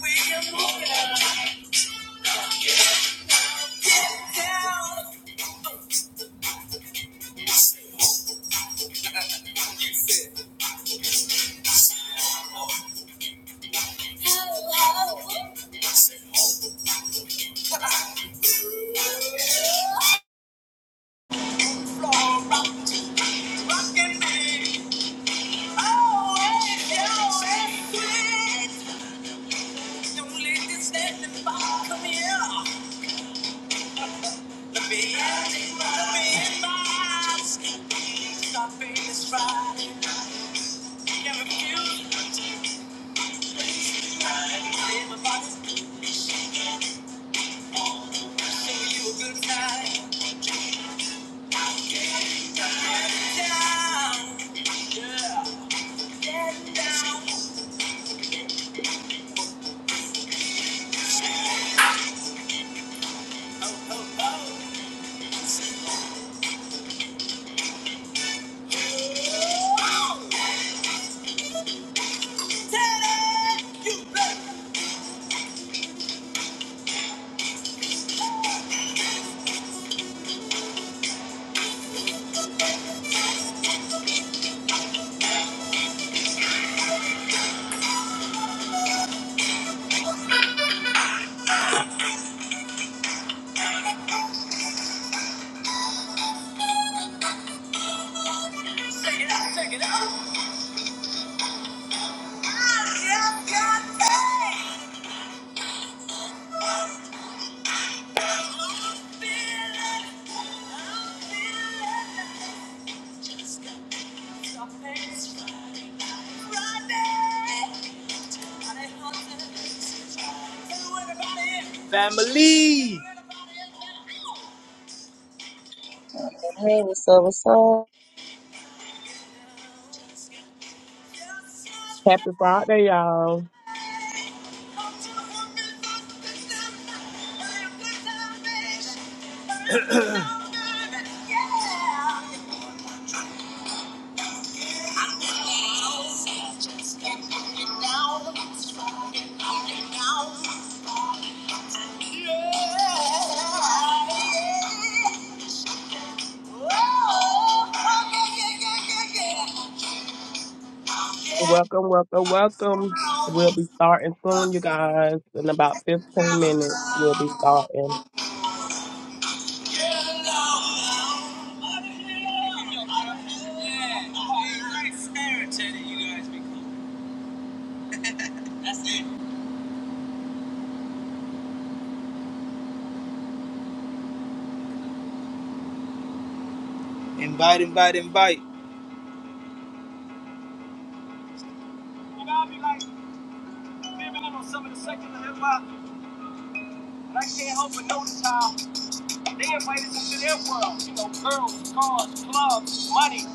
Friday, you a good night. Down, yeah. Family. Hey, what's up? What's up? Happy Friday, y'all. Yeah. Welcome, welcome, welcome. We'll be starting soon, you guys. In about 15 minutes, we'll be starting. Invite, invite, invite. You You you know I I be like, living in on some of the sections of hip hop, and I can't don't help but notice how they invite invite us into into their world. world. girls, cars, clubs, money.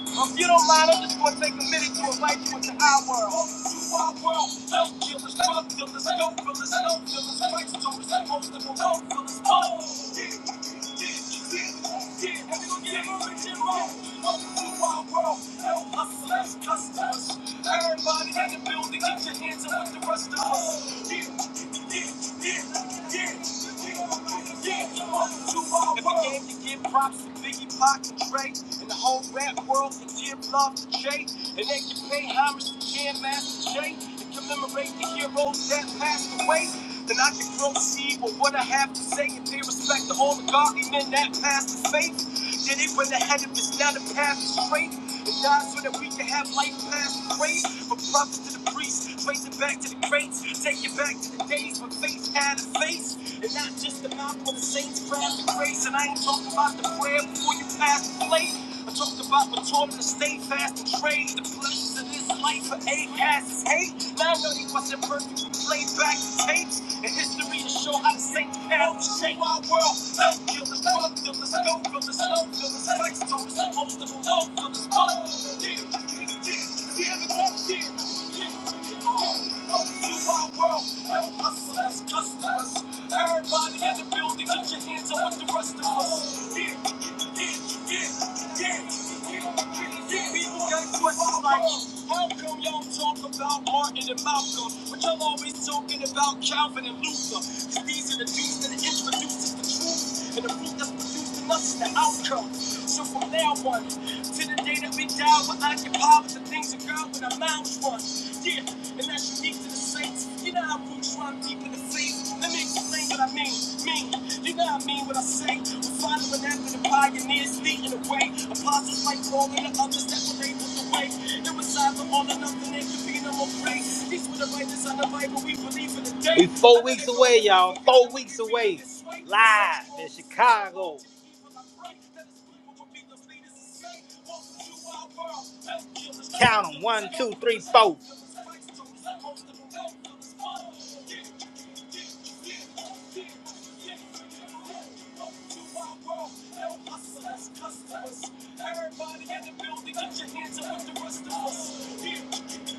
Well, If you don't line up, it's gonna to take a minute to invite you into our world. To our world, self killers, drug dealers, dope dealers, dope dealers, price toters, most of them dope dealers. Oh, yeah. Everybody in the building, get your hands up with the rest of us. Yeah, yeah, yeah. And began to give props to Biggie, Pac, and Drake, and the whole rap world for give love to Jay. And they can pay homage to Jam Master Jay and commemorate the heroes that passed away. Then I can proceed with what I have to say and pay respect to all the godly men that passed the faith. Did it when the head of us, now the path is straight. And died so that we can have life past the grave. From prophets to the priest race. Race it back to the crates. Take it back to the days when faith had a face. And not just the mouth where the saints found the grace. And I ain't talking about the prayer before you pass the plate. I talked about the torment to stay fast and trade the pleasures of this life for eight asses hate. Now I know he wasn't perfect. We play back the tapes. And history to show how the saints pound to shape our world. Love killers, drug dealers, dope killers, love killers, sex killers, most of them love killers, fuck killers. Yeah, yeah, yeah, yeah, yeah, yeah. Everybody in the building, get your hands up with the rest of us. Yeah, yeah, yeah, yeah, yeah. People got questions like, how come y'all talk about Martin and Malcolm, but y'all always talking about Calvin and Luther? 'Cause these are the dudes that introduced the truth and the fruit that's produced in us is the outcome. So from now on, to the day that we die, we're occupied with the things of God with our mouths run. Yeah, and that's unique to the saints. You know how roots run deep in the faith. Let me explain what I mean. Mean, you know what I mean what I say. We're following after the pioneers leading the way. Apostles like Paul and the others that were able to way. We four weeks away, y'all. Four weeks away. Live in Chicago. Count 'em. One, two, three, four. Everybody in the building, get your hands up with the rest of us. Yeah,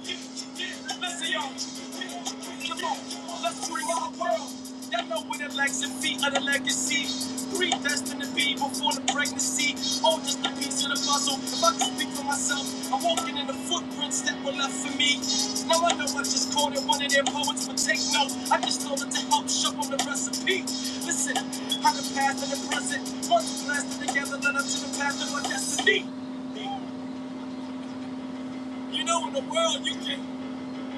yeah, yeah. Listen, y'all. Come on, our world. Y'all know where the legs and feet of the legacy. Predestined to be before the pregnancy. Oh, just a piece of the puzzle. If I can speak for myself, I'm walking in the footprints that were left for me. Now I know I just called it one of their poets, but take note. I just told it to help shuffle the recipe. Listen, how the past and the present once blasted together led up to the path of my destiny. You know, in the world, you can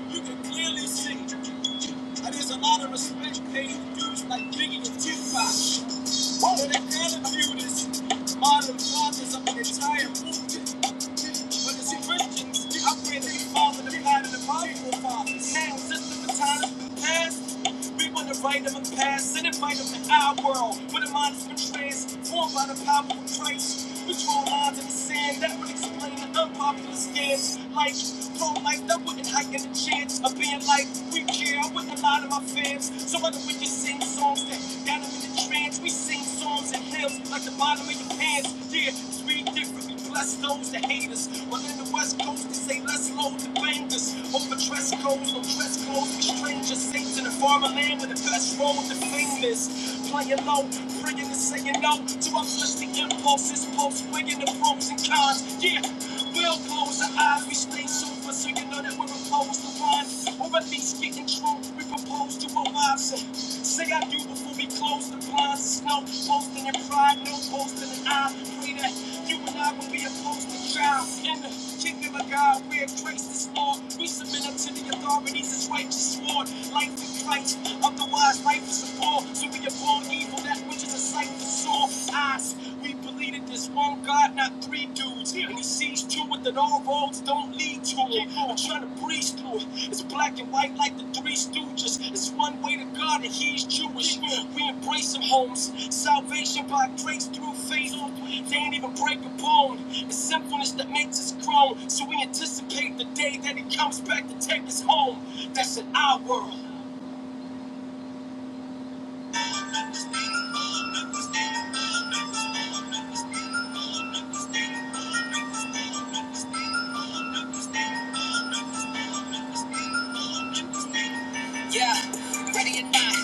you can clearly see that there's a lot of respect paid to dudes like Biggie and Tupac. But their attitude is modern fathers of the entire movement. But you see, Christians, we upgrade the father, to pride, and the bible fathers. Now, since the time past, we want to write them a past and invite them to our world, where the mind is transformed by the power of Christ. We draw lines in the sand that would explain the unpopular stance. Like pro-life, that wouldn't heighten the chance of being like we care. I wouldn't lie to my fans. So whether we just sing songs that got them in the trance, we sing songs and hymns like the bottom of your pants. Yeah, sweet differently. Bless those that hate us. While in the West Coast, they say less low to bangers. Over dress codes, no dress clothes for strangers. Saints in the farmer land with the best road to fame is. Playing low, praying and saying no to our the impulses, pulse, weighing the pros and cons. Yeah. We'll close our eyes, we stay sober, so you know that we're opposed to wine. Or at least getting drunk, we propose to our wives. And say I do before we close the blinds. no posting in pride, no posting in I. Pray that you and I will be opposed to trial. In the kingdom of God, where grace is Lord, we submit unto the authorities as righteous sword. Life in Christ, otherwise life is a bore. So we abhor evil, that which is a just like the soft us. We believe in this one God, not three dudes. And he sees you with that all roads don't lead to it. I'm trying to breeze through it. It's black and white like the three stooges. It's one way to God and he's Jewish. We embrace him, homes. Salvation by grace through faith. They ain't even break a bone. It's sinfulness that makes us grown. So we anticipate the day that he comes back to take us home. That's in our world. Yeah, ready or not,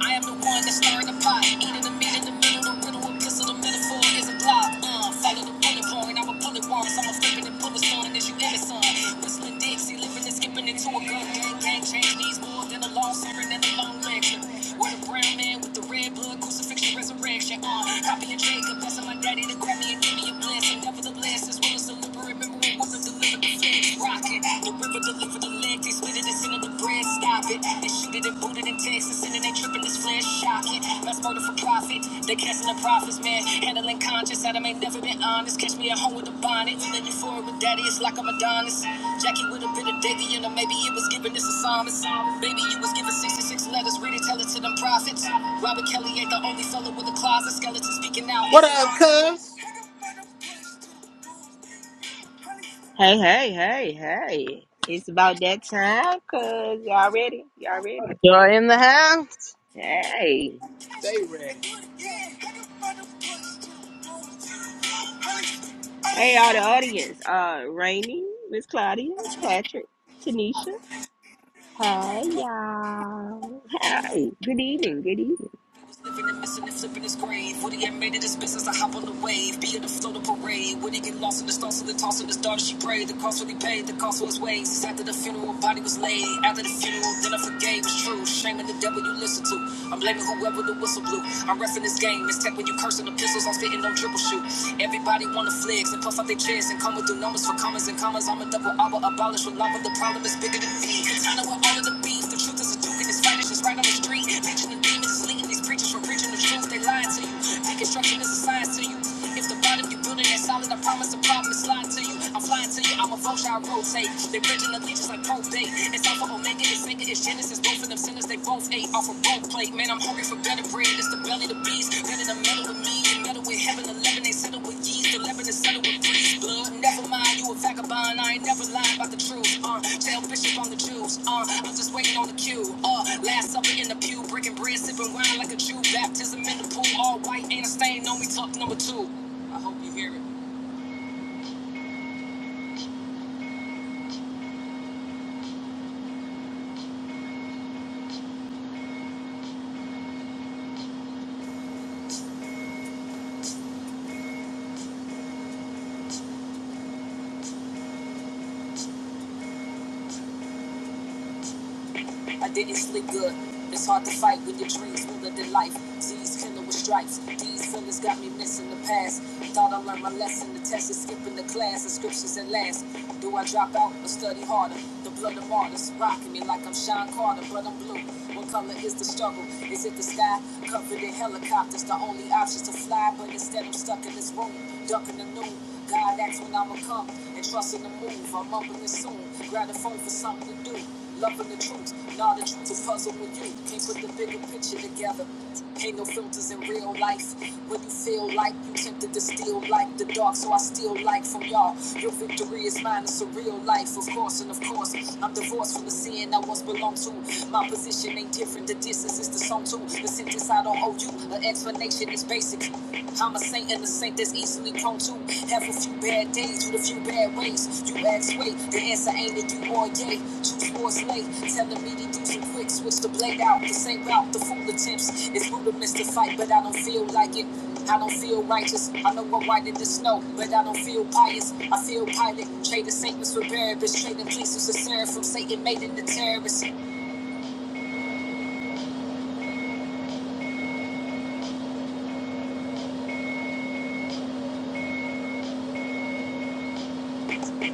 I am the one that stirring the pot. Eating the meat in the middle, the riddle, a pistol, the metaphor is a plot. Uh, follow the bullet point, I'm a bullet once, I'm a flipping and bullet son, as you ever son. Whistling Dixie, living and skipping into a gun gang, gang change needs more than a long serving and a long lecture. Where the brown man man with the red blood, crucifixion, resurrection. Uh, copy of Jacob, that's my daddy to grab me and give me a blessing. Nevertheless, as well as deliver, remember it wasn't delivered the flesh. Rock it, the river delivered the leg, they spit it and send it the bread. Stop it, they shoot it and boot it in Texas, and then they tripping this flesh, shocking. Mass murder for profit, They. can't. And the prophets, man, handling conscious, Adam ain't never been honest. Catch me at home with a bonnet, feeling euphoric with daddy, it's like I'm Adonis. Jackie with a bit of Davy in her, maybe it was given this a psalmist. Baby, you was given 66 letters, read it, tell it to them prophets. Robert Kelly ain't the only fella with a closet, skeleton speaking out. What up, cuz? Hey, hey, hey, hey. It's about that time, cuz y'all ready? Y'all ready? you are in the house? Hey. Stay ready. Hey, all the audience. Uh, Rainy, Miss Claudia, Patrick, Tanisha. Hey, y'all. Hey. Good evening, good evening. He was living and missing and flipping his grave. Would he have made it his business to hop on the wave? Be in the float of parade. Would he get lost in the stars of the toss of his daughter? She prayed. The cost what he paid, the cost was his ways. It's after the funeral, body was laid. After the funeral, then I forgave. It's true. Shame in the devil you listen to. I'm blaming whoever the whistle blew. I'm refing this game. It's tech when you cursing the pistols. I'm spitting no triple shoot. Everybody wanna flex and puff out their chest and come with through numbers for commas and commas. I'm a double abba, abolish with lava. The problem is bigger than me. It's kind of with all of the beef. The truth is a duke and it's fight. It's just right on the street. Bitching and Misleading these preachers from preaching the truth, they lying to you. Deconstruction is a science to you. If the bottom you building is solid, I promise the problem is lying to you. I'm flying to you, I'm a vulture, I rotate. They bridging allegiance like probate. It's alpha, omega, it's sega, it's genesis. Both of them sinners, they both ate off a bone plate. Man, I'm hungry for better bread. It's the belly, of the beast. Better than metal with me. Metal with heaven, 11, they settle with yeast. Celebrity settle with priest blood. Never mind, you a vagabond. I ain't never lying about the truth. Uh, tell Bishop on the Jews. Uh, I'm just waiting on the cue. Uh, last supper in the pew, breaking bread, sipping wine like a Jew. Baptism in the pool, all white, ain't a stain on me. Talk number two. I hope you hear it. I didn't sleep good. It's hard to fight with your dreams ruler than life. Z's killer with stripes. These feelings got me missing the past. Thought I learned my lesson. The test is skipping the class. The scriptures at last. Do I drop out or study harder? The blood of martyrs rocking me like I'm Sean Carter, but I'm blue. What color is the struggle? Is it the sky? Covered in helicopters. The only option to fly, but instead I'm stuck in this room, ducking the noon. God, that's when I'ma come and trust in the move. I'm up in this soon. Grab the phone for something to do. Loving the truth, nah, the truth is puzzle with you. Can't put the bigger picture together. Ain't no filters in real life. When you feel like you tempted to steal like the dark, so I steal like from y'all. Your victory is mine, it's a real life, of course, and of course. I'm divorced from the sin I once belonged to. My position ain't different, the distance is the song too. The sentence I don't owe you, the explanation is basic. I'm a saint in the jealous ain't this easily prone to have a few bad days with a few bad ways. You ask, wait, the answer ain't that you or yay. Choose wars late, telling me to do some quick, switch the blade out. The same route, the fool attempts. It's rudiments to fight, but I don't feel like it. I don't feel righteous. I know I'm white in the snow, but I don't feel pious. I feel pilot. Trade the saints for Barabbas. Trading places to serve from Satan made in the terrorists.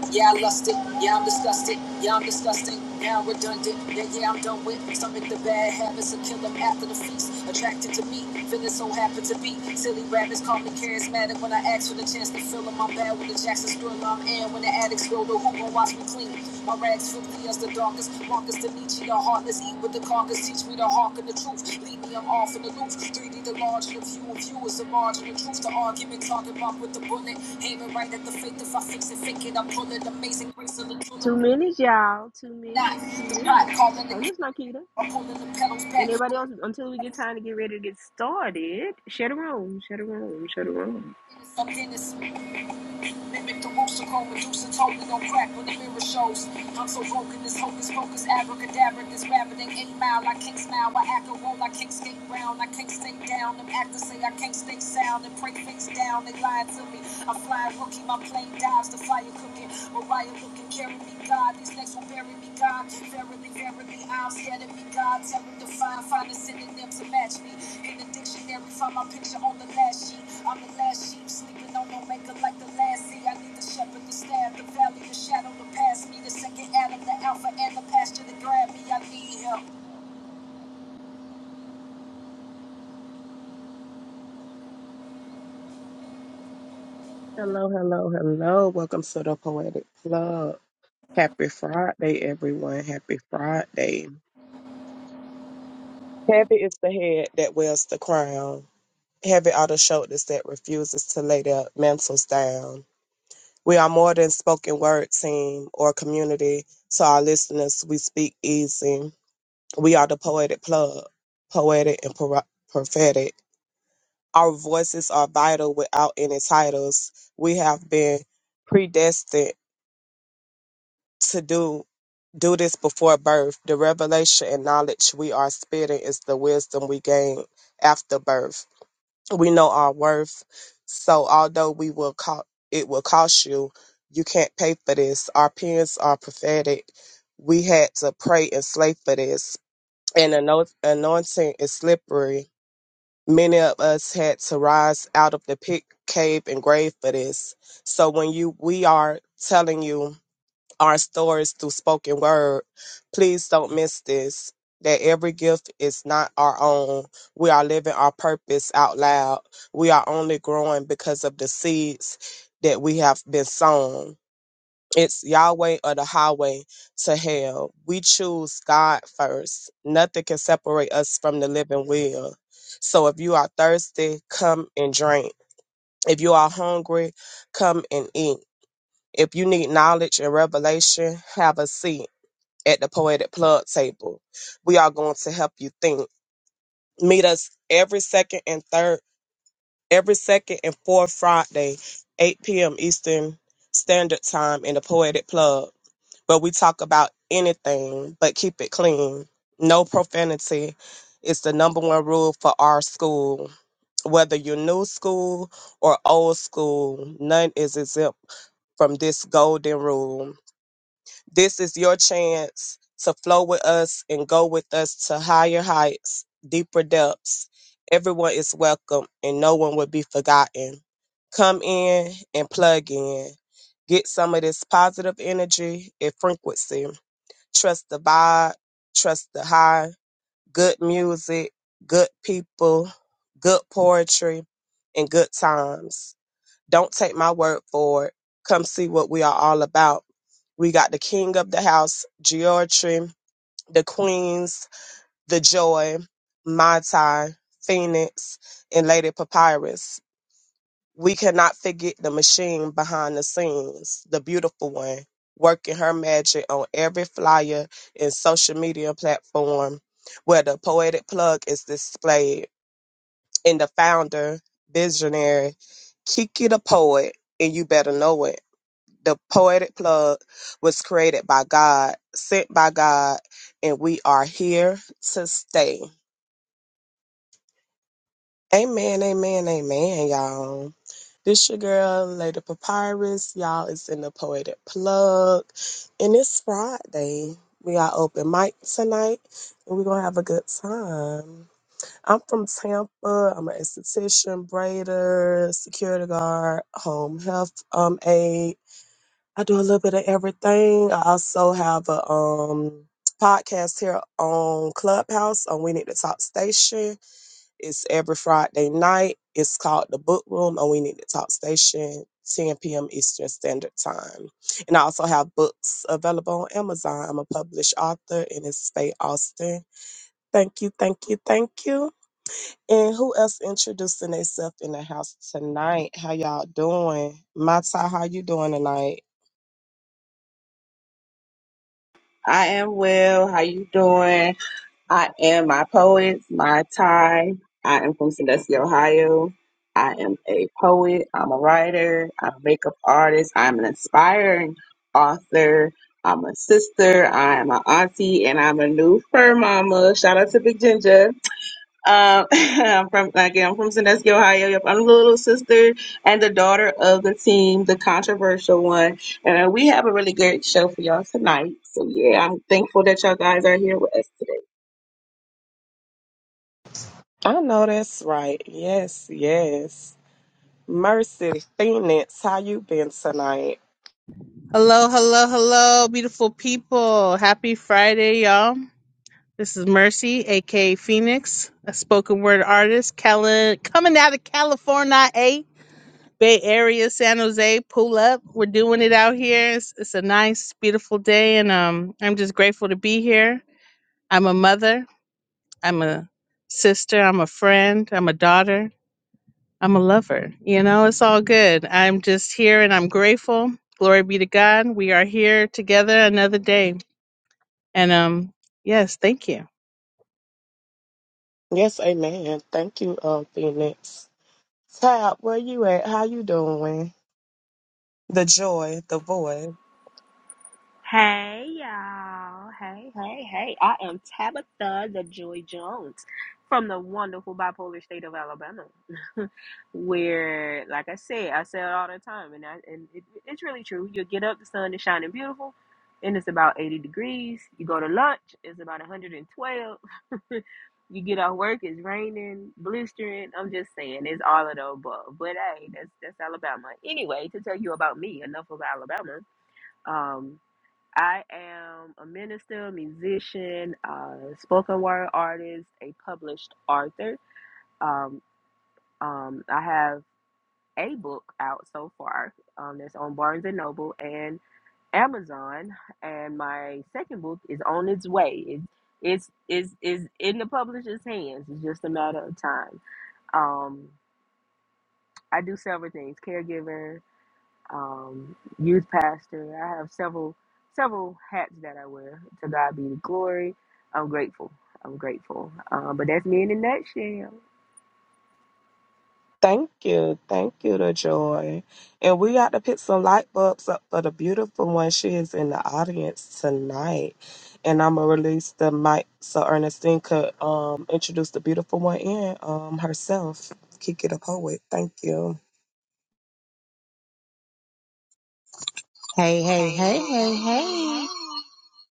Yeah, I lust it. Yeah, I'm disgusted. Yeah, I'm disgusting. Yeah, I'm redundant. Yeah, yeah, I'm done with. Stomach the bad habits and kill them after the feast. Attracted to me, feeling so happy to be. Silly rabbits call me charismatic when I ask for the chance to fill 'em. I'm bad with the Jackson Thriller. I'm in when the addicts go to hoop and watch clean. My rags from me as the darkest. Marcus Denichi, the heartless. Eat with the carcass. Teach me to hearken the truth. Leave me, I'm off in the loop. 3D the large and the few of you is the margin of truth. The argument target mark with the bullet. Aim it right at the fake. If I fix it, fake it. I pull it. Amazing grace of the tulip. Two minutes, y'all. Two minutes, two That's not the minutes. pot. Calling Hey, the Miss Nikita. I'm pulling the pedals And back. everybody else, until we get time to get ready to get started, share the room, share the room, share the room. I'm Dennis Mimic the rooster cone, producer token on crack when the mirror shows. I'm so broken, this hocus pocus, abracadabra, this rabbit ain't eight mile. I can't smile, I act a roll, I can't skate round, I can't stay down. Them actors say I can't stay sound and pray face down, they lying to me. I'm flying rookie, my plane dives, the fire cooking. Mariah looking, carry me, God, these legs will bury me, God. Verily, verily, I'm scared of me, God. Tell them to find, find a synonym to match me. In the dictionary, find my picture on the last sheet. I'm the last sheep sleeping. No maker like the last sea. I need the shepherd, the staff, the valley, the shadow to pass me. The second Adam, the alpha, and the pasture to grab me. I need him. Hello, hello, hello. Welcome to the Poetic Club. Happy Friday, everyone. Happy Friday. Heavy is the head that wears the crown. Heavy are the shoulders that refuses to lay their mantles down. We are more than spoken word team or community. To our listeners, we speak easy. We are the poetic plug, poetic and pro- prophetic. Our voices are vital without any titles. We have been predestined to do do this before birth. The revelation and knowledge we are spitting is the wisdom we gain after birth. We know our worth. So although we will co- it will cost you, you can't pay for this. Our parents are prophetic. We had to pray and slay for this. And anoint- anointing is slippery Many of us had to rise out of the pit, cave, and grave for this. So when you we are telling you our stories through spoken word, please don't miss this. That every gift is not our own. We are living our purpose out loud. We are only growing because of the seeds that we have been sown. It's Yahweh or the highway to hell. We choose God first. Nothing can separate us from the living will. So if you are thirsty, come and drink. If you are hungry, come and eat. If you need knowledge and revelation, have a seat at the Poetic Plug table. We are going to help you think. Meet us every second and third, every second and fourth Friday, 8 p.m. Eastern Standard Time in the Poetic Plug but we talk about anything but keep it clean. No profanity is the number one rule for our school. Whether you're new school or old school, none is exempt from this golden rule. This is your chance to flow with us and go with us to higher heights, deeper depths. Everyone is welcome and no one will be forgotten. Come in and plug in. Get some of this positive energy and frequency. Trust the vibe, trust the high, good music, good people, good poetry, and good times. Don't take my word for it. Come see what we are all about. We got the king of the house, Georgie, the queens, the joy, Mai Tai, Phoenix, and Lady Papyrus. We cannot forget the machine behind the scenes, the beautiful one, working her magic on every flyer and social media platform where the poetic plug is displayed. And the founder, visionary, Kiki the poet, and you better know it the poetic plug was created by God, sent by God, and we are here to stay. Amen, amen, amen, y'all. This your girl, Lady Papyrus. Y'all It's in the poetic plug. And it's Friday. We got open mic tonight and we're gonna have a good time. I'm from Tampa. I'm an esthetician, braider, security guard, home health um aide. I do a little bit of everything. I also have a um, podcast here on Clubhouse on We Need to Talk Station. It's every Friday night. It's called The Book Room on We Need to Talk Station, 10 p.m. Eastern Standard Time. And I also have books available on Amazon. I'm a published author and it's Faye Austin. Thank you, thank you, thank you. And who else introducing themselves in the house tonight? How y'all doing? Mata, how you doing tonight? I am well. How you doing? I am my poet, my tie. I am from Sandusky, Ohio. I am a poet. I'm a writer. I'm a makeup artist. I'm an inspiring author. I'm a sister. I am an auntie, and I'm a new fur mama. Shout out to Big Ginger. Um, I'm from again, I'm from Sandusky, Ohio. Yep, I'm the little sister and the daughter of the team, the controversial one. And uh, we have a really good show for y'all tonight. So yeah, I'm thankful that y'all guys are here with us today. I know that's right. Yes, yes. Mercy, Phoenix, how you been tonight? Hello, hello, hello, beautiful people. Happy Friday, y'all. This is Mercy, aka Phoenix, a spoken word artist, Cali- coming out of California, A, Bay Area, San Jose. Pull up. We're doing it out here. It's, it's a nice, beautiful day, and um, I'm just grateful to be here. I'm a mother, I'm a sister, I'm a friend, I'm a daughter. I'm a lover. You know, it's all good. I'm just here and I'm grateful. Glory be to God. We are here together another day. And um yes, thank you. Yes, amen. Thank you, uh, Phoenix. Tab, where you at? How you doing? The joy, the void. Hey y'all. Hey, hey, hey. I am Tabitha the Joy Jones from the wonderful bipolar state of Alabama. Where, like I say, I say it all the time, and I, and it, it's really true. You get up, the sun is shining beautiful, and it's about 80 degrees. You go to lunch, it's about 112. you get off work, it's raining, blistering. I'm just saying, it's all of the above. But hey, that's that's Alabama. Anyway, to tell you about me, enough of Alabama. Um. I am a minister, musician, uh, spoken word artist, a published author. Um, um, I have a book out so far um, that's on Barnes and Noble and Amazon, and my second book is on its way. It, it's is is in the publisher's hands. It's just a matter of time. Um, I do several things: caregiver, um, youth pastor. I have several several hats that I wear. To God be the glory. I'm grateful. I'm grateful. Um, but that's me in a nutshell. Thank you. Thank you, the joy. And we got to put some light bulbs up for the beautiful one. She is in the audience tonight. And I'm going to release the mic so Ernestine could um, introduce the beautiful one in um, herself. Kick it up, poet. Thank you. Hey, hey, hey, hey, hey.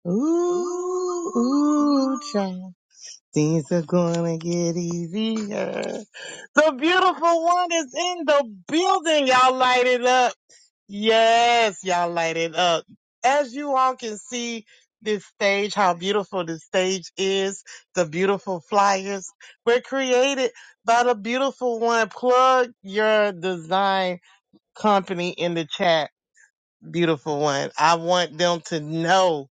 Ooh, ooh, child. Things are gonna get easier. The beautiful one is in the building. Y'all light it up. Yes, y'all light it up. As you all can see this stage, how beautiful this stage is, the beautiful flyers were created by the beautiful one. Plug your design company in the chat beautiful one. I want them to know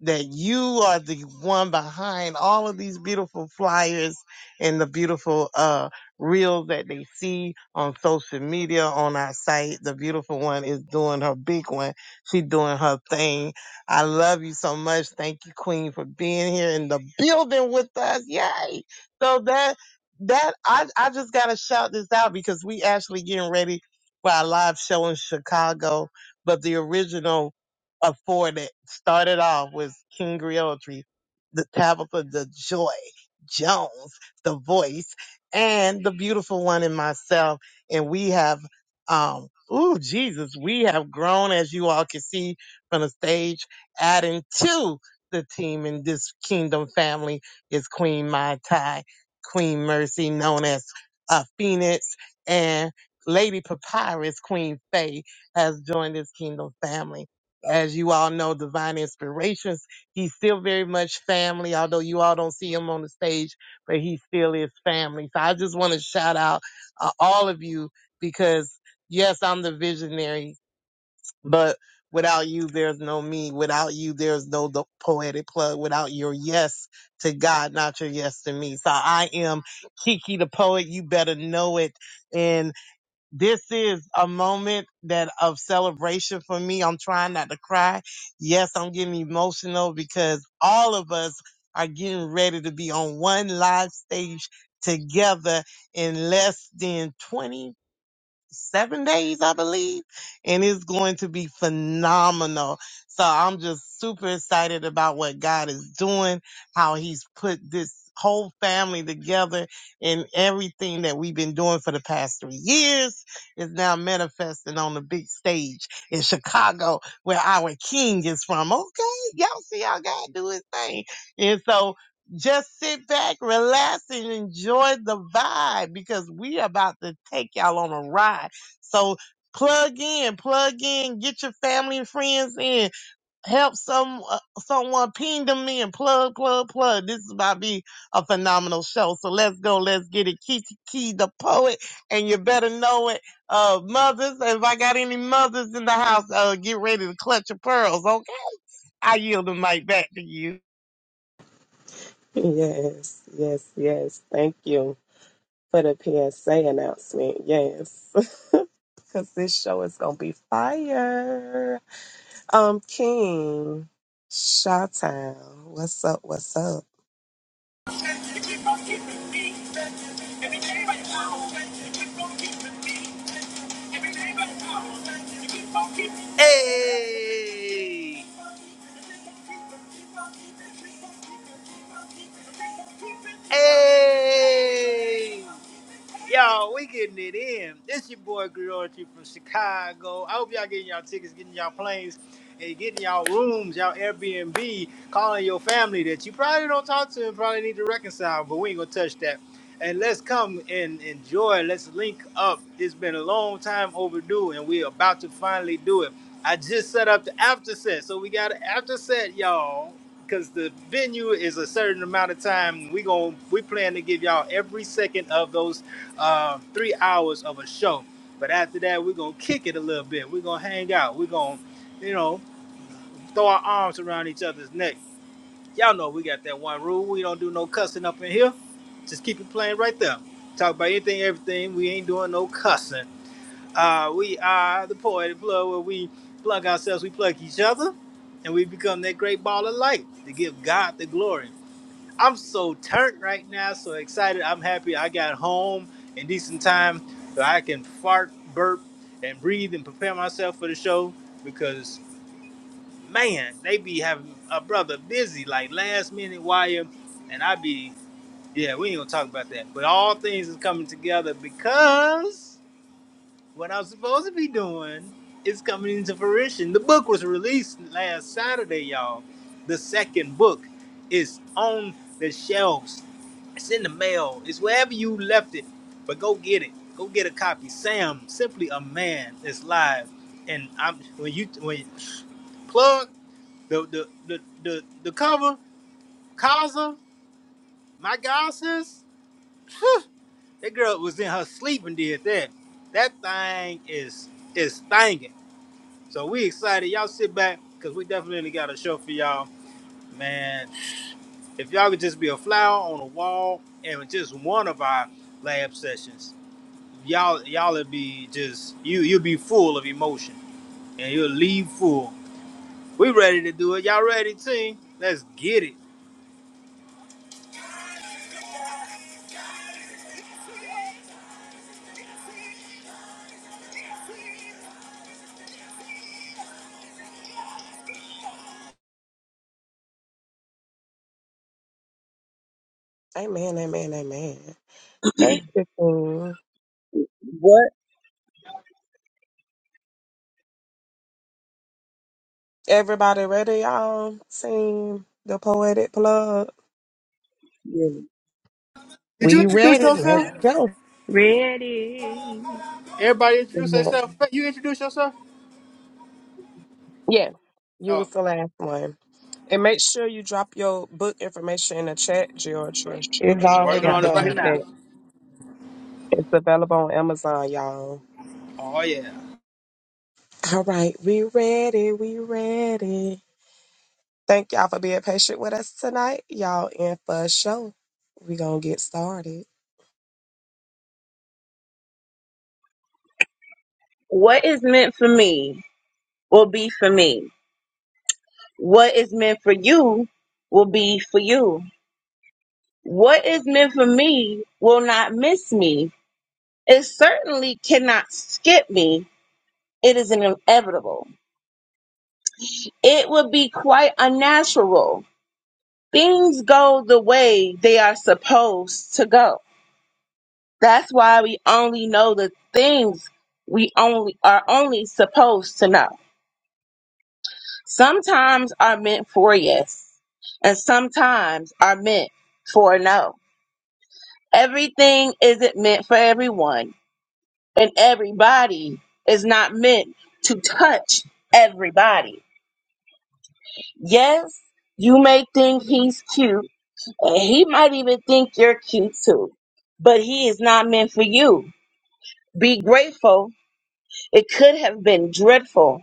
that you are the one behind all of these beautiful flyers and the beautiful uh reels that they see on social media on our site. The beautiful one is doing her big one. she's doing her thing. I love you so much. Thank you, Queen, for being here in the building with us. Yay! So that that I I just gotta shout this out because we actually getting ready for our live show in Chicago but the original of four that started off was King Griotry, the Tabitha the Joy Jones, the voice, and the beautiful one in myself. And we have um ooh Jesus, we have grown as you all can see from the stage, adding to the team in this kingdom family is Queen Mai Tai, Queen Mercy, known as uh, Phoenix, and Lady Papyrus, Queen Faye has joined his kingdom family. As you all know, Divine Inspirations, he's still very much family, although you all don't see him on the stage, but he still is family. So I just want to shout out uh, all of you because yes, I'm the visionary, but without you, there's no me. Without you, there's no the poetic plug. Without your yes to God, not your yes to me. So I am Kiki the poet. You better know it. And this is a moment that of celebration for me. I'm trying not to cry. Yes, I'm getting emotional because all of us are getting ready to be on one live stage together in less than 20 seven days, I believe, and it's going to be phenomenal. So I'm just super excited about what God is doing, how He's put this whole family together, and everything that we've been doing for the past three years is now manifesting on the big stage in Chicago, where our King is from. Okay, y'all see how God do His thing, and so. Just sit back, relax, and enjoy the vibe because we about to take y'all on a ride. So plug in, plug in, get your family and friends in, help some uh, someone ping them in, plug, plug, plug. This is about to be a phenomenal show. So let's go, let's get it. Kiki Key, the poet, and you better know it. Uh, mothers, if I got any mothers in the house, uh, get ready to clutch your pearls, okay? I yield the mic back to you. Yes, yes, yes. Thank you for the PSA announcement. Yes, because this show is gonna be fire. Um, King, Shawtown, what's up? What's up? Hey! Hey! Y'all, we getting it in. This your boy Griotry from Chicago. I hope y'all getting y'all tickets, getting y'all planes, and getting y'all rooms, y'all Airbnb, calling your family that you probably don't talk to and probably need to reconcile, but we ain't gonna touch that. And let's come and enjoy. Let's link up. It's been a long time overdue, and we're about to finally do it. I just set up the after set, so we got an after set, y'all because the venue is a certain amount of time. We gon' we plan to give y'all every second of those uh, three hours of a show. But after that, we're gonna kick it a little bit. We're gonna hang out. We're gonna, you know, throw our arms around each other's neck. Y'all know we got that one rule. We don't do no cussing up in here. Just keep it playing right there. Talk about anything, everything. We ain't doing no cussing. Uh, we are the poetic blood where we plug ourselves, we plug each other, and we become that great ball of light to give God the glory. I'm so turned right now, so excited. I'm happy I got home in decent time so I can fart, burp, and breathe and prepare myself for the show because man, they be having a brother busy like last minute wire and I be yeah, we ain't gonna talk about that. But all things is coming together because what I'm supposed to be doing is coming into fruition. The book was released last Saturday, y'all. The second book is on the shelves it's in the mail. It's wherever you left it. But go get it. Go get a copy. Sam, simply a man, is live. And I'm when you when you plug the the the the, the cover, Kaza, my god sis, that girl was in her sleep and did that. That thing is is thangin'. So we excited. Y'all sit back because we definitely got a show for y'all. Man, if y'all could just be a flower on a wall and just one of our lab sessions. y'all y'all would be just you you'll be full of emotion and you'll leave full. We ready to do it. Y'all ready, team? Let's get it. Amen, amen, amen. Thank you, King. What Everybody ready, y'all? Team, the poetic plug. Did you We introduce ready. Let's yourself? go. Ready. Everybody introduce Amen. themselves. You introduce yourself? Yeah, you was Oh, the last one. And make sure you drop your book information in the chat, Georgia. It's You working already got on to it right get done. now. that. It's available on Amazon, y'all. Oh yeah. All right, we ready. We ready. Thank y'all for being patient with us tonight. Y'all in for a show. We gonna get started. what is meant for me will be for me. What is meant for you will be for you. What is meant for me will not miss me. It certainly cannot skip me. It is inevitable. It would be quite unnatural. Things go the way they are supposed to go. That's why we only know the things we only are only supposed to know. Sometimes are meant for yes, and sometimes are meant for no. Everything isn't meant for everyone, and everybody is not meant to touch everybody. Yes, you may think he's cute And he might even think you're cute too, but he is not meant for you. Be grateful. It could have been dreadful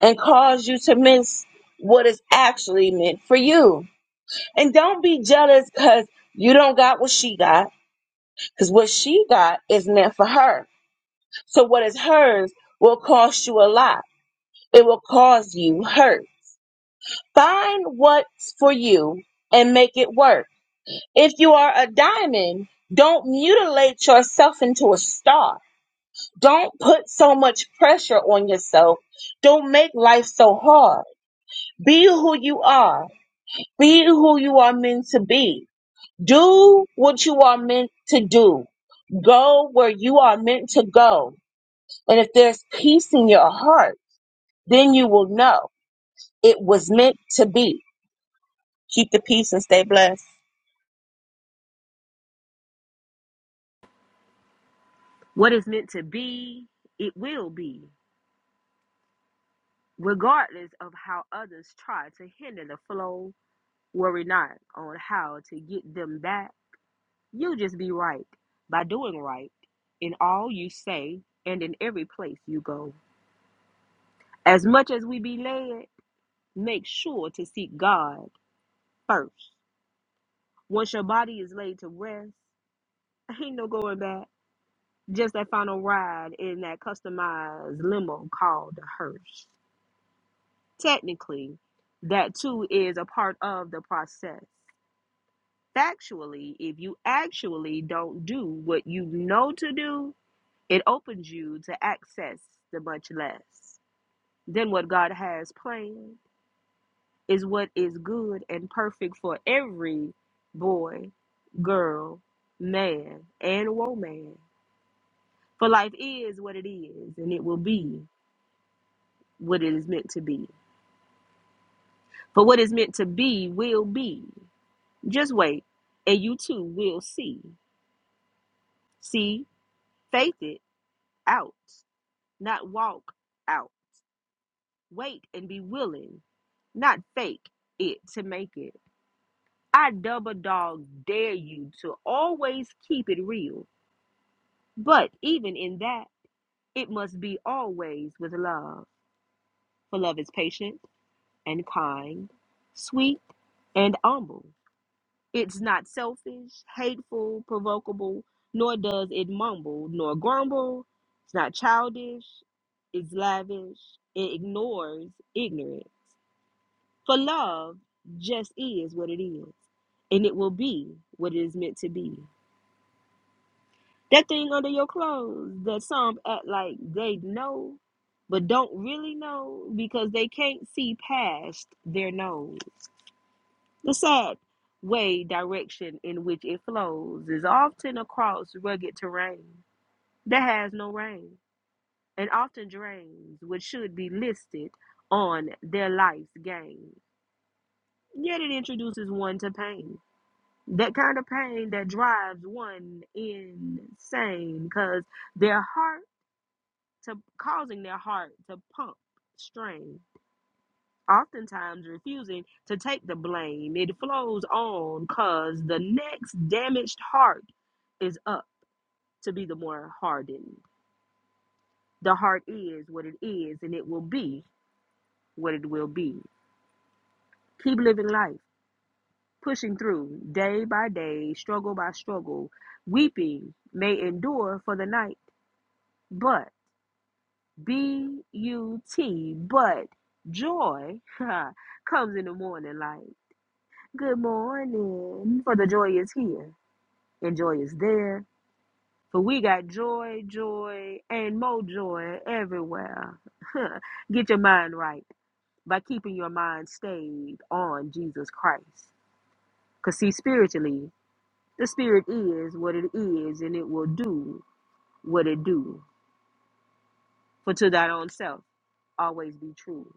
and caused you to miss what is actually meant for you. And don't be jealous because you don't got what she got, because what she got is meant for her. So what is hers will cost you a lot. It will cause you hurt. Find what's for you and make it work. If you are a diamond, don't mutilate yourself into a star. Don't put so much pressure on yourself. Don't make life so hard. Be who you are. Be who you are meant to be. Do what you are meant to do. Go where you are meant to go. And if there's peace in your heart, then you will know it was meant to be. Keep the peace and stay blessed. What is meant to be, it will be, regardless of how others try to hinder the flow. Worry not on how to get them back. You just be right by doing right in all you say and in every place you go. As much as we be led, Make sure to seek God first. Once your body is laid to rest, ain't no going back. Just that final ride in that customized limo called the hearse. Technically, that too is a part of the process. Factually, if you actually don't do what you know to do, it opens you to access the much less than what God has planned is what is good and perfect for every boy, girl, man, and woman. For life is what it is, and it will be what it is meant to be. For what is meant to be will be. Just wait, and you too will see. See, faith it out, not walk out. Wait and be willing, not fake it to make it. I double dog dare you to always keep it real But even in that, it must be always with love. For love is patient and kind, sweet and humble. It's not selfish, hateful, provocable, nor does it mumble nor grumble. It's not childish, it's lavish, it ignores ignorant. For love just is what it is, and it will be what it is meant to be. That thing under your clothes that some act like they know, but don't really know because they can't see past their nose. The sad way direction in which it flows is often across rugged terrain that has no rain and often drains what should be listed on their life's game. Yet it introduces one to pain. That kind of pain that drives one insane because their heart to causing their heart to pump strain, oftentimes refusing to take the blame. It flows on because the next damaged heart is up to be the more hardened. The heart is what it is, and it will be what it will be. Keep living life, pushing through day by day, struggle by struggle. Weeping may endure for the night, but B U T. But joy comes in the morning like, good morning. For the joy is here and joy is there. For we got joy, joy, and more joy everywhere. Get your mind right by keeping your mind stayed on Jesus Christ. Because, see, spiritually, the spirit is what it is and it will do what it do. For to thine own self, always be true.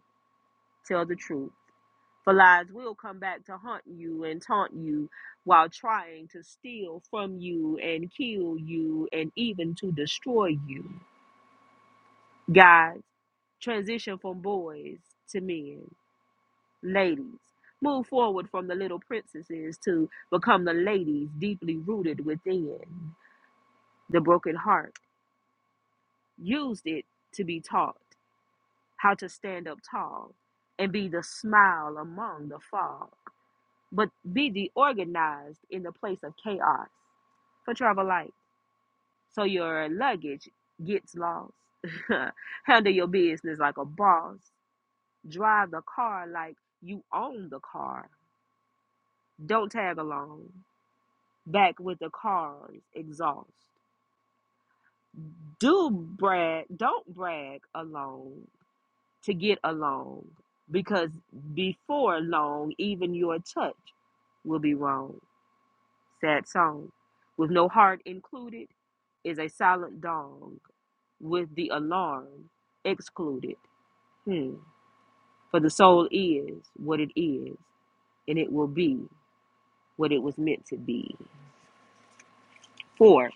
Tell the truth For lies will come back to haunt you and taunt you while trying to steal from you and kill you and even to destroy you. Guys, transition from boys to men. Ladies, move forward from the little princesses to become the ladies deeply rooted within. The broken heart used it to be taught how to stand up tall and be the smile among the fall. but be deorganized in the place of chaos for travel light. So your luggage gets lost. Handle your business like a boss. Drive the car like you own the car. Don't tag along. Back with the car's exhaust. Do brag, don't brag alone to get along because before long, even your touch will be wrong. sad song, with no heart included, is a silent dong, with the alarm excluded. Hmm. For the soul is what it is, and it will be what it was meant to be. For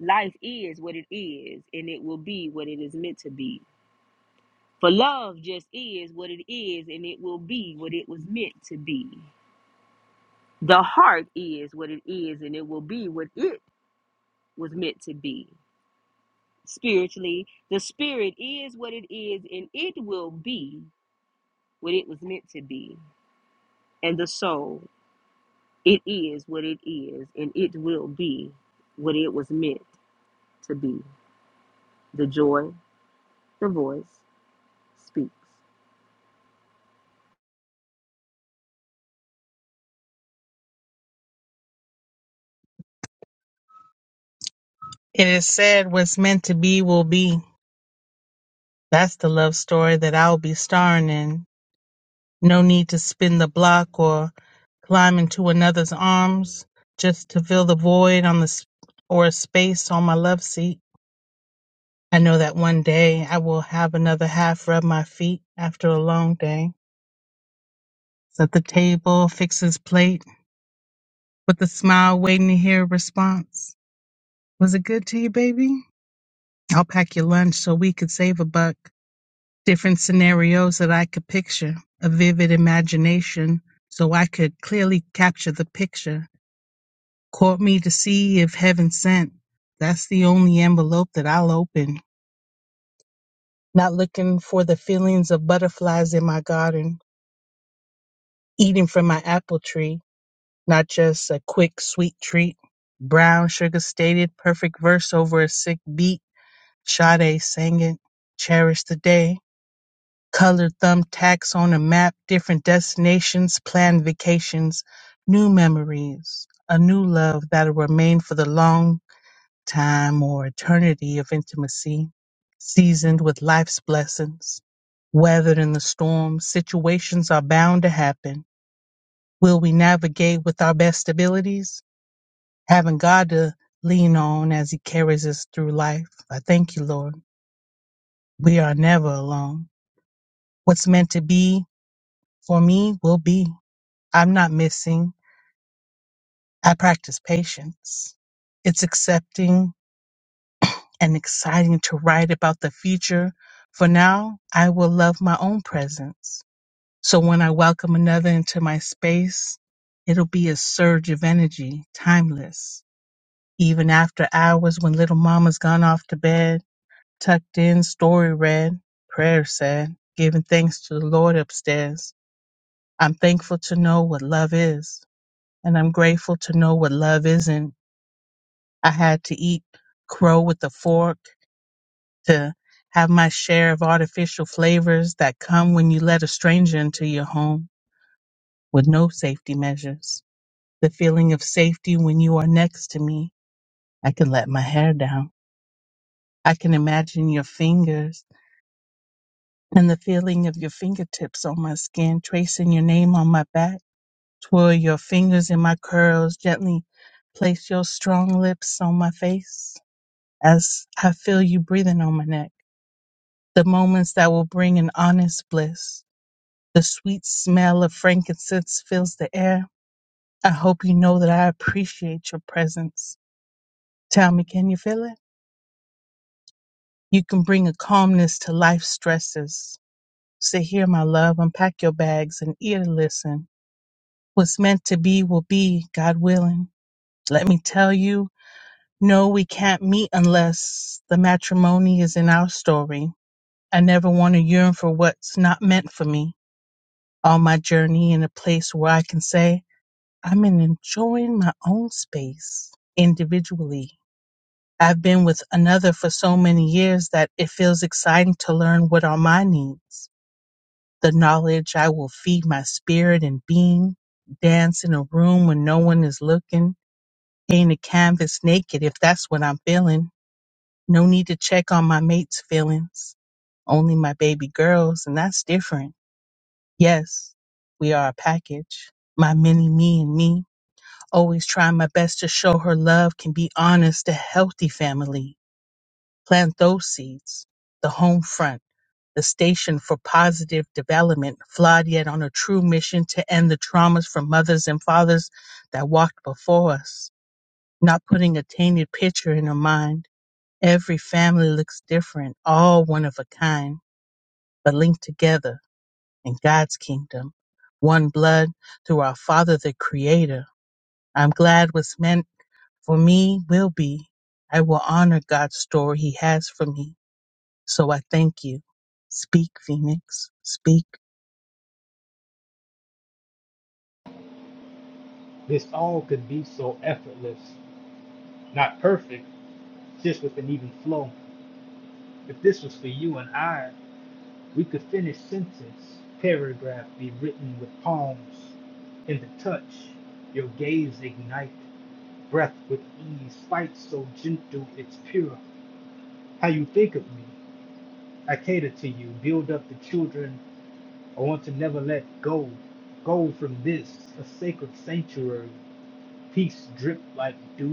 life is what it is, and it will be what it is meant to be. For love just is what it is, and it will be what it was meant to be. The heart is what it is, and it will be what it was meant to be. spiritually. The spirit is what it is, and it will be what it was meant to be. And the soul, it is what it is, and it will be what it was meant to be. The joy, the voice speaks. It is said what's meant to be will be. That's the love story that I'll be starring in. No need to spin the block or climb into another's arms just to fill the void on the s- or a space on my love seat. I know that one day I will have another half rub my feet after a long day. Set the table, fix his plate, with a smile waiting to hear a response. Was it good to you, baby? I'll pack your lunch so we could save a buck. Different scenarios that I could picture, a vivid imagination so I could clearly capture the picture. Court me to see if heaven sent. That's the only envelope that I'll open. Not looking for the feelings of butterflies in my garden, eating from my apple tree not just a quick sweet treat. Brown Sugar stated perfect verse over a sick beat. Sade sang it. Cherish the day. Colored thumbtacks on a map, different destinations, planned vacations, new memories, a new love that'll remain for the long time or eternity of intimacy, seasoned with life's blessings. Weathered in the storm, situations are bound to happen. Will we navigate with our best abilities? having God to lean on as He carries us through life. I thank you, Lord. We are never alone. What's meant to be for me will be. I'm not missing. I practice patience. It's accepting and exciting to write about the future. For now, I will love my own presence. So when I welcome another into my space, it'll be a surge of energy, timeless. Even after hours when little mama's gone off to bed, Tucked in, story read, prayer said, giving thanks to the Lord upstairs. I'm thankful to know what love is, and I'm grateful to know what love isn't. I had to eat crow with a fork to have my share of artificial flavors that come when you let a stranger into your home with no safety measures. The feeling of safety when you are next to me. I can let my hair down. I can imagine your fingers and the feeling of your fingertips on my skin, tracing your name on my back. Twirl your fingers in my curls, gently place your strong lips on my face as I feel you breathing on my neck. The moments that will bring an honest bliss. The sweet smell of frankincense fills the air. I hope you know that I appreciate your presence. Tell me, can you feel it? You can bring a calmness to life's stresses. Sit here, my love, unpack your bags and ear to listen What's meant to be will be, God willing. Let me tell you, no, we can't meet unless the matrimony is in our story. I never want to yearn for what's not meant for me. On my journey in a place where I can say, I'm in enjoying my own space individually. I've been with another for so many years that it feels exciting to learn what are my needs. The knowledge I will feed my spirit and being, dance in a room when no one is looking, paint the canvas naked if that's what I'm feeling. No need to check on my mate's feelings, only my baby girl's, and that's different. Yes, we are a package. My mini me and me, always trying my best to show her love can be honest, a healthy family. Plant those seeds. The home front, the station for positive development, flawed yet on a true mission to end the traumas from mothers and fathers that walked before us. Not putting a tainted picture in her mind Every family looks different, all one of a kind, but linked together in God's kingdom. One blood through our Father the Creator. I'm glad what's meant for me will be. I will honor God's story He has for me. So I thank you. Speak, Phoenix. Speak. Not that, oh, if this was for you and I, we could finish sentence, paragraph be written with palms in the touch, your gaze ignite, breath gentle, pure. How you think of me, I can, I want to go forsaken. Peace dripped like dew.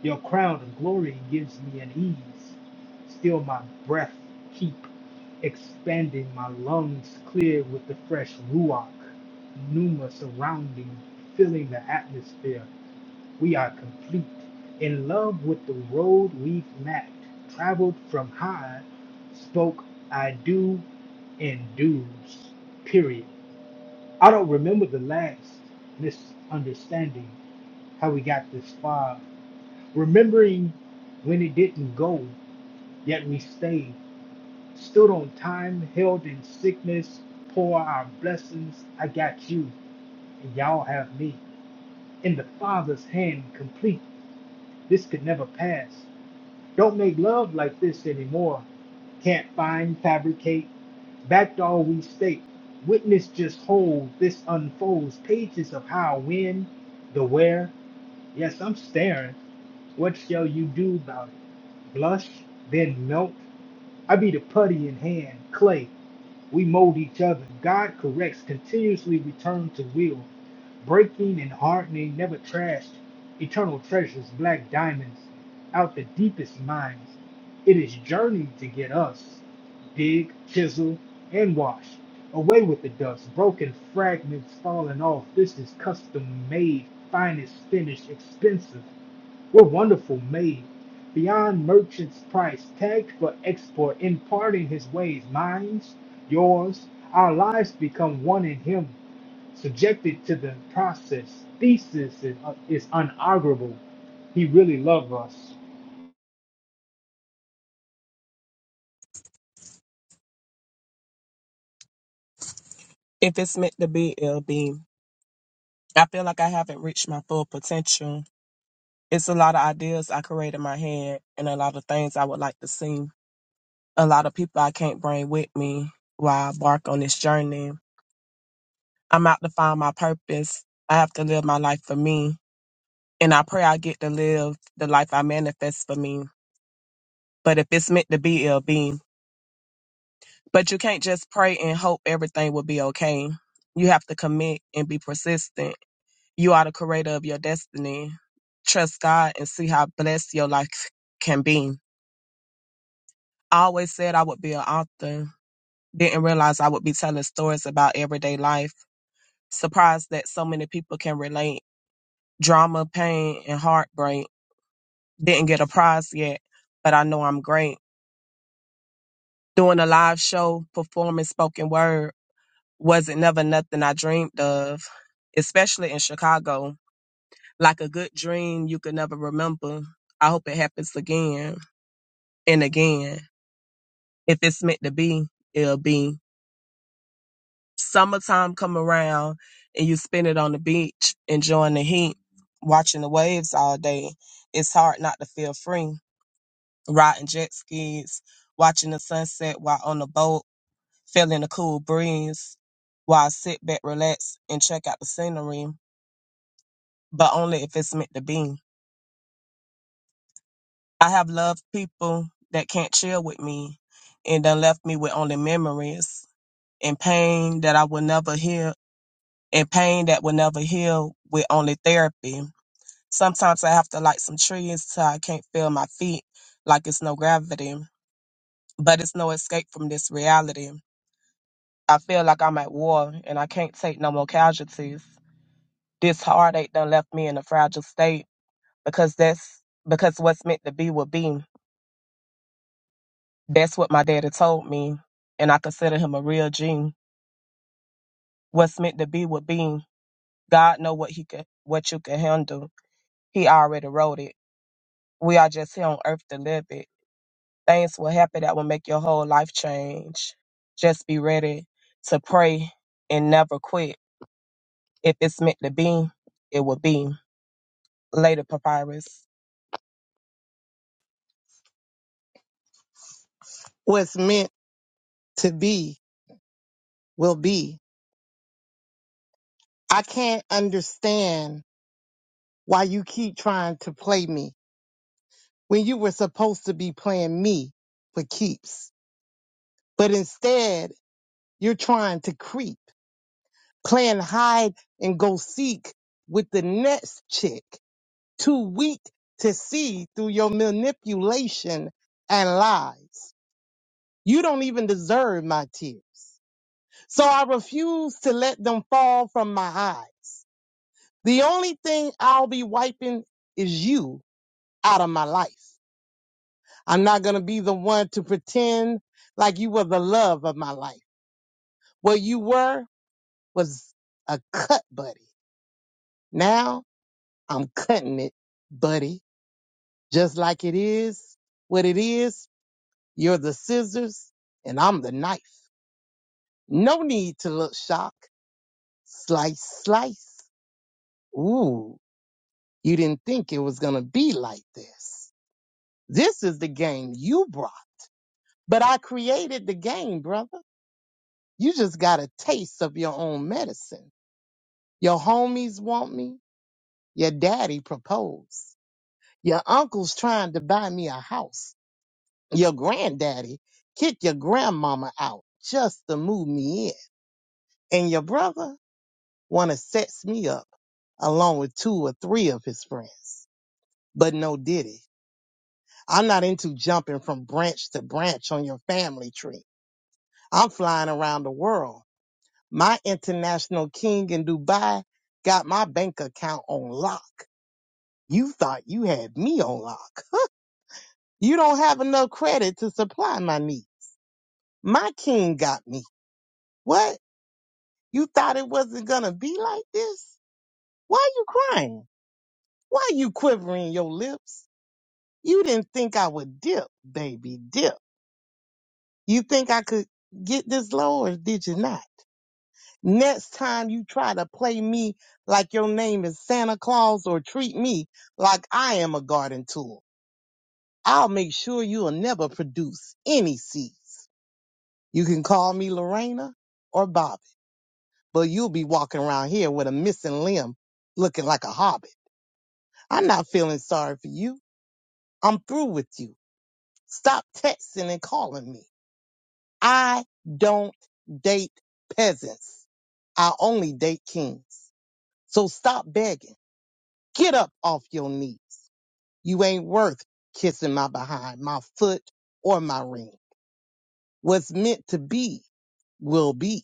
Your crown of glory gives me an ease. Still my breath keep expanding, my lungs clear with the fresh ruach. Pneuma surrounding, filling the atmosphere. We are complete. In love with the road we've mapped, traveled from high, spoke I do and do's. Period. I don't remember the last misunderstanding, how we got this far remembering when it didn't go, yet we stayed, stood on time, held in sickness, pour our blessings. I got you, and y'all have me. In the Father's hand, complete. This could never pass. Don't make love like this anymore. Can't find, fabricate. Backed all we state. Witness just hold. This unfolds pages of how, when, the where. Yes, I'm staring. What shall you do about it? Blush, then melt? I be the putty in hand, clay. We mold each other. God corrects, continuously return to will, breaking and hardening, never trashed, eternal treasures, black diamonds, out the deepest minds. It is journey to get us. Dig, chisel, and wash. Away with the dust, broken fragments falling off. This is custom made, finest finished, expensive. We're wonderful made, beyond merchant's price, tagged for export, imparting his ways, minds, yours. Our lives become one in him, subjected to the process. Thesis is, is unarguable. He really loved us. If it's meant to be, it'll be. I feel like I haven't reached my full potential. It's a lot of ideas I create in my head and a lot of things I would like to see. A lot of people I can't bring with me while I embark on this journey. I'm out to find my purpose. I have to live my life for me And I pray I get to live the life I manifest for me. But if it's meant to be, it'll be. But you can't just pray and hope everything will be okay. You have to commit and be persistent. You are the creator of your destiny. Trust God and see how blessed your life can be. I always said I would be an author. Didn't realize I would be telling stories about everyday life. Surprised that so many people can relate. Drama, pain, and heartbreak. Didn't get a prize yet, but I know I'm great. doing a live show, performing spoken word wasn't never nothing I dreamed of, especially in Chicago. Like a good dream you could never remember. I hope it happens again and again. If it's meant to be, it'll be. Summertime come around and you spend it on the beach, enjoying the heat, watching the waves all day. It's hard not to feel free. Riding jet skis, watching the sunset while on the boat feeling the cool breeze while I sit back, relax, and check out the scenery, but only if it's meant to be. I have loved people that can't chill with me and done left me with only memories and pain that I will never heal and pain that will never heal with only therapy. Sometimes I have to light some trees till I can't feel my feet like it's no gravity, but it's no escape from this reality. I feel like I'm at war and I can't take no more casualties. This heartache done left me in a fragile state because that's because what's meant to be will be. That's what my daddy told me, and I consider him a real G. What's meant to be will be. God know what he could, what you can handle. He already wrote it. We are just here on earth to live it. Things will happen that will make your whole life change. Just be ready to pray and never quit. If it's meant to be, it will be. Later, papyrus. What's meant to be will be. I can't understand why you keep trying to play me when you were supposed to be playing me for keeps. But instead, you're trying to creep, playing hide and go seek with the next chick, too weak to see through your manipulation and lies. You don't even deserve my tears. So I refuse to let them fall from my eyes. The only thing I'll be wiping is you out of my life. I'm not going to be the one to pretend like you were the love of my life. What you were was a cut buddy. Now I'm cutting it, buddy, just like it is what it is. You're the scissors and I'm the knife. No need to look shocked. Slice, slice. Ooh, you didn't think it was going to be like this. This is the game you brought, but I created the game, brother. You just got a taste of your own medicine. Your homies want me. Your daddy proposed. Your uncle's trying to buy me a house. Your granddaddy kicked your grandmama out just to move me in. And your brother wanna set me up along with two or three of his friends. But no diddy. I'm not into jumping from branch to branch on your family tree. I'm flying around the world My international king in Dubai got my bank account on lock. You thought you had me on lock. You don't have enough credit to supply my needs. My king got me. What? You thought it wasn't gonna be like this? Why you crying? Why you quivering your lips? You didn't think I would dip, baby, dip. You think I could get this low or did you not? Next time you try to play me like your name is Santa Claus or treat me like I am a garden tool, I'll make sure you'll never produce any seeds. You can call me Lorena or Bobby, but you'll be walking around here with a missing limb looking like a hobbit. I'm not feeling sorry for you. I'm through with you. Stop texting and calling me. I don't date peasants. I only date kings. So stop begging. Get up off your knees. You ain't worth kissing my behind, my foot, or my ring. What's meant to be will be.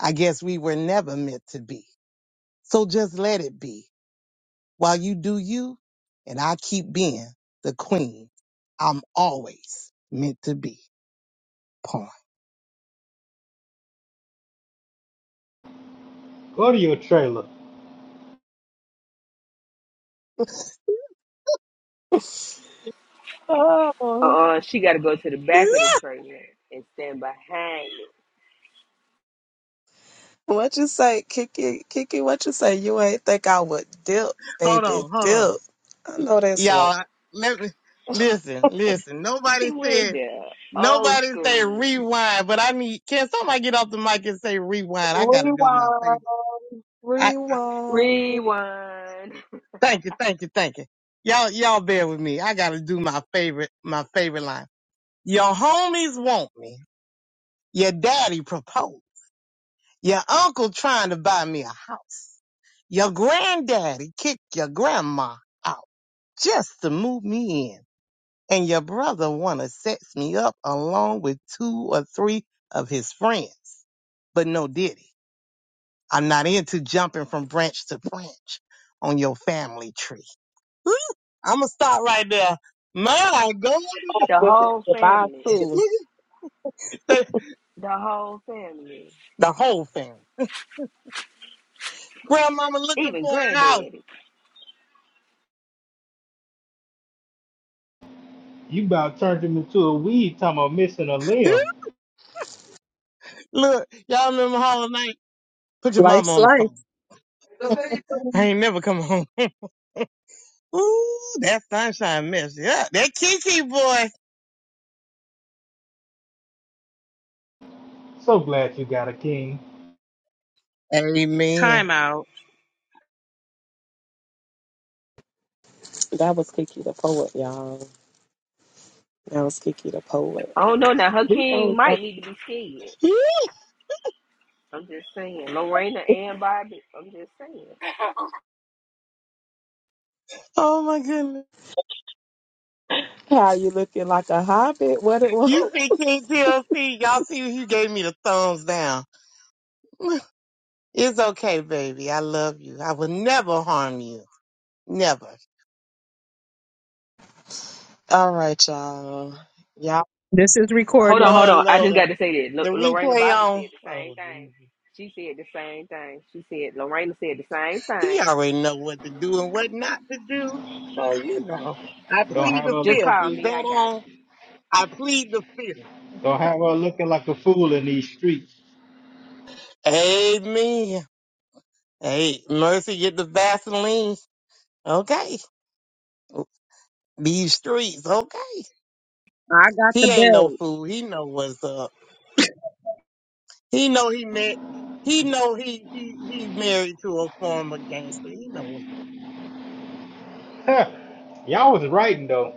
I guess we were never meant to be. So just let it be. While you do you, and I keep being the queen I'm always meant to be. Pawn. Go to your trailer. Oh, Uh-uh, she got to go to the back of the trailer and stand behind it. what you say, Kiki? Kiki, what you say? You ain't think I would dip, Hold baby, on, hold on. dip. I know that's right. Y'all, let me, listen, listen. Nobody She said. went there, old Nobody say school, rewind, but I need, can somebody get off the mic and say rewind? I gotta do my favorite. Rewind, I, rewind. Oh, rewind. thank you, thank you, thank you. Y'all, y'all bear with me. I gotta do my favorite, my favorite line. Your homies want me. Your daddy proposed. Your uncle trying to buy me a house. Your granddaddy kicked your grandma out just to move me in. And your brother wanna sex me up along with two or three of his friends. But no diddy. I'm not into jumping from branch to branch on your family tree. I'm gonna stop right there. My God, The with it, whole Goodbye family, too. the, the whole family, the whole family. Grandmama looking even for a house. granddaddy. You about turned him into a weed talking about missing a limb. Look, y'all remember Hall Night? Put your mama Life's on the phone. life. I ain't never come home. Ooh, that sunshine mess. Yeah, that Kiki boy. So glad you got a king. Amen. Time out. That was Kiki the poet, y'all. That was Kiki the poet. I don't know now. Her We king don't know might need to be scared. I'm just saying. Lorena and Bobby. I'm just saying. Oh my goodness. how you looking like a hobbit. What it was? You see King TLC, y'all see he gave me the thumbs down. It's okay, baby. I love you. I will never harm you. Never. All right, y'all. Y'all, This is Hold on, recorded. hold Oh on. I just Lord. got to say this. The Lo- Lorena replay Bobby said on. the same Oh Jesus. thing. She said the same thing. She said Lorena said the same He thing. already know what to do and what not to do. So you know. I Don't plead have the her Just fifth. call Is that me. I got on? you. I plead the fifth. don't have her looking like a fool in these streets. Amen. Hey, mercy get the Vaseline. Okay. These streets, okay. The He ain't no fool. He know what's up. He know he met he know he he he married to a former gangster. He know what's Y'all was writing though.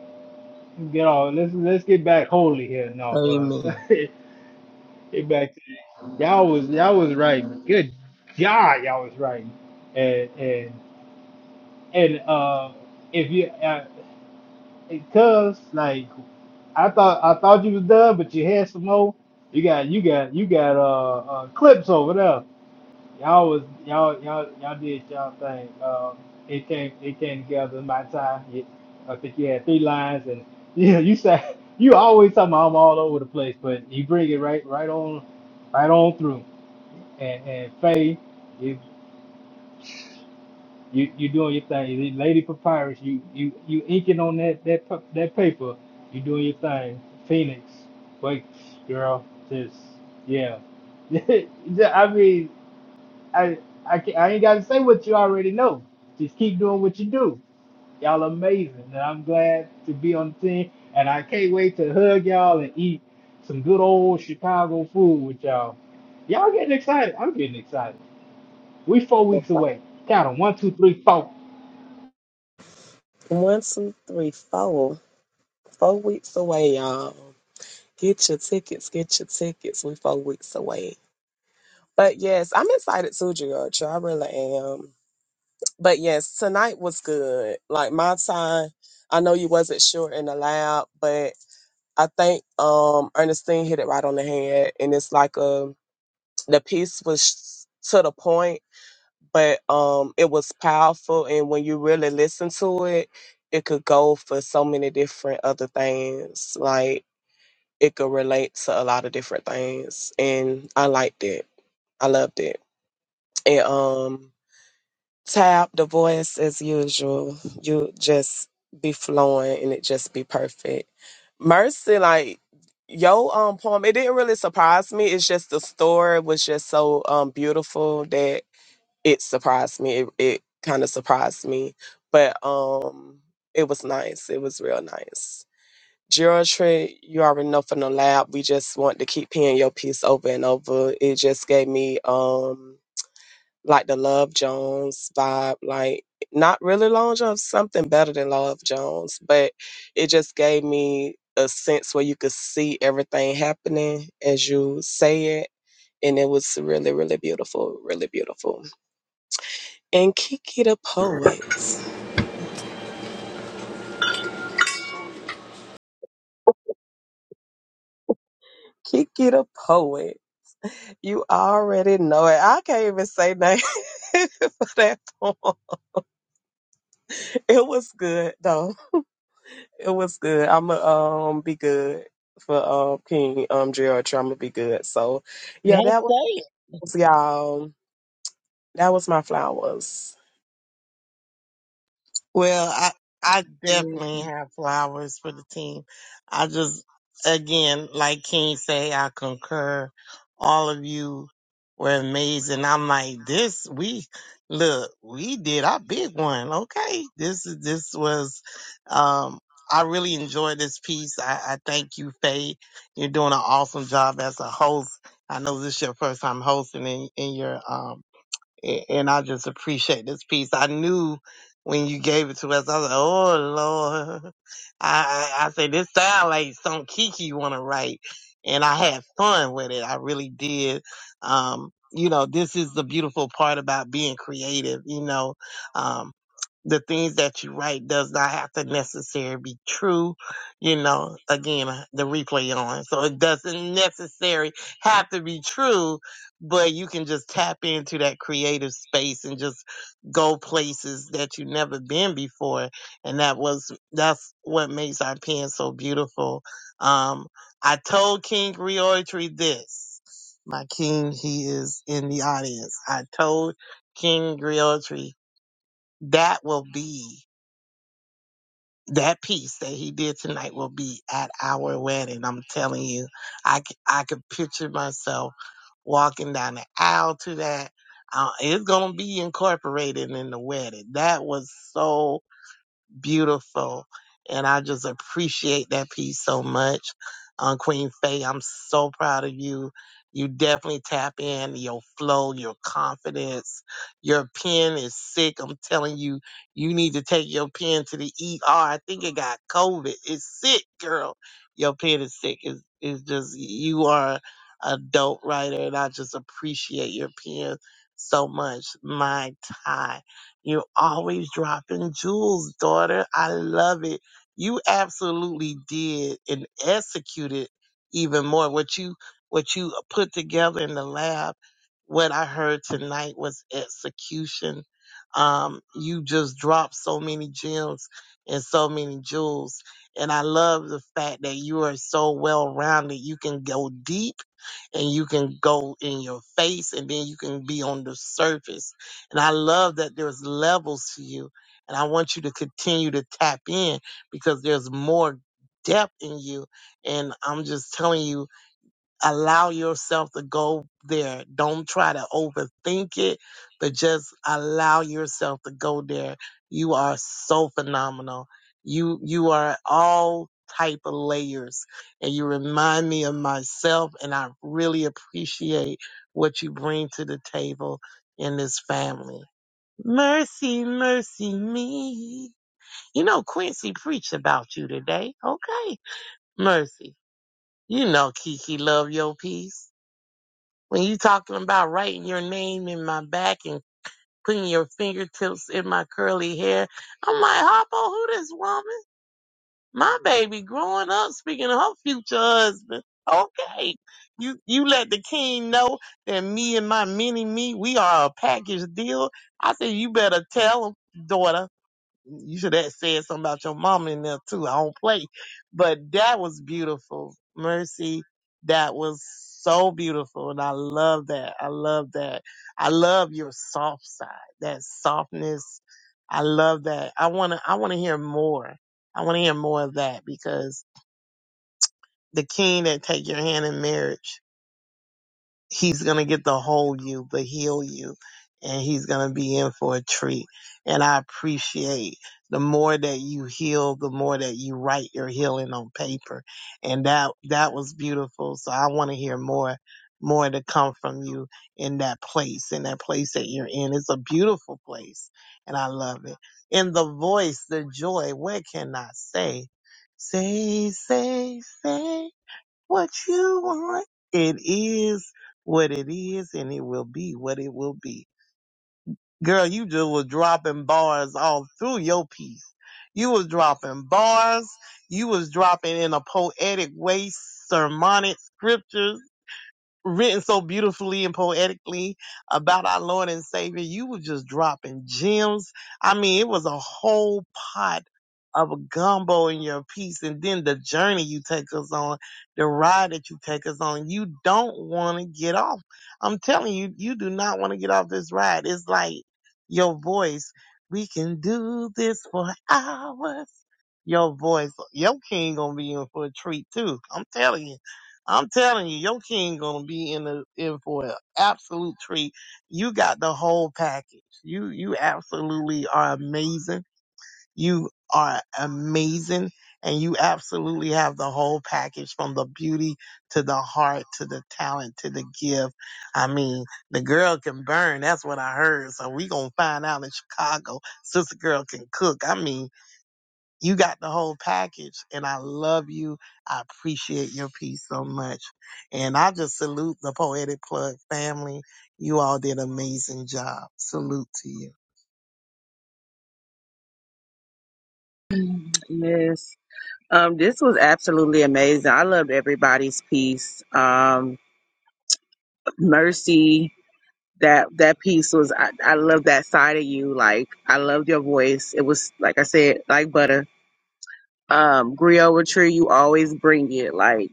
Get off. Let's let's get back holy here now, uh, Amen. get back to y'all was y'all was right. Good God, y'all was right. And and and uh, if you uh, cause like I thought I thought you was done, but you had some more. You got you got you got uh, uh clips over there. Y'all was y'all y'all y'all did y'all thing. Um, it came it came together in my time. It, I think you had three lines, and yeah, you said you always talking about I'm all over the place, but you bring it right right on right on through. And and Faye, you you you doing your thing. You Lady Papyrus, you you you inking on that that pa- that paper. You doing your thing. Phoenix, wait, girl, just yeah. I mean. I I can, I ain't got to say what you already know. Just keep doing what you do. Y'all amazing, and I'm glad to be on the team. And I can't wait to hug y'all and eat some good old Chicago food with y'all. Y'all getting excited? I'm getting excited. We four weeks away. Count 'em. One, two, three, four. one, two, three, four. Four weeks away, y'all. Get your tickets. Get your tickets. We four weeks away. But yes, I'm excited too, Georgia. I really am. but yes, tonight was good. Like my time, I know you wasn't sure in the lab, but I think um Ernestine hit it right on the head, and it's like um the piece was to the point, but um it was powerful, and when you really listen to it, it could go for so many different other things. Like it could relate to a lot of different things, and I liked it. I loved it, and um. Tab, the voice as usual. You just be flowing and it just be perfect. Mercy, like yo um poem, it didn't really surprise me. It's just the story was just so um beautiful that it surprised me. It it kind of surprised me. But um it was nice. It was real nice. Geometry, you already know from the lab. We just want to keep hearing your piece over and over. It just gave me um like the Love Jones vibe, like not really Long John, something better than Love Jones, but it just gave me a sense where you could see everything happening as you say it. And it was really, really beautiful, really beautiful. And Kiki the poet. Kiki the poet. You already know it. I can't even say nothing for that poem. It was good though. It was good. I'm gonna um be good for um King um Gerald. I'm gonna be good. So yeah, Gotta that say it. was y'all. That was my flowers. Well, I I definitely bell. have flowers for the team. I just again, like King say, I concur. All of you were amazing. I'm like, this we look, we did our big one. Okay. This is this was um I really enjoyed this piece. I, I thank you, Faye. You're doing an awesome job as a host. I know this is your first time hosting in, in your um A- And I just appreciate this piece. I knew when you gave it to us, I was like, oh, Lord. I, I, I said, this sound like something Kiki want to write. And I had fun with it. I really did. Um, you know, this is the beautiful part about being creative. You know, um, the things that you write does not have to necessarily be true. You know, again, the replay on. So it doesn't necessarily have to be true but you can just tap into that creative space and just go places that you've never been before and that was that's what makes our pen so beautiful um i told king reoratory this my king he is in the audience i told king reoratory that will be that piece that he did tonight will be at our wedding. I'm telling you, I, c- I could picture myself walking down the aisle to that. Uh, it's going to be incorporated in the wedding. That was so beautiful. And I just appreciate that piece so much. Um, Queen Faye, I'm so proud of you. You definitely tap in your flow, your confidence. Your pen is sick. I'm telling you, you need to take your pen to the ER. I think it got COVID. It's sick, girl. Your pen is sick. It's, it's just, you are a dope writer, and I just appreciate your pen so much. My time. You're always dropping jewels, daughter. I love it. You absolutely did and executed even more. What you what you put together in the lab, what I heard tonight was execution. Um, you just dropped so many gems and so many jewels. And I love the fact that you are so well rounded. You can go deep and you can go in your face and then you can be on the surface and I love that there's levels to you. And I want you to continue to tap in because there's more depth in you. And I'm just telling you, allow yourself to go there. Don't try to overthink it, but just allow yourself to go there. You are so phenomenal. You you are all type of layers and you remind me of myself and I really appreciate what you bring to the table in this family. Mercy, mercy me. You know, Quincy preached about you today. Okay. Mercy. You know, Kiki, love your piece. When you talking about writing your name in my back and putting your fingertips in my curly hair, I'm like, Hoppo, who this woman? My baby growing up speaking of her future husband. Okay. You, you let the king know that me and my mini me, we are a package deal. I said, you better tell him, daughter. You should have said something about your mama in there too. I don't play. But that was beautiful. Mercy, that was so beautiful. And I love that. I love that. I love your soft side, that softness. I love that. I wanna I wanna hear more. I wanna hear more of that because the king that take your hand in marriage he's going to get the whole you, but heal you. And he's going to be in for a treat. And I appreciate the more that you heal, the more that you write your healing on paper. And that, that was beautiful. So I want to hear more, more to come from you in that place, in that place that you're in. It's a beautiful place and I love it. And the voice, the joy, what can I say? Say, say, say what you want. It is what it is, and it will be what it will be. Girl, you just was dropping bars all through your piece. You was dropping bars. You was dropping in a poetic way, sermonic scriptures written so beautifully and poetically about our Lord and Savior. You were just dropping gems. I mean, it was a whole pot of a gumbo in your piece. And then the journey you take us on, the ride that you take us on, you don't want to get off. I'm telling you, you do not want to get off this ride. It's like your voice. We can do this for hours. Your voice, your king gonna be in for a treat too. I'm telling you. I'm telling you, your king gonna be in the in for an absolute treat. You got the whole package. You you absolutely are amazing. You are amazing, and you absolutely have the whole package from the beauty to the heart to the talent to the gift. I mean, the girl can burn. That's what I heard. So we gonna find out in Chicago. Sister girl can cook. I mean. You got the whole package, and I love you. I appreciate your piece so much. And I just salute the Poetic Plug family. You all did an amazing job. Salute to you. Miss Um, this was absolutely amazing. I loved everybody's piece. Um, Mercy, that that piece was. I, I love that side of you. Like I loved your voice. It was like I said, like butter. Um, Griot Tree, you always bring it. Like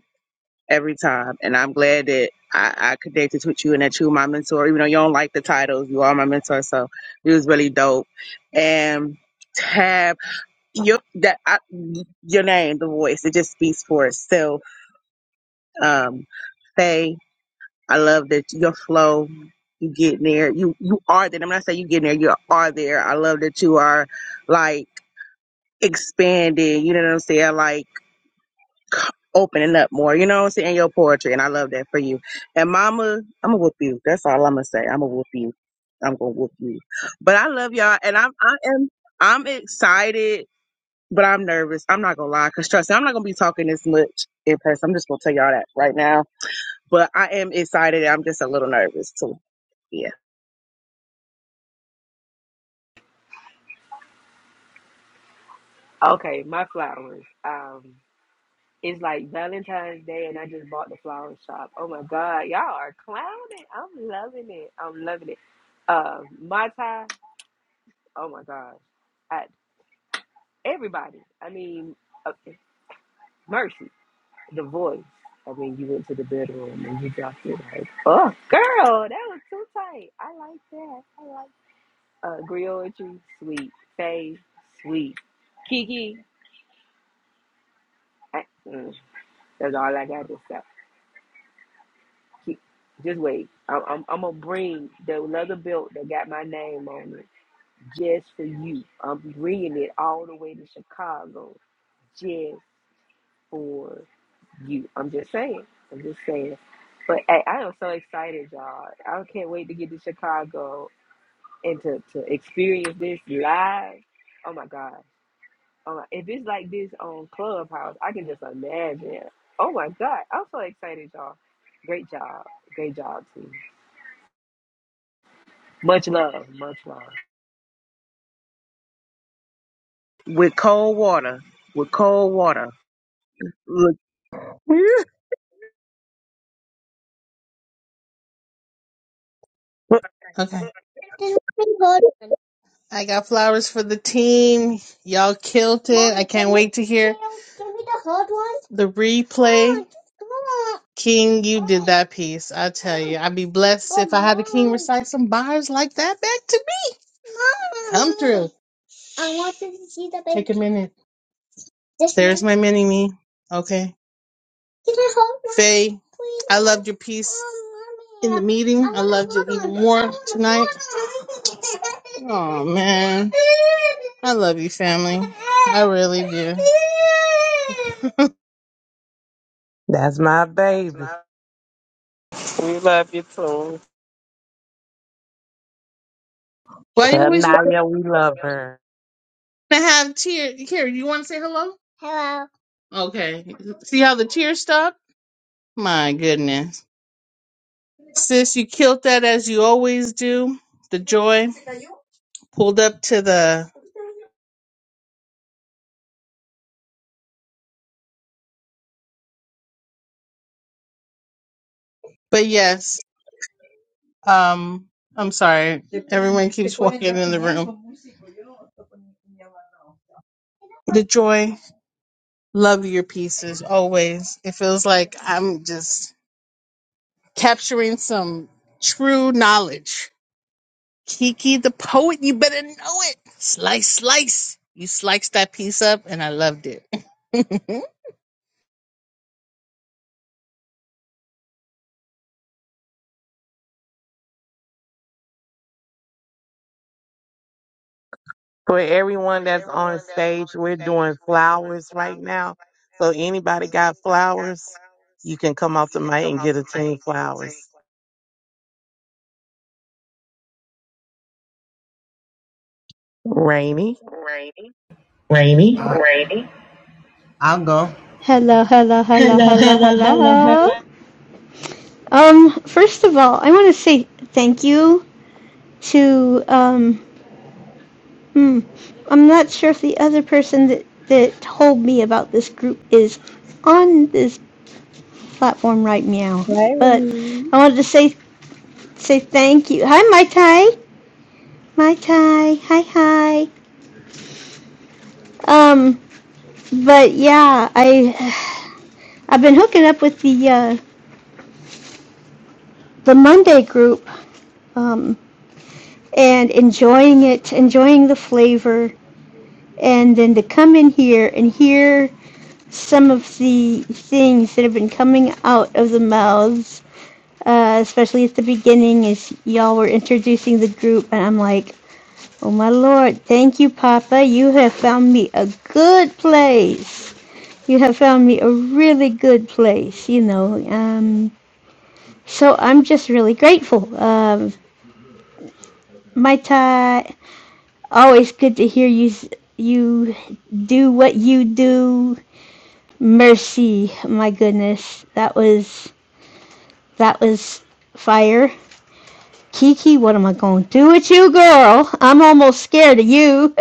every time, and I'm glad that I, I connected with you and that you were my mentor. Even though you don't like the titles, you are my mentor. So it was really dope. And Tab, your that I, your name, the voice, it just speaks for itself um, Faye, I love that your flow. You getting there. You you are there. I'm not saying you getting there. You are there. I love that you are like expanding. You know what I'm saying? Like opening up more. You know what I'm saying? Your poetry, and I love that for you. And Mama, I'm gonna whoop you. That's all I'm gonna say. I'm gonna whoop you. I'm gonna whoop you. But I love y'all, and I'm I am I'm excited, but I'm nervous. I'm not gonna lie, cause trust me, I'm not gonna be talking this much in person. I'm just gonna tell y'all that right now But I am excited. I'm just a little nervous too. Yeah. Okay, my flowers. Um, it's like Valentine's Day, and I just bought the flower shop. Oh my God, y'all are clowning. I'm loving it. I'm loving it. Uh, my tie. Oh my God. I, everybody. I mean. uh, Mercy, the voice. I mean, you went to the bedroom and you dropped it like, oh, girl, that was too tight. I like that. I like uh, Griotry, sweet. Faye, sweet. Kiki, I, mm, that's all I got to say. Ki- Just wait. I'm, I'm, I'm going to bring the leather belt that got my name on it just for you. I'm bringing it all the way to Chicago just for you. I'm just saying. I'm just saying. But hey, I am so excited, y'all. I can't wait to get to Chicago and to, to experience this live. Oh my God. Oh my, if it's like this on Clubhouse, I can just imagine. Oh my God. I'm so excited, y'all. Great job. Great job, team. Much love. Much love. With cold water. With cold water. Look. Okay. I got flowers for the team. Y'all killed it. I can't wait to hear the replay. King, you did that piece. I tell you, I'd be blessed if I had the king recite some bars like that back to me. Come through. I want to see the baby. Take a minute. There's my mini me. Okay. Faye, I loved your piece in the meeting. I loved it even more tonight. Oh man. I love you, family. I really do. That's my baby. We love you too. Why you Tell always want Naya we love her. to have tears? Here, you want to say hello? Hello. Okay. See how the tears stop? My goodness. Sis, you killed that as you always do. The joy pulled up to the. But yes. Um, I'm sorry. Everyone keeps walking in the room. The joy, love your pieces always. It feels like I'm just capturing some true knowledge. Kiki the poet, you better know it. Slice, slice. You sliced that piece up, and I loved it. For everyone that's on stage, we're doing flowers right now. So anybody got flowers, you can come off the mic and get a team flowers. Rainy. Rainy. Rainy, I'll go. Hello, hello, hello, hello, hello. Um, first of all, I want to say thank you to, um, hmm, I'm not sure if the other person that, that told me about this group is on this platform right now, but Hey. I wanted to say, say thank you. Hi, Mai Tai. Mai Tai. Hi, hi. Um, but yeah, I, I've been hooking up with the, uh, the Monday group. Um, and enjoying it, enjoying the flavor, and then to come in here and hear some of the things that have been coming out of the mouths, uh, especially at the beginning as y'all were introducing the group, and I'm like, oh my lord, thank you, Papa. You have found me a good place. You have found me a really good place, you know. Um, so I'm just really grateful. Um, Mai Tai Always good to hear you you do what you do. Mercy, my goodness, that was that was fire. Kiki, what am I going to do with you, girl? I'm almost scared of you.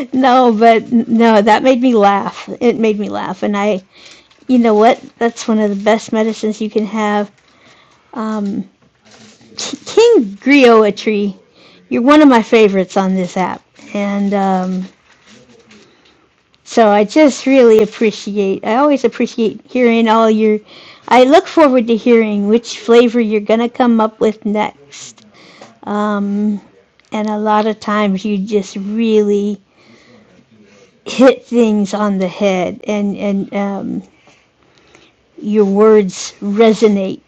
no, but no, that made me laugh. It made me laugh, and I, you know what? That's one of the best medicines you can have. Um, King Griotry, you're one of my favorites on this app, and um, So I just really appreciate, I always appreciate hearing all your, I look forward to hearing which flavor you're going to come up with next. Um, and a lot of times you just really hit things on the head and, and um, your words resonate.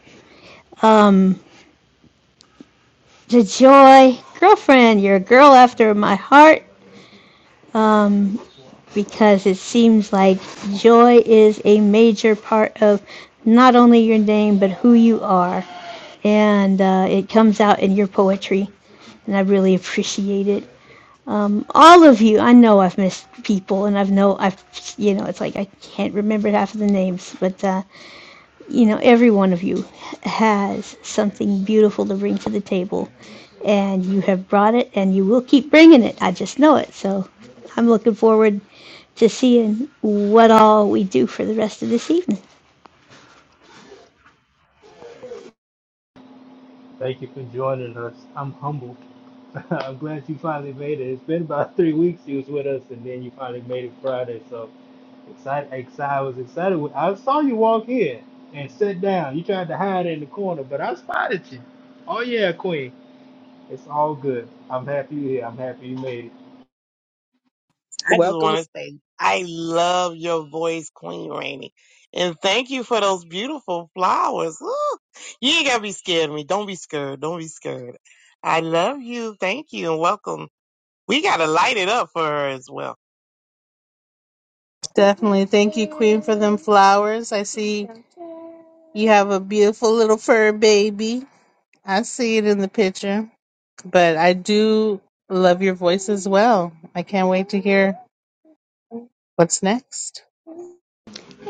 Um, the joy, girlfriend, you're a girl after my heart. Um, because it seems like joy is a major part of not only your name but who you are, and uh, it comes out in your poetry, and I really appreciate it. Um, all of you, I know I've missed people, and I've know I've you know it's like I can't remember half of the names, but uh, you know, every one of you has something beautiful to bring to the table. And you have brought it and you will keep bringing it. I just know it. So I'm looking forward to seeing what all we do for the rest of this evening. Thank you for joining us. I'm humbled. I'm glad you finally made it. It's been about three weeks you was with us, and then you finally made it Friday. So excited, excited. I was excited. When, I saw you walk in and sit down. You tried to hide in the corner, but I spotted you. Oh yeah, Queen. It's all good. I'm happy you're here. I'm happy you made it. I just Welcome. want to say, I love your voice, Queen Rainey. And thank you for those beautiful flowers. Ooh, you ain't got to be scared of me. Don't be scared. Don't be scared. I love you. Thank you and welcome. We got to light it up for her as well. Definitely. Thank you, Queen, for them flowers. I see you have a beautiful little fur baby. I see it in the picture. But I do love your voice as well. I can't wait to hear what's next.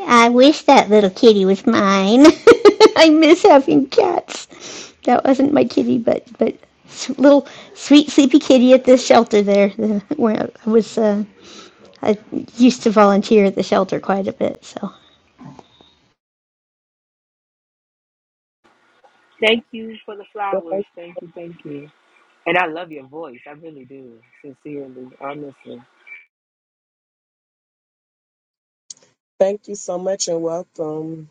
I wish that little kitty was mine. I miss having cats. That wasn't my kitty, but but little sweet sleepy kitty at the shelter there, where I was. Uh, I used to volunteer at the shelter quite a bit, so Thank you for the flowers. Thank you. Thank you. And I love your voice. I really do. Sincerely. Honestly. Thank you so much and welcome.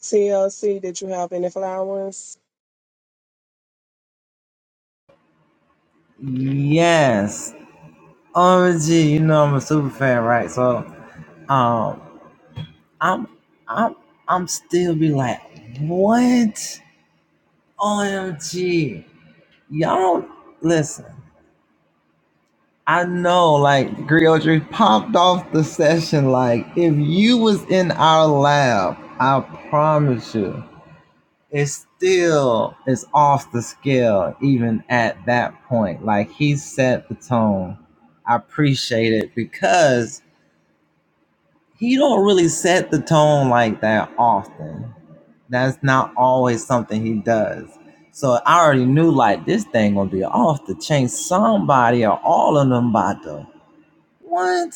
TLC, did you have any flowers? Yes. OMG, you know I'm a super fan, right? So um I'm I'm I'm still be like, what? OMG. Y'all don't listen. I know like Griotry popped off the session like if you was in our lab, I promise you. it still is off the scale even at that point like he set the tone i appreciate it because he don't really set the tone like that often that's not always something he does so i already knew like this thing gonna be off the chain somebody or all of them about to what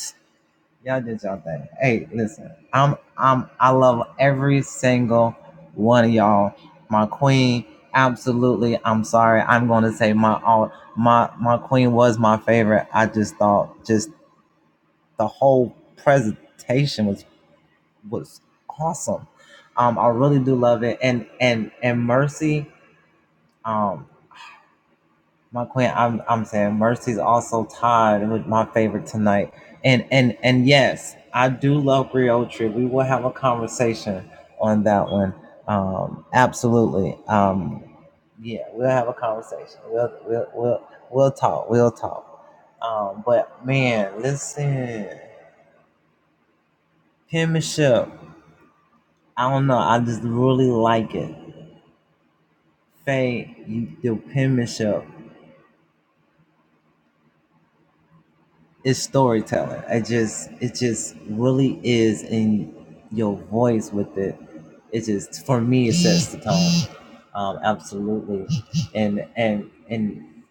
Y'all did y'all thing. Hey, listen, I'm I'm I love every single one of y'all. My queen, absolutely. I'm sorry. I'm gonna say my all my my queen was my favorite. I just thought just the whole presentation was was awesome. Um, I really do love it. And and and Mercy, um. My queen, I'm I'm saying Mercy's also tied with my favorite tonight. And and and yes, I do love Griotri. We will have a conversation on that one. Um, absolutely. Um, yeah, we'll have a conversation. We'll we'll we'll we'll talk. We'll talk. Um, but man, listen, penmanship. I don't know. I just really like it. Faye, you do penmanship. it's storytelling. I just it just really is in your voice with it. It just for me it sets the tone. Um, absolutely. And and and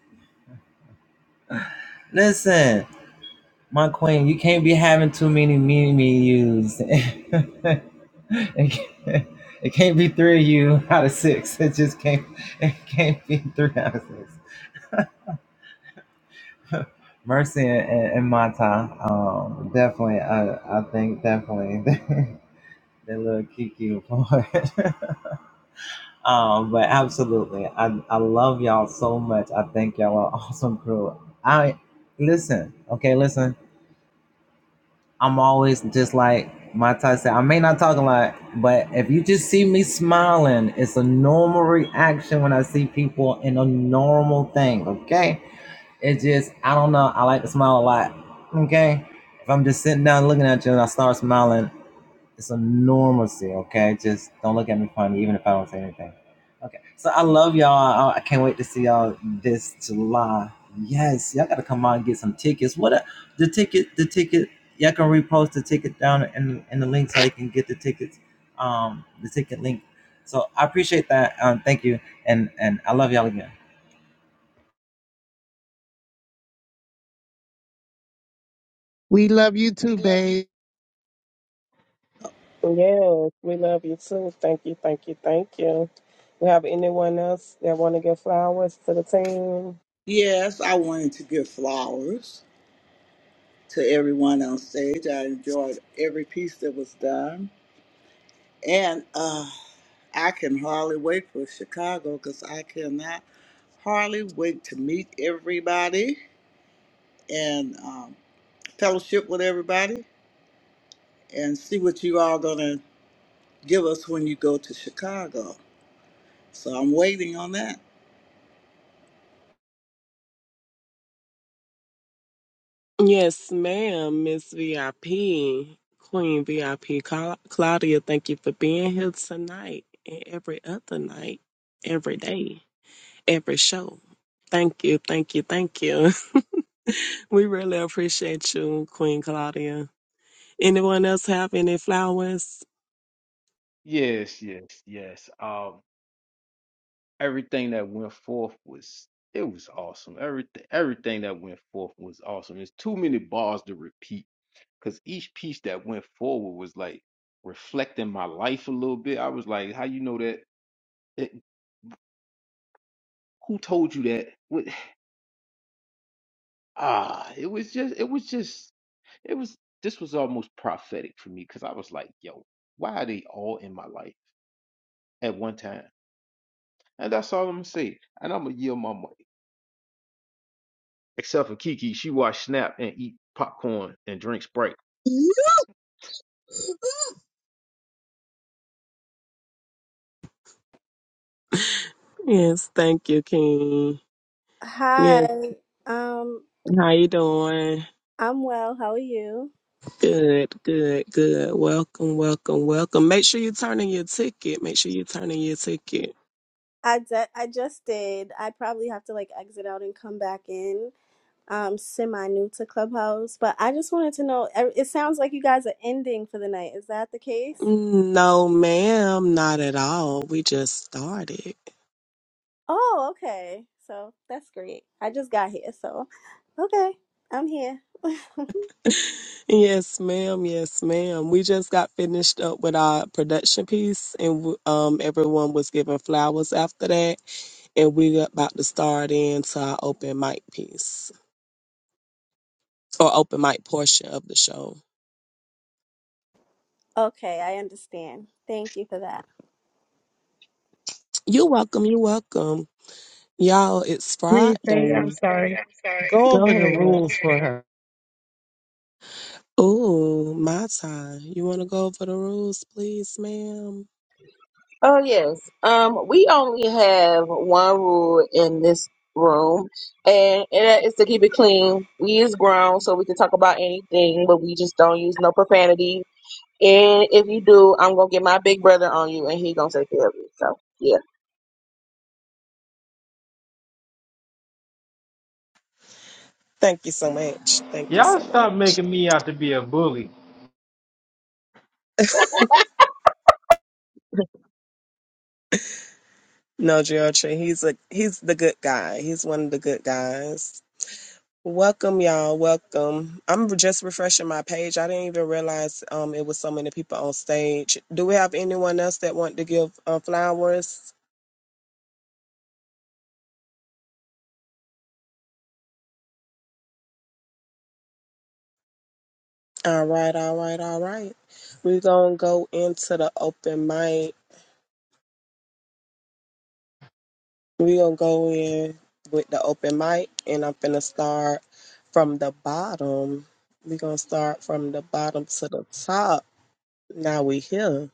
listen, my queen, you can't be having too many me me yous. it can't it can't be three of you out of six. It just can't it can't be three out of six. Mercy and, and, and Mata, um, definitely. I, I think definitely That little Kiki report. um, but absolutely, I, I love y'all so much. I think y'all are awesome crew. I listen, okay, listen. I'm always just like my Ty said. I may not talk a lot, but if you just see me smiling, it's a normal reaction when I see people in a normal thing. Okay, it's just I don't know. I like to smile a lot. Okay, if I'm just sitting down looking at you and I start smiling, It's a normalcy, okay? Just don't look at me funny, even if I don't say anything. Okay. So I love y'all. I I can't wait to see y'all this July. Yes, y'all gotta come out and get some tickets. What a, the ticket, the ticket. Y'all can repost the ticket down in, in the link so you can get the tickets. Um, the ticket link. So I appreciate that. Um, thank you, and and I love y'all again. We love you too, babe. Yes, we love you too. Thank you, thank you, thank you. We have anyone else that want to give flowers to the team? Yes, I wanted to give flowers to everyone on stage. I enjoyed every piece that was done. And uh, I can hardly wait for Chicago because I cannot hardly wait to meet everybody and um, fellowship with everybody and see what you all going to give us when you go to Chicago. So I'm waiting on that. Yes, ma'am, Miss VIP, Queen VIP Cla- Claudia. Thank you for being here tonight and every other night, every day, every show. Thank you, thank you, thank you. we really appreciate you, Queen Claudia. Anyone else have any flowers? Yes, yes, yes. Um, everything that went forth was it was awesome. Everything everything that went forth was awesome. There's too many bars to repeat because each piece that went forward was like reflecting my life a little bit. I was like, how you know that? It, who told you that? What? Ah, it was just it was just it was this was almost prophetic for me because I was like, yo, why are they all in my life at one time? And that's all I'm gonna say. And I'm gonna yield my mic. Except for Kiki, she watch Snap and eat popcorn and drink Sprite. Yes, thank you, King. Yes, Hi. Um, how you doing? I'm well. How are you? Good, good, good. Welcome, welcome, welcome. Make sure you turn in your ticket. Make sure you turn in your ticket. I de- I just did. I probably have to like exit out and come back in. Um, semi new to Clubhouse, but I just wanted to know. e- It sounds like you guys are ending for the night. Is that the case? No, ma'am, not at all. We just started. Oh, okay. So that's great. I just got here, so okay, I'm here. Yes, ma'am. Yes, ma'am. We just got finished up with our production piece, and w- um, everyone was given flowers after that, and we're about to start into our open mic piece or open mic portion of the show. Okay, I understand. Thank you for that. You're welcome. You're welcome, y'all. It's Rainy, babe, I'm Friday. sorry. Go over Go the ahead. rules for her. Ooh, my time. You want to go over the rules, please, ma'am? Oh yes. Um, we only have one rule in this room, and and that is to keep it clean. We is grown, so we can talk about anything, but we just don't use no profanity. And if you do, I'm gonna get my big brother on you, and he gonna take care of you. So yeah. Thank you so much. Thank you Y'all so stop much. making me out to be a bully. No, George, he's a he's the good guy. He's one of the good guys. Welcome, y'all. Welcome. I'm just refreshing my page. I didn't even realize um it was so many people on stage. Do we have anyone else that want to give uh, flowers? All right, all right, all right. We're gonna go into the open mic. We're gonna go in with the open mic, and I'm gonna start from the bottom. We're gonna start from the bottom to the top. Now we here.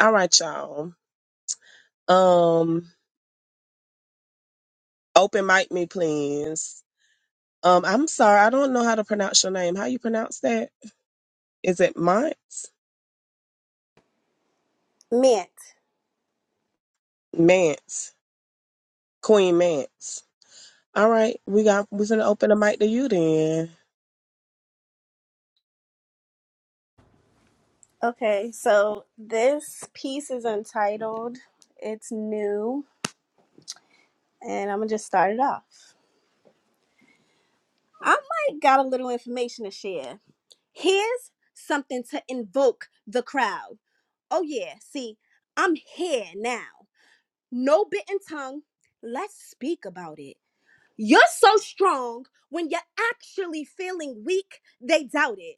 All right, y'all. Um, open mic me, please. Um, I'm sorry, I don't know how to pronounce your name. How you pronounce that? Is it Mance? Mint. Mance. Queen Mance. All right, we got we're gonna open the mic to you then. Okay, so this piece is entitled. It's new. and I'm gonna just start it off. I might got a little information to share. Here's something to invoke the crowd. Oh, yeah, see, I'm here now. No bitten tongue. Let's speak about it. You're so strong when you're actually feeling weak, they doubt it.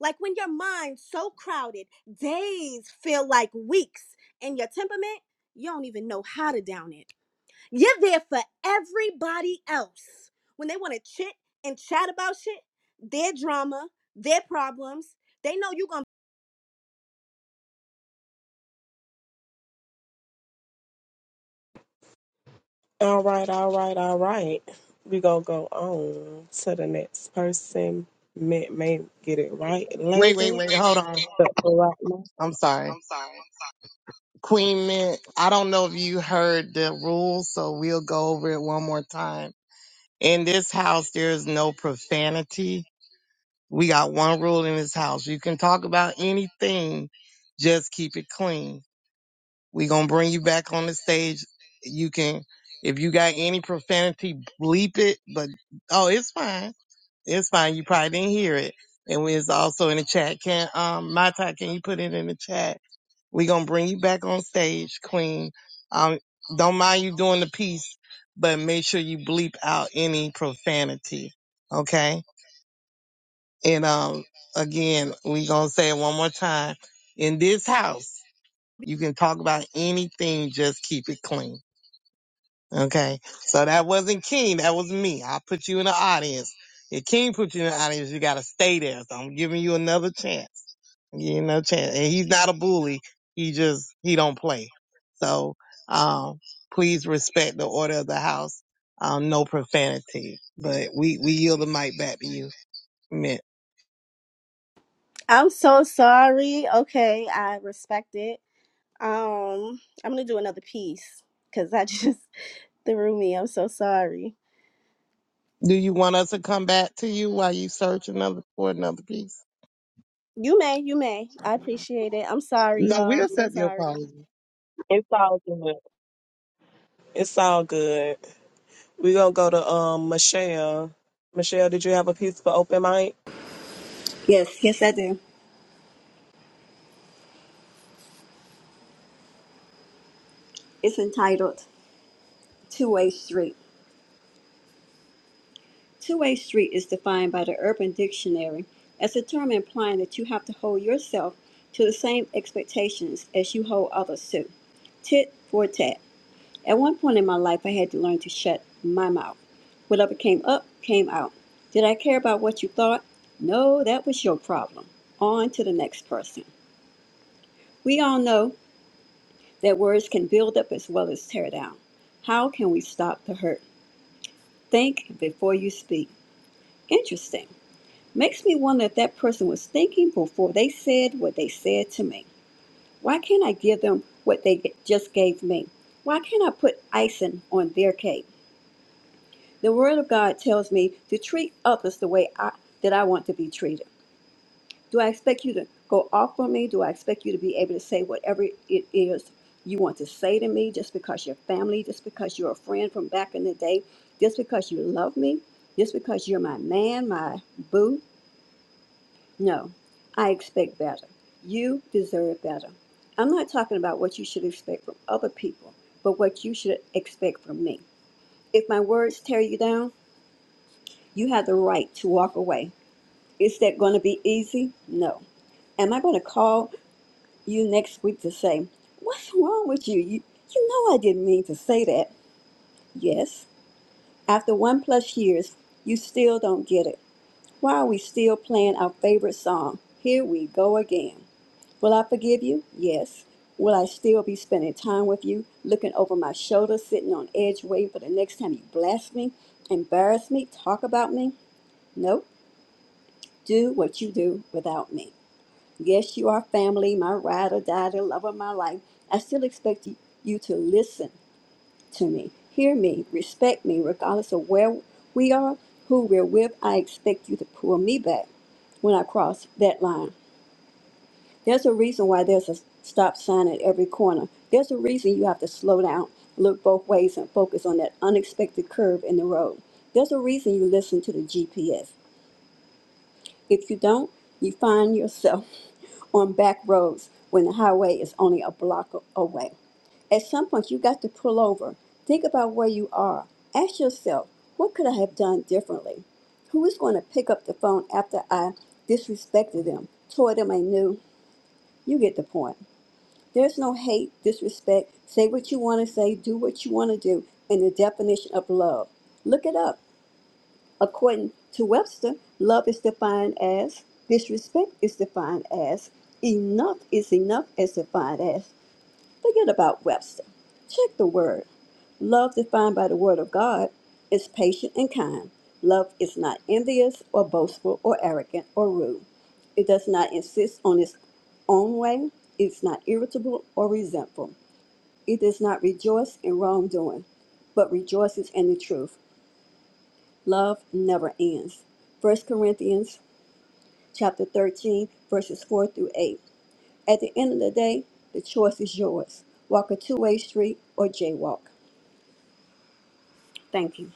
Like when your mind's so crowded, days feel like weeks, and your temperament, you don't even know how to down it. You're there for everybody else. When they want to chit and chat about shit, their drama, their problems, they know you're going to. All right, all right, all right. We gonna go on to the next person. May may get it right Wait, wait, later, wait. Hold on. but for right now, I'm sorry. Queen Mint, I don't know if you heard the rules, so we'll go over it one more time. In this house, there is no profanity. We got one rule in this house. You can talk about anything, just keep it clean. We're going to bring you back on the stage. You can, if you got any profanity, bleep it, but oh, it's fine. It's fine. You probably didn't hear it. And it's also in the chat. Can um my can you put it in the chat? We're gonna bring you back on stage, Queen. Um don't mind you doing the piece, but make sure you bleep out any profanity. Okay? And um again, we gonna say it one more time. In this house, you can talk about anything, just keep it clean. Okay. So that wasn't King. That was me. I put you in the audience. If King put you in the audience, you got to stay there. So I'm giving you another chance. I'm giving You another chance. And he's not a bully. He just, he don't play. So, um, please respect the order of the house. Um, no profanity, but we, we yield the mic back to you, Mint. I'm so sorry. Okay, I respect it. Um, I'm going to do another piece because I just threw me. I'm so sorry. Do you want us to come back to you while you search another for another piece? You may, you may. I appreciate it. I'm sorry, No, y'all. we'll I'm so accept your sorry. apology. it's all good. It's all good. We gonna go to um Michelle. Michelle, did you have a piece for open mic? Yes, yes, I do. It's entitled Two Way Street. Two Way Street is defined by the Urban Dictionary as a term implying that you have to hold yourself to the same expectations as you hold others to. Tit for tat. At one point in my life, I had to learn to shut my mouth. Whatever came up, came out. Did I care about what you thought? No, that was your problem. On to the next person. We all know that words can build up as well as tear down. How can we stop the hurt? Think before you speak. Interesting. Makes me wonder if that person was thinking before they said what they said to me. Why can't I give them what they just gave me? Why can't I put icing on their cake? The Word of God tells me to treat others the way I, that I want to be treated. Do I expect you to go off on me? Do I expect you to be able to say whatever it is you want to say to me just because you're family, just because you're a friend from back in the day, just because you love me, just because you're my man, my boo? No, I expect better. You deserve better. I'm not talking about what you should expect from other people, but what you should expect from me. If my words tear you down, you have the right to walk away. Is that going to be easy? No. Am I going to call you next week to say, What's wrong with you? You, you know I didn't mean to say that. Yes, after one plus years, you still don't get it. Why are we still playing our favorite song? Here we go again. Will I forgive you? Yes. Will I still be spending time with you, looking over my shoulder, sitting on edge, waiting for the next time you blast me, embarrass me, talk about me? Nope. Do what you do without me. Yes, you are family, my ride or die, the love of my life. I still expect y- you to listen to me, hear me, respect me, regardless of where we are, who we're with. I expect you to pull me back when I cross that line. There's a reason why there's a stop sign at every corner. There's a reason you have to slow down, look both ways, and focus on that unexpected curve in the road. There's a reason you listen to the GPS. If you don't, you find yourself on back roads when the highway is only a block a- away. At some point, you got to pull over. Think about where you are. Ask yourself, what could I have done differently? Who is going to pick up the phone after I disrespected them, tore them anew? You get the point. There's no hate, disrespect. Say what you want to say, do what you want to do, and the definition of love. Look it up. According to Webster, love is defined as disrespect is defined as enough is enough is defined as. Forget about Webster. Check the word. Love defined by the word of God is patient and kind. Love is not envious or boastful or arrogant or rude. It does not insist on its own way. It's not irritable or resentful. It does not rejoice in wrongdoing, but rejoices in the truth. Love never ends. First Corinthians chapter 13 verses 4 through 8. At the end of the day, the choice is yours. Walk a two-way street or jaywalk. Thank you.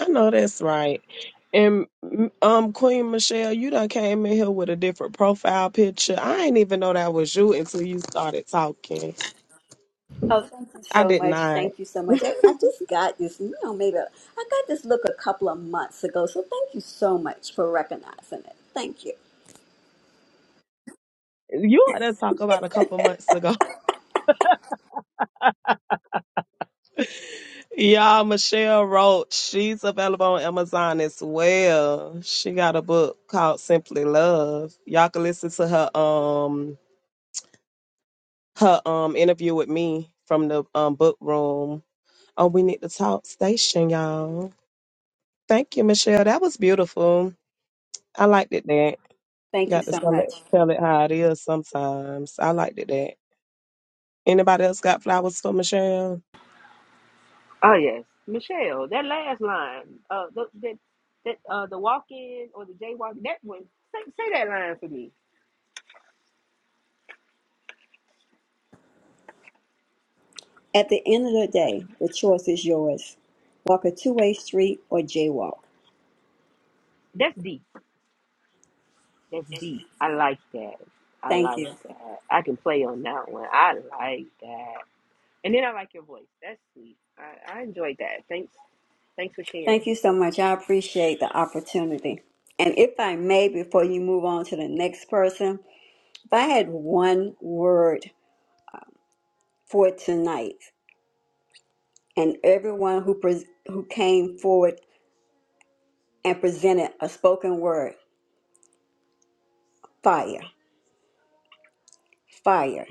I know that's right. And mm, um, Queen Michelle, you done came in here with a different profile picture. I didn't even know that was you until you started talking. Oh, thank you I so did much. not. Thank you so much. I, I just got this, you know, maybe a- I got this look a couple of months ago. So thank you so much for recognizing it. Thank you. You had to talk about a couple months ago. Y'all, Michelle Roach, she's available on Amazon as well. She got a book called Simply Love. Y'all can listen to her um her um interview with me from the um book room. Oh, we need to talk station, y'all. Thank you, Michelle. That was beautiful. I liked it that. Thank you Got to so tell it, much. tell it how it is sometimes. I liked it that. Anybody else got flowers for Michelle? Oh yes, Michelle. That last line, uh, the, that that uh, the walk in or the jaywalk. That one. Say, say that line for me. At the end of the day, the choice is yours. Walk a two way street or jaywalk. That's deep. That's deep. I like that. I Thank like you. that. I can play on that one. I like that. And then I like your voice. That's sweet. I, I enjoyed that. Thanks. Thanks for sharing. Thank you so much. I appreciate the opportunity. And if I may, before you move on to the next person, if I had one word for tonight, and everyone who pres who came forward and presented a spoken word, fire, fire.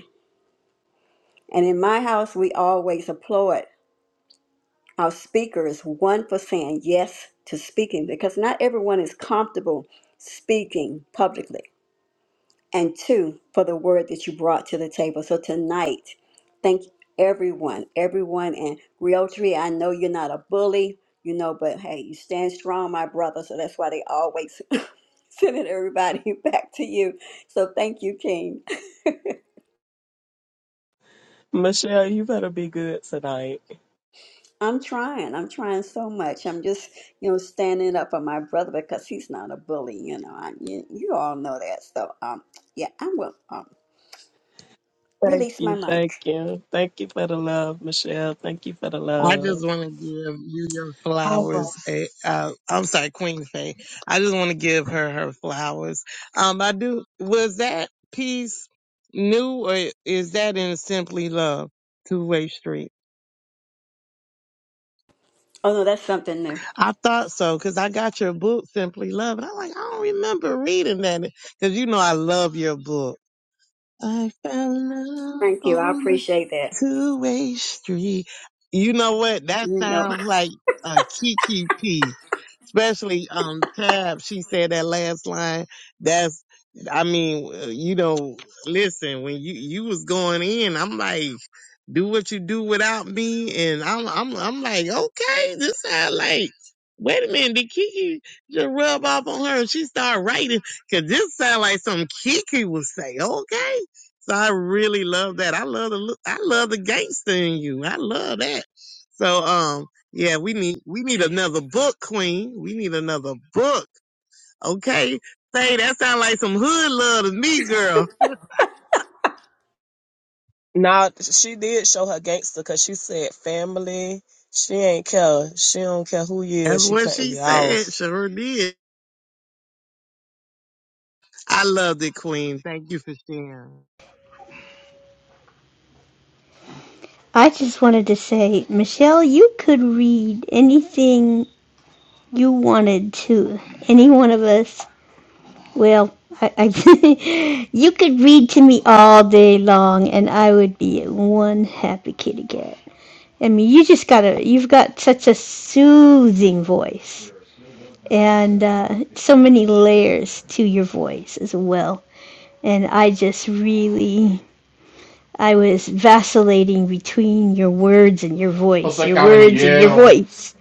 And in my house, we always applaud our speakers, one for saying yes to speaking, because not everyone is comfortable speaking publicly. and two, for the word that you brought to the table. So tonight, thank everyone, everyone, and Realtree. I know you're not a bully, you know, but hey, you stand strong, my brother. So that's why they always sending everybody back to you. So thank you, King. Michelle, you better be good tonight. I'm trying. I'm trying so much. I'm just, you know, standing up for my brother because he's not a bully. You know, I, you, you all know that. So, um, yeah, I will um, Thank release my you, mic. thank you. Thank you for the love, Michelle. Thank you for the I love. just want to give you your All flowers. right. A, uh, I'm sorry, Queen Faye. I just want to give her her flowers. Um, I do. Was that piece new or is that in Simply Love, Two Way Street? Oh no, that's something new. I thought so because I got your book, Simply Love, and I'm like, I don't remember reading that because you know I love your book. I found love Thank you. I on a appreciate that. two way street. You know what? That No, sounds like a Kiki piece. especially um Tab. She said that last line. That's I mean, uh, you know, listen, when you you was going in, I'm like, do what you do without me, and I'm I'm I'm like, okay, this sound like. Wait a minute, did Kiki just rub off on her and she started writing? Cause this sound like something Kiki would say, okay? So I really love that. I love the look- I love the gangster in you. I love that. So um. Yeah, we need we need another book, Queen. We need another book. Okay. Say that sounds like some hood love to me, girl. Now she did show her gangster because she said family. She ain't care. She don't care who you That's is. She what cutting she you said. off. Sure did. I loved it, Queen. Thank you for sharing. I just wanted to say, Michelle, you could read anything you wanted to any one of us. Well, I, I you could read to me all day long, and I would be one happy kitty cat. I mean, you just gotta, you've got such a soothing voice, and uh, so many layers to your voice as well. And I just really I was vacillating between your words and your voice, José your words and your voice.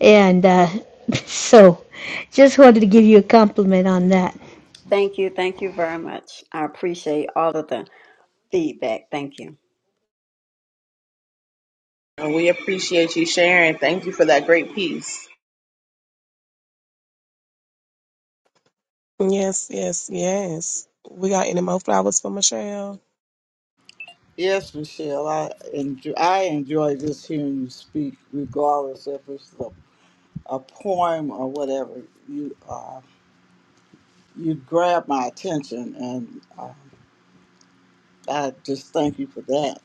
And uh, so, just wanted to give you a compliment on that. thank you. Thank you very much. I appreciate all of the feedback. Thank you. And we appreciate you sharing. Thank you for that great piece. Yes, yes, yes. We got any more flowers for Michelle? Yes, Michelle, I enjoy, I enjoy just hearing you speak, regardless if it's the a poem or whatever, you uh, you grabbed my attention, and uh, I just thank you for that.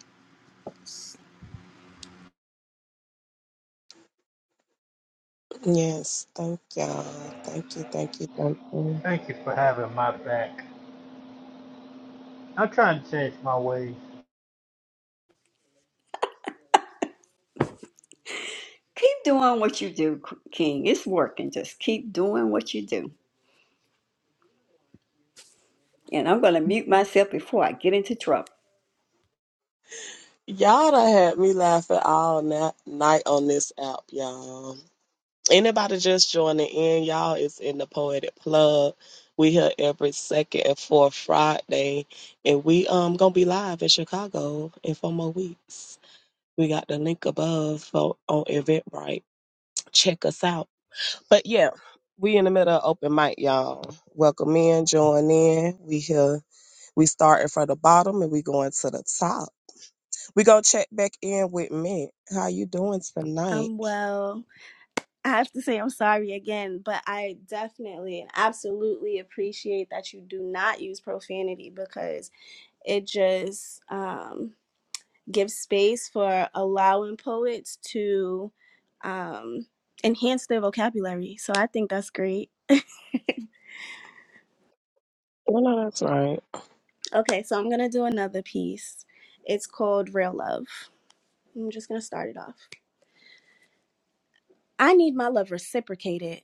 Yes, thank y'all. Thank you, thank you, thank you. Thank you for having my back. I'm trying to change my ways. Keep doing what you do, K- King. It's working. Just keep doing what you do. And I'm going to mute myself before I get into trouble. Y'all done had me laughing all na- night on this app, y'all. Anybody just joining in, y'all, it's in the Poetic Plug. We here every second and fourth Friday, and we um gonna be live in Chicago in four more weeks. We got the link above for, on Eventbrite. Check us out. But yeah, we in the middle of open mic, y'all. Welcome in, join in. We here We starting from the bottom and we going to the top. We gonna check back in with Mint. How you doing tonight? Um, well, I have to say I'm sorry again, but I definitely and absolutely appreciate that you do not use profanity because it just um, gives space for allowing poets to um, enhance their vocabulary. So I think that's great. I know that's right. Okay, so I'm gonna do another piece. It's called Real Love. I'm just gonna start it off. I need my love reciprocated.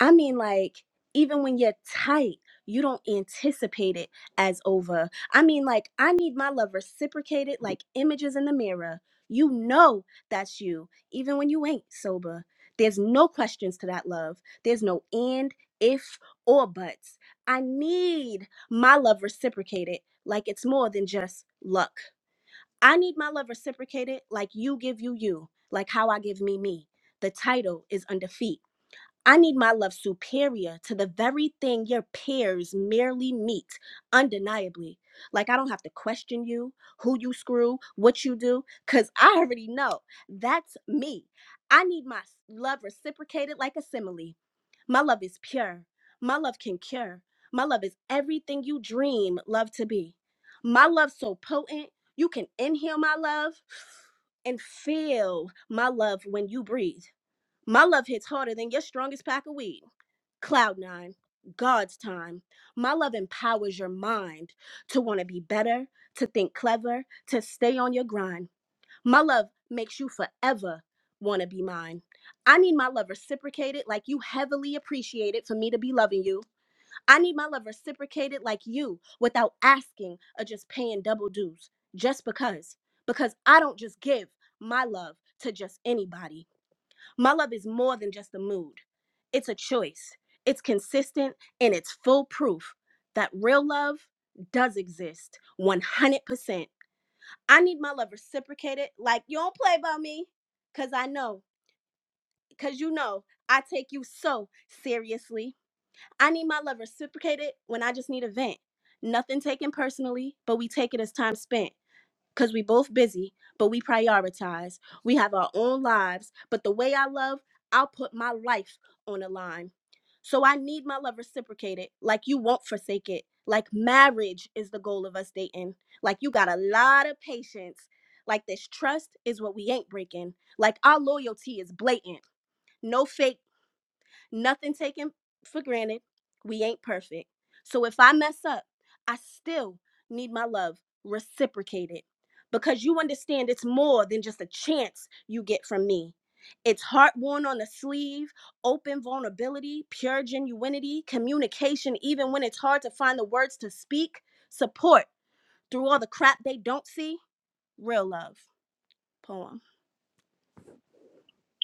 I mean, like, even when you're tight, you don't anticipate it as over. I mean, like, I need my love reciprocated, like images in the mirror. You know that's you, even when you ain't sober. There's no questions to that love. There's no and, if, or buts. I need my love reciprocated, like it's more than just luck. I need my love reciprocated like you give you you, like how I give me me. The title is undefeat. I need my love superior to the very thing your peers merely meet undeniably. Like, I don't have to question you, who you screw, what you do, because I already know that's me. I need my love reciprocated like a simile. My love is pure. My love can cure. My love is everything you dream love to be. My love so potent, you can inhale my love and feel my love when you breathe. My love hits harder than your strongest pack of weed. Cloud nine, God's time. My love empowers your mind to want to be better, to think clever, to stay on your grind. My love makes you forever want to be mine. I need my love reciprocated like you heavily appreciate it for me to be loving you. I need my love reciprocated like you without asking or just paying double dues just because. Because I don't just give my love to just anybody. My love is more than just a mood, it's a choice. It's consistent and it's full proof that real love does exist 100%. I need my love reciprocated. Like, you don't play about me because I know, because you know, I take you so seriously. I need my love reciprocated when I just need a vent. Nothing taken personally, but we take it as time spent because we both busy, but we prioritize. We have our own lives, but the way I love, I'll put my life on the line. So I need my love reciprocated, like you won't forsake it. Like marriage is the goal of us dating. Like you got a lot of patience. Like this trust is what we ain't breaking. Like our loyalty is blatant. No fake nothing taken for granted. We ain't perfect. So if I mess up, I still need my love reciprocated because you understand it's more than just a chance you get from me. It's heart worn on the sleeve, open vulnerability, pure genuinity, communication, even when it's hard to find the words to speak, support through all the crap they don't see. Real love. Poem.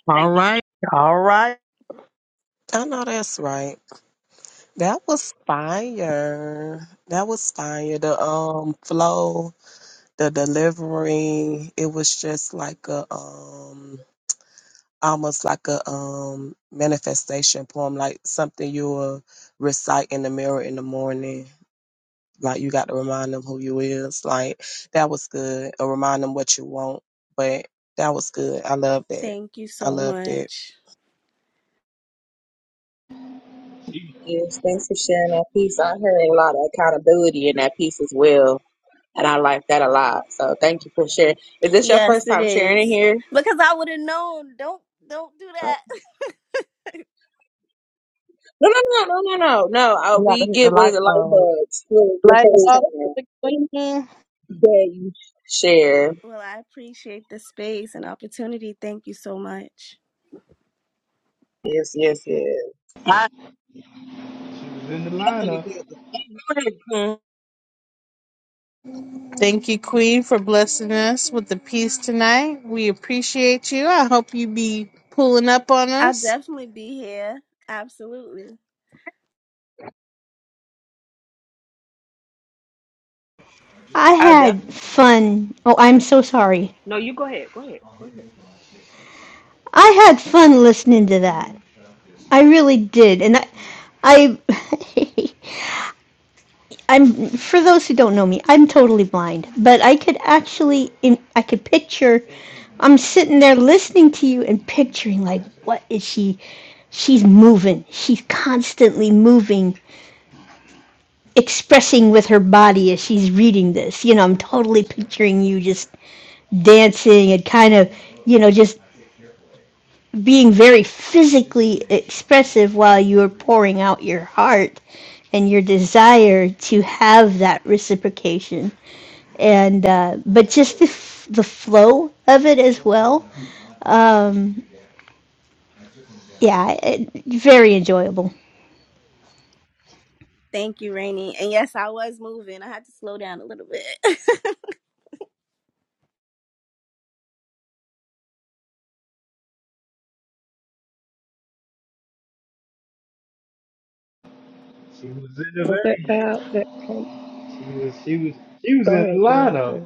All right. All right. I know that's right. That was fire. That was fire. The um flow, the delivery. It was just like a um almost like a um manifestation poem, like something you will recite in the mirror in the morning. Like you got to remind them who you is. Like that was good. Or remind them what you want. But that was good. I love that. Thank you I so loved it. much. She, Yes, thanks for sharing that piece. I heard a lot of accountability in that piece as well, and I like that a lot. So thank you for sharing. Is this your Yes, first it time sharing in is. here? Because I would have known. Don't don't do that. No, no, no, no, no, no, no. Uh, You got to we hit the get what is light a light bulb. bulb. It's really the Light first up time the queen. that you share. Well, I appreciate the space and opportunity. Thank you so much. Yes, yes, yes. I she was in the totally lineup. did. Go ahead, Queen. Thank you, Queen, for blessing us with the peace tonight. We appreciate you. I hope you be pulling up on I'll us. definitely be here. Absolutely. I I'll def. had fun. Oh, I'm so sorry. No, you go ahead. Go ahead. Go ahead. I had fun listening to that. I really did. And I, I I'm for those who don't know me, I'm totally blind, but I could actually in I could picture I'm sitting there listening to you and picturing like what is she she's moving. She's constantly moving, expressing with her body as she's reading this. You know, I'm totally picturing you just dancing and kind of, you know, just being very physically expressive while you are pouring out your heart and your desire to have that reciprocation and uh, but just the f- the flow of it as well. Um, yeah, it, very enjoyable. Thank you, Rainey. And yes, I was moving. I had to slow down a little bit. She was in the Was that vein. tab that came? She was she was she was in Go ahead, the Gerald. lineup.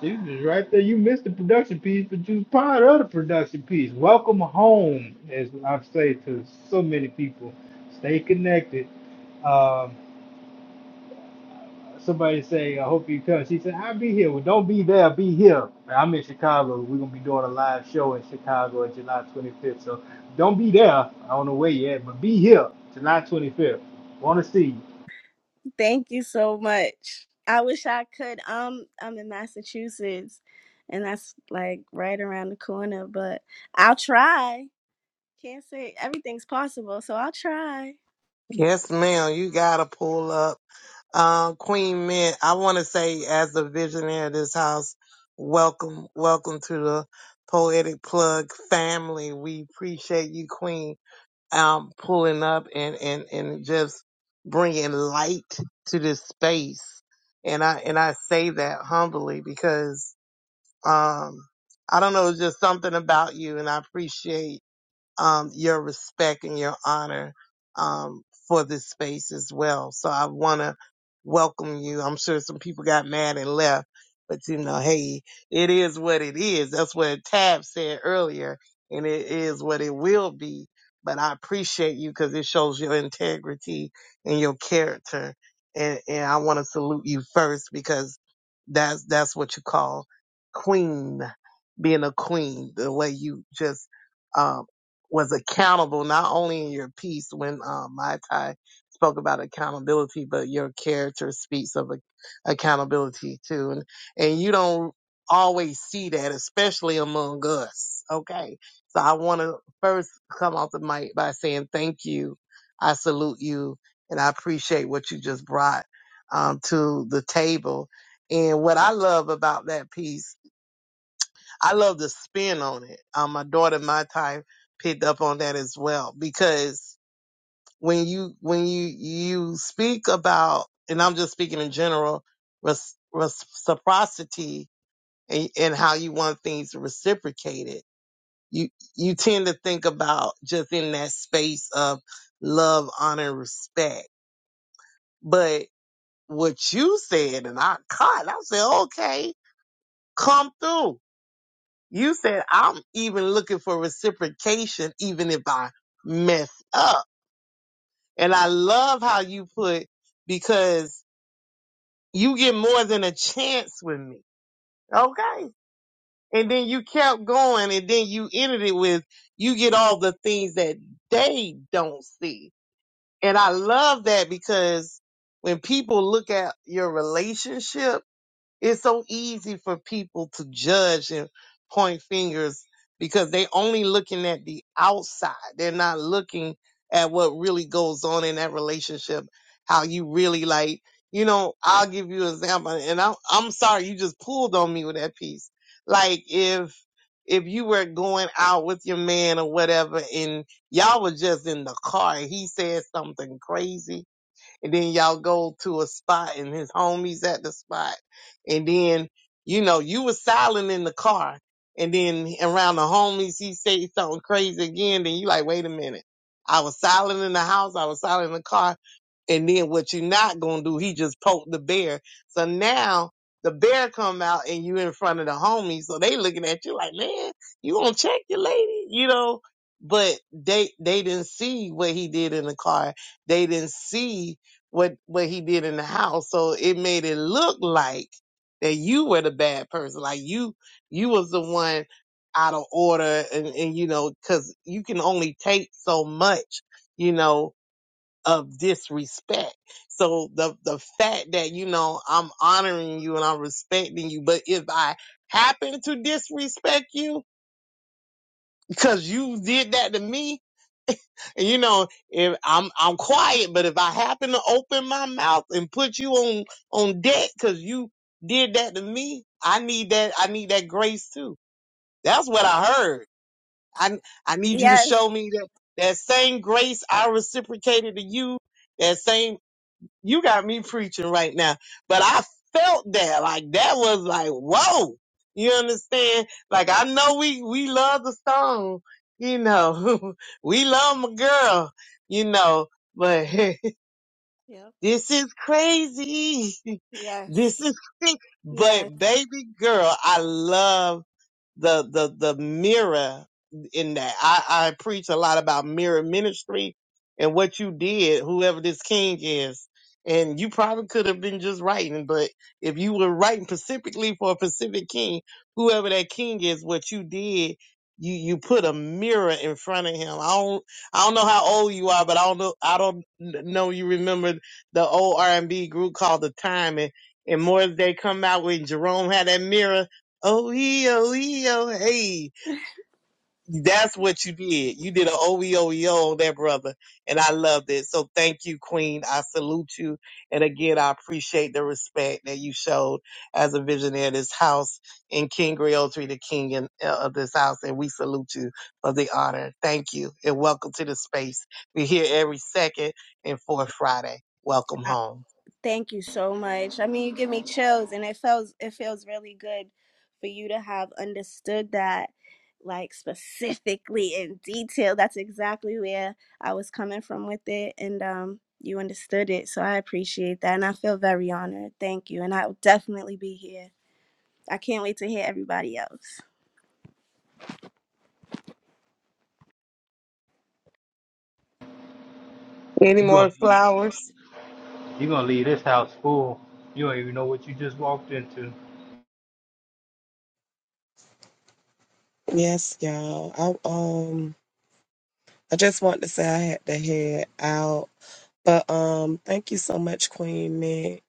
She was just right there. You missed the production piece, but you was part of the production piece. Welcome home, as I've said to so many people. Stay connected. Um, somebody say, I hope you come. She said, I'll be here. Well, don't be there, be here. I'm in Chicago. We're gonna be doing a live show in Chicago on July 25th. So don't be there. I don't know where yet, but be here July 25th. Wanna see you. Thank you so much. I wish I could. Um, I'm in Massachusetts, and that's like right around the corner. But I'll try. Can't say everything's possible, so I'll try. Yes, ma'am. You gotta pull up. Um, Queen Mint, I want to say, as the visionary of this house, welcome, welcome to the Poetic Plug family. We appreciate you, Queen. um, pulling up and, and, and just bringing light to this space. And I, and I say that humbly because, um, I don't know, it's just something about you and I appreciate um, your respect and your honor um, for this space as well. So I want to welcome you. I'm sure some people got mad and left, but you know, hey, it is what it is. That's what Tab said earlier, and it is what it will be. But I appreciate you because it shows your integrity and your character. And, and I want to salute you first because that's that's what you call queen, being a queen. The way you just um, was accountable not only in your piece when um, Mai Tai spoke about accountability, but your character speaks of a- accountability too, and and you don't always see that, especially among us. Okay, so I want to first come off the mic by saying thank you, I salute you, and I appreciate what you just brought um, to the table. And what I love about that piece I love the spin on it. Um, my daughter, my time, picked up on that as well because when you when you you speak about, and I'm just speaking in general, res, reciprocity and, and how you want things reciprocated, you you tend to think about just in that space of love, honor, and respect. But what you said, and I caught, I said, okay, come through You said I'm even looking for reciprocation, even if I mess up. And I love how you put because you get more than a chance with me. Okay. And then you kept going and then you ended it with you get all the things that they don't see. And I love that because when people look at your relationship, It's so easy for people to judge and point fingers because they only looking at the outside. They're not looking at what really goes on in that relationship, how you really like, you know, I'll give you an example and I'm I'm sorry you just pulled on me with that piece. Like if if you were going out with your man or whatever and y'all were just in the car and he said something crazy and then y'all go to a spot and his homies at the spot and then you know you was silent in the car and then around the homies he say something crazy again then you like wait a minute i was silent in the house i was silent in the car and then what you not gonna do he just poked the bear so now the bear come out and you in front of the homies so they looking at you like man you gonna check your lady you know but they they didn't see what he did in the car they didn't see what what he did in the house. So it made it look like that you were the bad person, like you you was the one out of order, and and you know because you can only take so much, you know, of disrespect. So the the fact that you know I'm honoring you and I'm respecting you, but if I happen to disrespect you because you did that to me and you know, if I'm I'm quiet, but if I happen to open my mouth and put you on on deck because you did that to me, I need that I need that grace too. That's what I heard. I I need you to Yes. show me that that same grace I reciprocated to you. That same you got me preaching right now. But I felt that, like that was like, whoa. You understand? Like I know we we love the song, you know. we love my girl, you know. But Yep. this is crazy. this Yes. is, Yes, but baby girl, I love the the the mirror in that. I, I preach a lot about mirror ministry and what you did, whoever this king is. And you probably could have been just writing, but if you were writing specifically for a Pacific king, whoever that king is, what you did, you you put a mirror in front of him. I don't I don't know how old you are, but I don't know I don't know you remember the old R and B group called The Time and and more as they come out when Jerome had that mirror OEO, hey. That's what you did. You did an OEOEO on that brother. And I loved it. So thank you, Queen. I salute you. And again, I appreciate the respect that you showed as a visionary of this house and King Griotri, the king in, uh, of this house. And we salute you for the honor. Thank you. And welcome to the space. We're here every second and fourth Friday. Welcome I- home. thank you so much. I mean, you give me chills, and it feels it feels really good for you to have understood that, like specifically in detail. That's exactly where I was coming from with it, and um, you understood it. So I appreciate that, and I feel very honored. Thank you, and I'll definitely be here. I can't wait to hear everybody else. Any You're more gonna leave. flowers? You gonna leave this house full. You don't even know what you just walked into. Yes, y'all. I um I just want to say I had to head out. But um, thank you so much, Queen Mick.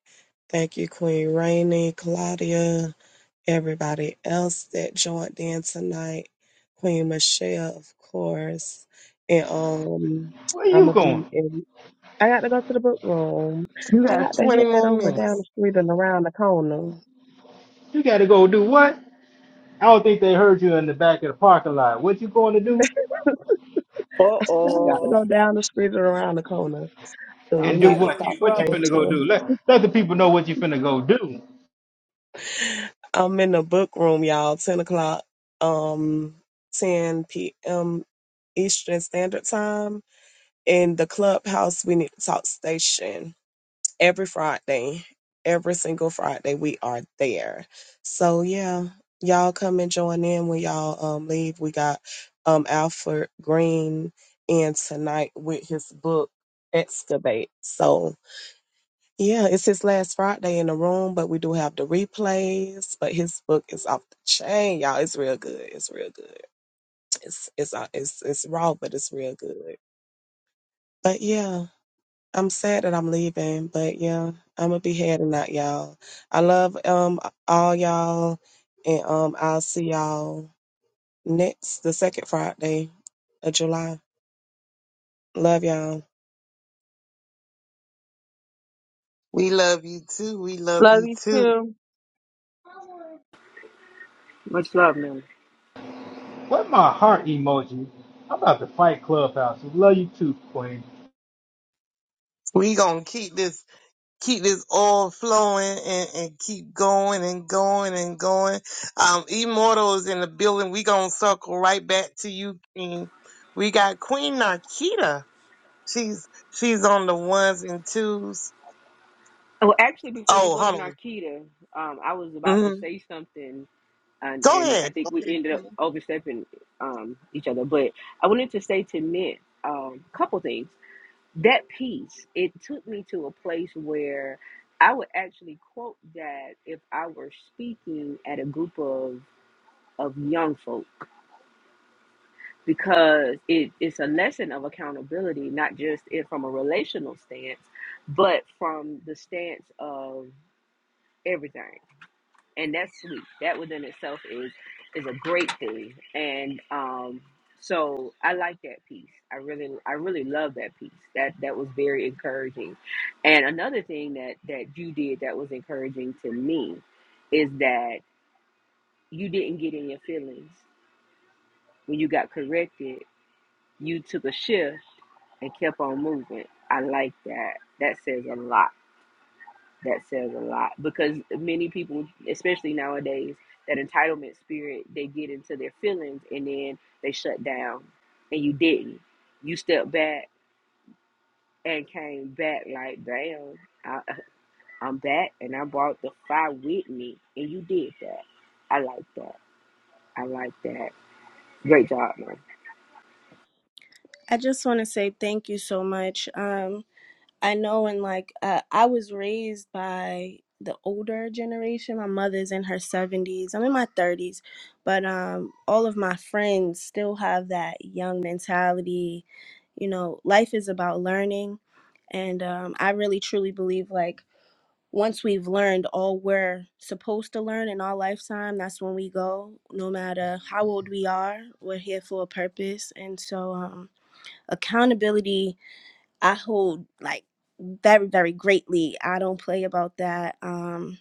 Thank you, Queen Rainey, Claudia, everybody else that joined in tonight. Queen Michelle, of course. And um, Where I'm you gonna be going? in. I got to go to the book room. You I got got to 20 head more over down minutes. the street and around the corner. You gotta go do what? I don't think they heard you in the back of the parking lot. What you going to do? Uh I got to oh. go down the street and around the corner. So we And do need Somebody to what? in You talk what you trouble. finna go station. do? Let let the people know what you finna go do. I'm in the book room, y'all. Ten o'clock, um, ten p.m. Eastern Standard Time in the clubhouse. We need to talk station every Friday, every single Friday. We are there. So yeah, y'all come and join in when y'all um leave. We got um Alfred Green in tonight with his book Excavate. So yeah, it's his last Friday in the room, but we do have the replays. But his book is off the chain, y'all. It's real good. It's real good. It's it's uh, it's it's raw, but it's real good. But yeah, I'm sad that I'm leaving. But yeah, I'm gonna be heading out, y'all. I love um all y'all, and um I'll see y'all next the second Friday of July. Love y'all. We love you too. We love Love you you too. too. Much love, man. What my heart emoji? I'm about to fight Clubhouse. Love you too, Queen. We gonna keep this keep this oil flowing and, and keep going and going and going. Um, Immortal is in the building. We gonna circle right back to you, King. We got Queen Nakita. She's she's on the ones and twos. Well, actually, before you Oh, go to hold Narkita, um, I was on. about to Mhm. say something and Go and I ahead. think we Okay, ended up overstepping um, each other. But I wanted to say to Nick a um, couple things. That piece it took me to a place where I would actually quote that if I were speaking at a group of of young folk because it, it's a lesson of accountability, not just it from a relational stance, but from the stance of everything. and that's sweet. That within itself is is a great thing, and um, so I like that piece. I really, I really love that piece. That that was very encouraging. And another thing that that you did that was encouraging to me is that you didn't get in your feelings when you got corrected. You took a shift and kept on moving. I like that. That says a lot that says a lot because many people especially nowadays that entitlement spirit they get into their feelings and then they shut down and you didn't you stepped back and came back like damn I, i'm back and i brought the fire with me and you did that i like that i like that great job man I just want to say thank you so much. Um, I know, and like uh, I was raised by the older generation. My mother's in her seventies. I'm in my thirties, but um, all of my friends still have that young mentality. You know, life is about learning, and um, I really truly believe like once we've learned all we're supposed to learn in our lifetime, that's when we go. No matter how old we are, we're here for a purpose, and so um, accountability I hold like very, very greatly. I don't play about that. Um,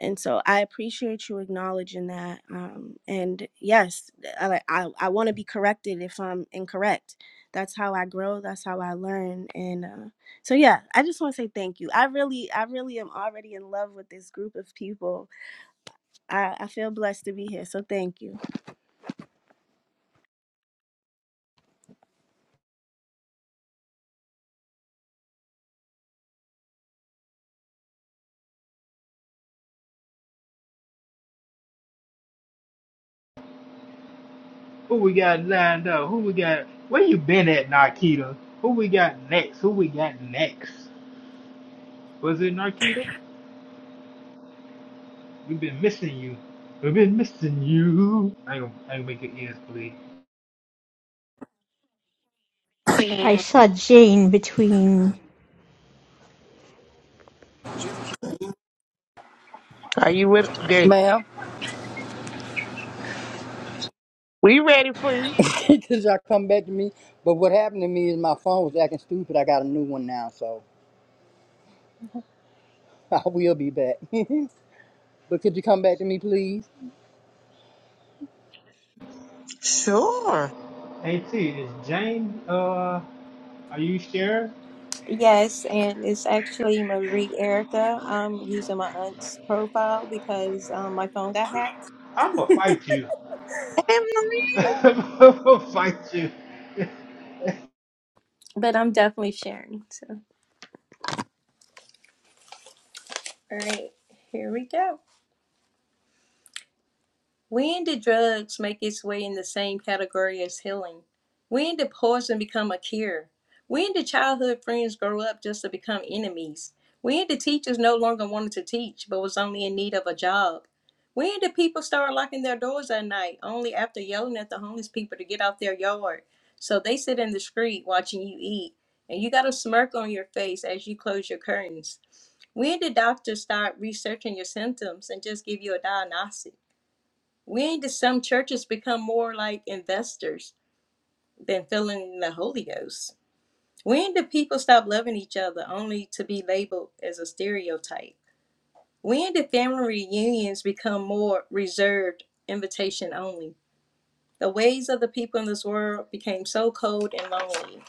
and so I appreciate you acknowledging that. Um, and yes, I like- I, I want to be corrected if I'm incorrect. That's how I grow. That's how I learn. And uh, so yeah, I just want to say thank you. I really I really am already in love with this group of people. I, I feel blessed to be here. So thank you. Who we got lined up? Who we got? Where you been at, Narkita? Who we got next? Who we got next? Was it Narkita? We've been missing you. We've been missing you. I ain't gonna, I ain't gonna make your ears bleed. I saw Jane between. Are you with? there? Ma'am, We ready for you. because y'all come back to me. But what happened to me is my phone was acting stupid. I got a new one now, so I will be back. but could you come back to me, please? Sure. Hey T, is Jane uh are you scared? Yes, and it's actually Marie Erica. I'm using my aunt's profile because um, my phone got hacked, I'ma fight you. Hey, Marie. I'ma fight you. but I'm definitely sharing. So, all right, here we go. When did drugs make its way in the same category as healing? When did poison become a cure? When did childhood friends grow up just to become enemies? When did teachers no longer wanted to teach but was only in need of a job? When did people start locking their doors at night only after yelling at the homeless people to get out their yard? So they sit in the street watching you eat and you got a smirk on your face as you close your curtains. When did doctors start researching your symptoms and just give you a diagnostic? We need to, some churches become more like investors than filling the Holy Ghost. When do people stop loving each other only to be labeled as a stereotype? When do family reunions become more reserved, invitation only? The ways of the people in this world became so cold and lonely.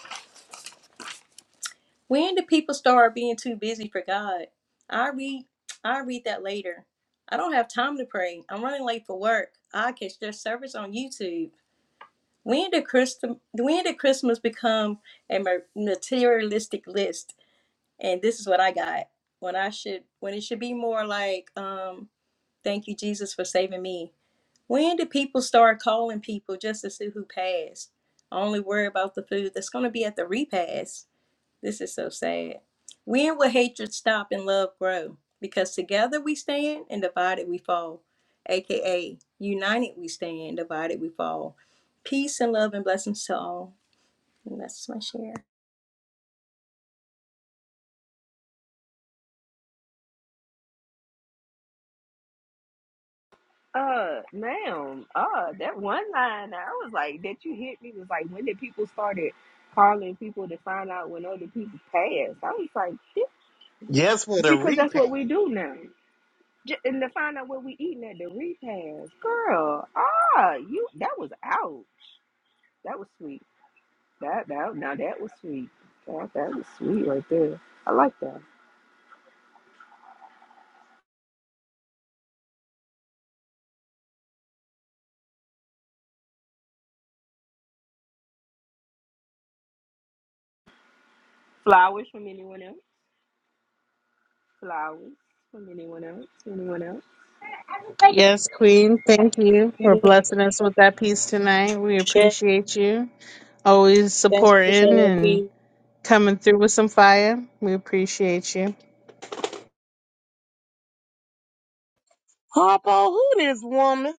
When do people start being too busy for God? I read I read that later. I don't have time to pray. I'm running late for work. I catch their service on YouTube. When did Christmas? When did Christmas become a materialistic list? And this is what I got. When I should, when it should be more like, um, "Thank you, Jesus, for saving me." When did people start calling people just to see who passed? Only worry about the food that's going to be at the repast. This is so sad. When will hatred stop and love grow? Because together we stand and divided we fall. AKA, united we stand, divided we fall. Peace and love and blessings to all. And that's my share. uh ma'am uh that one line i was like that you hit me was like when did people started calling people to find out when other people passed i was like Yes, for the Because that's what repack. we do now. J- and to find out what we eating at the repast, girl. Ah, you that was out. That was sweet. That that now that was sweet. That that was sweet right there. I like that. Flowers from anyone else. Flowers from anyone else. Anyone else? Yes, Queen. Thank you You for to blessing us with that piece tonight. We share. appreciate you. Always Thanks for supporting sharing that and piece. coming through with some fire. We appreciate you. Harpo, who this woman?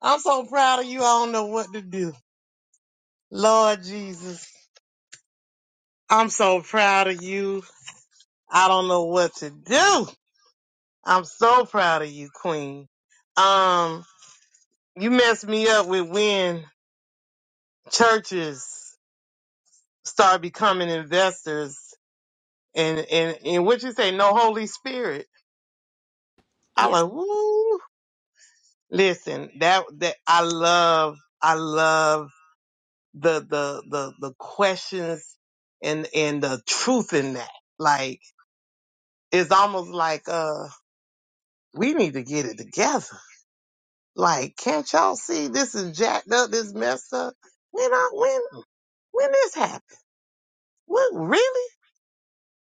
I'm so proud of you. I don't know what to do. Lord Jesus, I'm so proud of you. I don't know what to do. I'm so proud of you, Queen. Um, you messed me up with when churches start becoming investors and and and what you say, no Holy Spirit. I Yes. like, woo. Listen, that that I love, I love the the the the questions and and the truth in that. Like it's almost like uh we need to get it together Like, can't y'all see this is jacked up, this messed up? When I when when this happened? What really?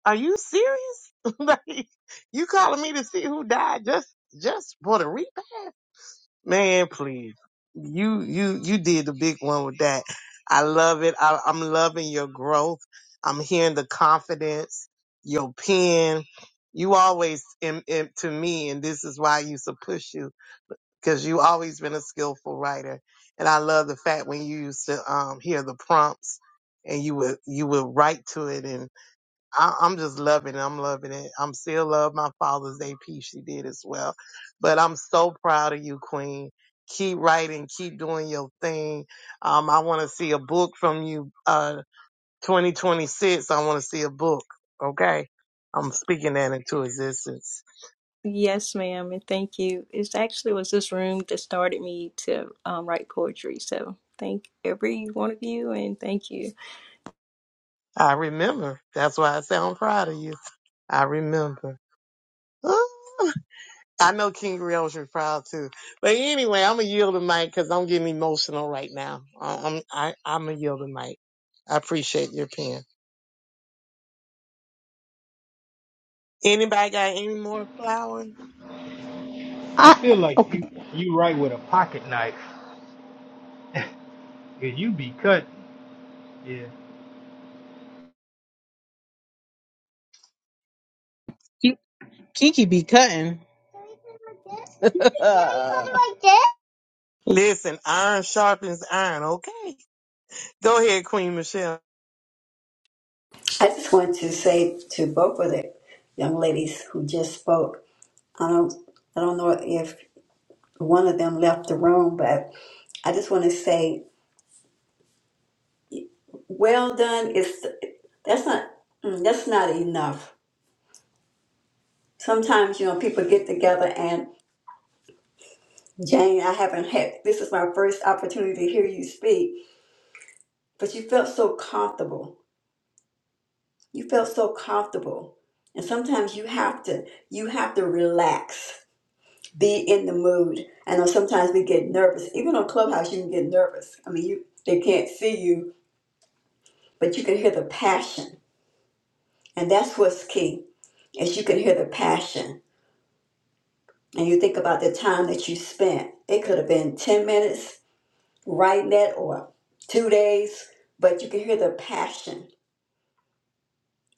Are you serious? like, you calling me to see who died just just for the repass? Man, please. You you you did the big one with that. I love it. I, I'm loving your growth. I'm hearing the confidence, your pen. You always, in, in, to me, and this is why I used to push you because you always been a skillful writer. And I love the fact when you used to um, hear the prompts and you would you would write to it. And I, I'm just loving it. I'm loving it. I'm still love my Father's Day piece she did as well. But I'm so proud of you, Queen. Keep writing. Keep doing your thing. Um, I want to see a book from you. Uh, 2026. I want to see a book. Okay. I'm speaking that into existence. Yes, ma'am. And thank you. It actually was this room that started me to um, write poetry. So thank every one of you and thank you. I remember. That's why I say I'm proud of you. I remember. Ah, I know King Real's was proud too. But anyway, I'm gonna yield the mic because I'm getting emotional right now. I- I'm I, I'm gonna yield the mic. I appreciate your pen. Anybody got any more flour? I I feel like you okay, you right with a pocket knife. And you be cutting. Yeah. Ki- Kiki be cutting. Listen, iron sharpens iron. Okay, go ahead, Queen Michelle. I just want to say to both of the young ladies who just spoke, I don't, I don't know if one of them left the room, but I just want to say, well done. Is that's not mm, that's not enough. sometimes you know people get together and jane i haven't had this is my first opportunity to hear you speak but you felt so comfortable you felt so comfortable and sometimes you have to you have to relax be in the mood i know sometimes we get nervous even on clubhouse you can get nervous i mean you they can't see you but you can hear the passion and that's what's key is you can hear the passion and you think about the time that you spent it could have been 10 minutes writing that or two days, but you can hear the passion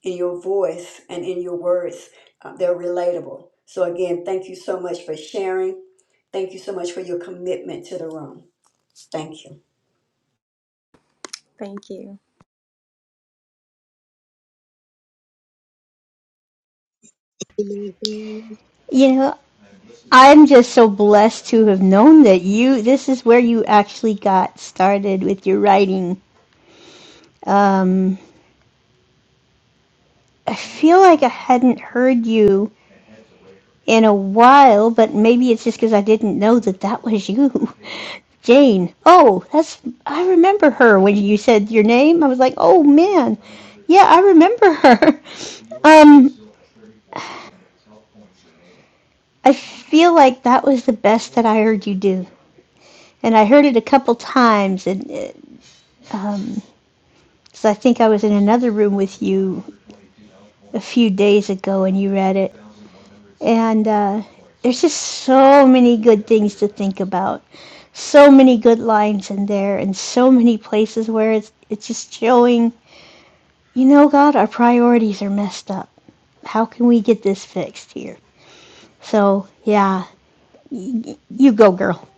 in your voice and in your words. Uh, they're relatable. So, again, thank you so much for sharing. Thank you so much for your commitment to the room. Thank you. Thank you. I you know, I'm just so blessed to have known that you. This is where you actually got started with your writing. Um, I feel like I hadn't heard you in a while, but maybe it's just because I didn't know that that was you. Jane. Oh, that's I remember her when you said your name. I was like, "Oh man. Yeah, I remember her." Um I feel like that was the best that I heard you do. And I heard it a couple times and it, um 'cause I think I was in another room with you a few days ago and you read it And uh, there's just so many good things to think about. So many good lines in there, and so many places where it's, it's just showing, you know, God, our priorities are messed up. How can we get this fixed here? So, yeah, y- you go, girl.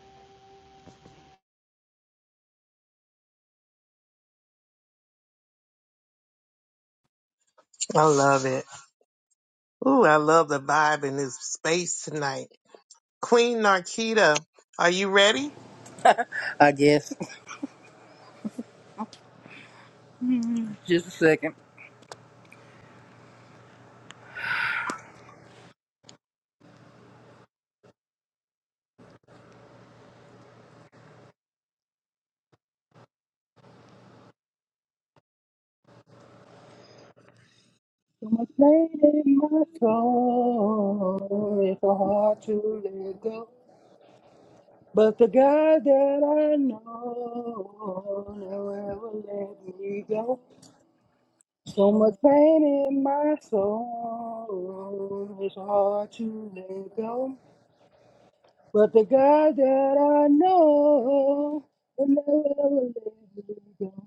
love it. Ooh, I love the vibe in this space tonight. Queen Narkita, are you ready? I guess. Just a second. So much pain in my soul. It's so hard to let go. But the God that I know never ever let me go. So much pain in my soul. It's hard to let go. But the God that I know will never never let me go.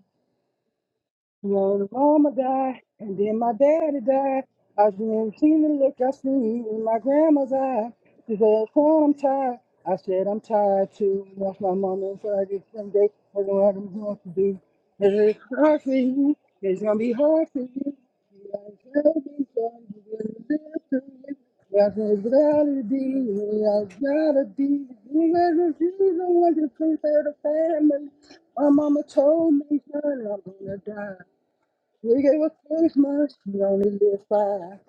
Well, the mama died, and then my daddy died. I've never seen the look I seen in my grandma's eye. She said, son, I'm tired. I said, I'm tired too. That's my mama and Friday, Sunday. I don't know what I'm going to do. It's hard for you. It's going to be hard for you. You are terribly sorry. You're going to live through it. That's what it's gotta be. It's gotta be. You guys are the one to take care of the family. My mama told me, son, I'm gonna die. We gave up Christmas, we only live five.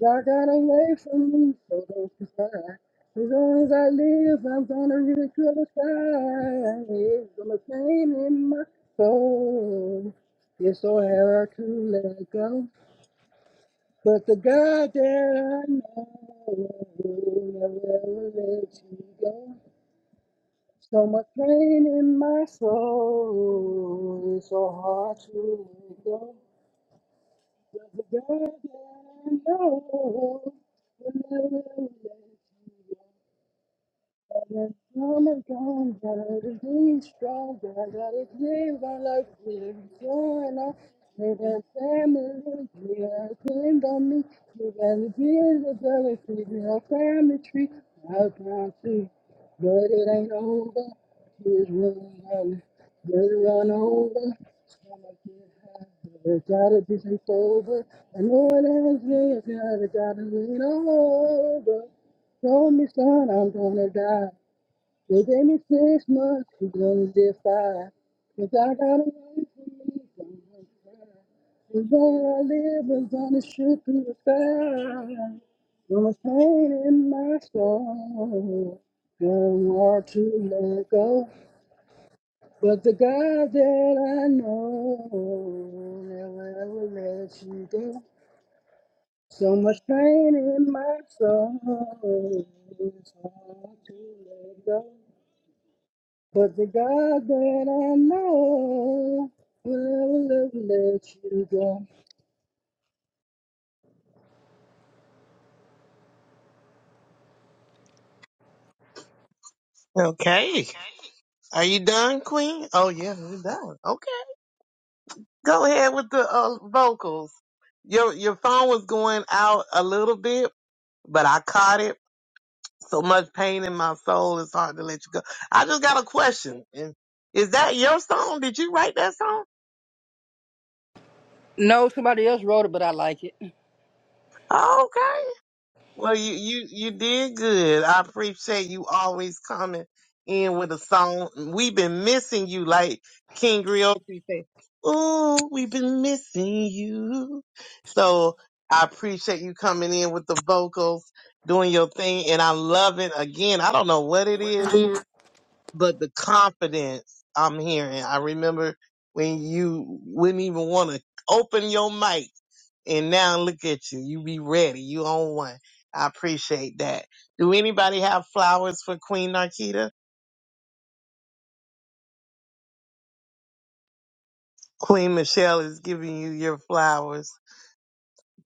God got away from me, so don't you cry. As long as I live, I'm gonna really feel the fire. It's gonna pain in my soul. It's so hard to let go. But the God that I know will never let you go. So much pain in my soul. It's so hard to let go. Does the God that I know will never let you go? I'm of God, God is being strong, God, God is giving our life, we are going on, we got family, they are pinned on me, we got the kids of the tree, we family tree, I can't see, but it ain't over, it's really running on, better run over, stomach get high, but it gotta be over, I know it ain't me, 'cause has gotta, gotta lean over. Told me, son, I'm gonna die. They gave me six months to go to get five. Cause I got away from me, don't want to cry. Cause all I live was on the shoot through the sky. So much pain in my soul. Got hard to let go. But the God that I know never ever let you go. So much pain in my soul. It's hard to let go. But the God that I know will never let you go. Okay. Are you done, Queen? Oh yeah, we're done. Okay. Go ahead with the uh, vocals. Your your phone was going out a little bit, but I caught it. So much pain in my soul, it's hard to let you go. I just got a question. And Is that your song? Did you write that song? No, somebody else wrote it, but I like it. Okay. Well, you you you did good. I appreciate you always coming in with a song. We've been missing you, like King Griotri say. Ooh, we've been missing you. So I appreciate you coming in with the vocals, doing your thing, and I love it. Again, I don't know what it is, but the confidence I'm hearing. I remember when you wouldn't even want to open your mic and now look at you. You be ready. You own one. I appreciate that. Do anybody have flowers for Queen Narkita? Queen Michelle is giving you your flowers.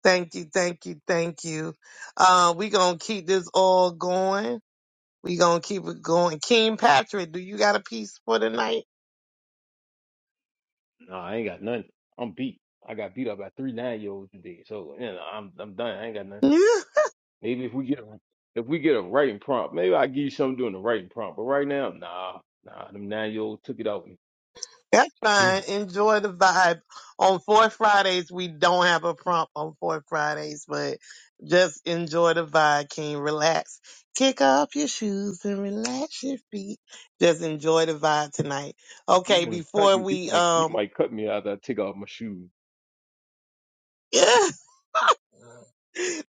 Thank you, thank you, thank you. Uh, we gonna keep this all going. We gonna keep it going. King Patrick, do you got a piece for tonight? Nah, I ain't got nothing. I'm beat. I got beat up by three nine year olds today. So you know, I'm I'm done. I ain't got nothing. Maybe if we get a if we get a writing prompt, maybe I give you something doing the writing prompt. But right now, nah, nah, them nine year olds took it out. of me. That's fine. Mm. Enjoy the vibe. On Fourth Fridays, we don't have a prompt on Fourth Fridays, but just enjoy the vibe, King. Relax. Kick off your shoes and relax your feet. Just enjoy the vibe tonight. You Okay, might cut before me. You we might you um might cut me after I take off my shoes.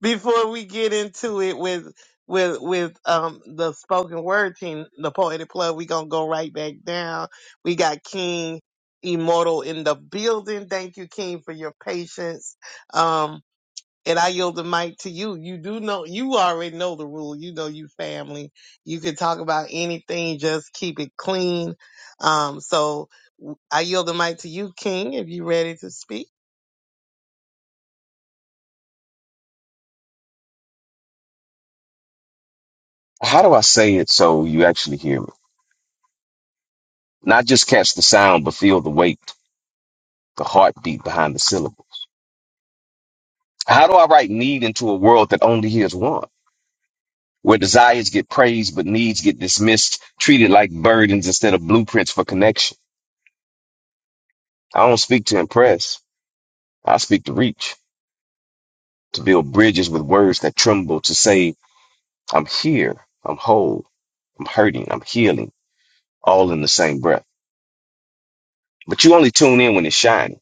before we get into it with with with um the spoken word team, the poetic plug, we gonna go right back down. We got King Immortal in the building. Thank you, King, for your patience. Um and I yield the mic to you. You do know you already know the rule. You know you family. You can talk about anything, just keep it clean. Um so I yield the mic to you, King, if you ready to speak. How do I say it so you actually hear me? Not just catch the sound, but feel the weight, the heartbeat behind the syllable. How do I write need into a world that only hears want? Where desires get praised, but needs get dismissed, treated like burdens instead of blueprints for connection. I don't speak to impress. I speak to reach, to build bridges with words that tremble, to say, I'm here, I'm whole, I'm hurting, I'm healing, all in the same breath. But you only tune in when it's shining.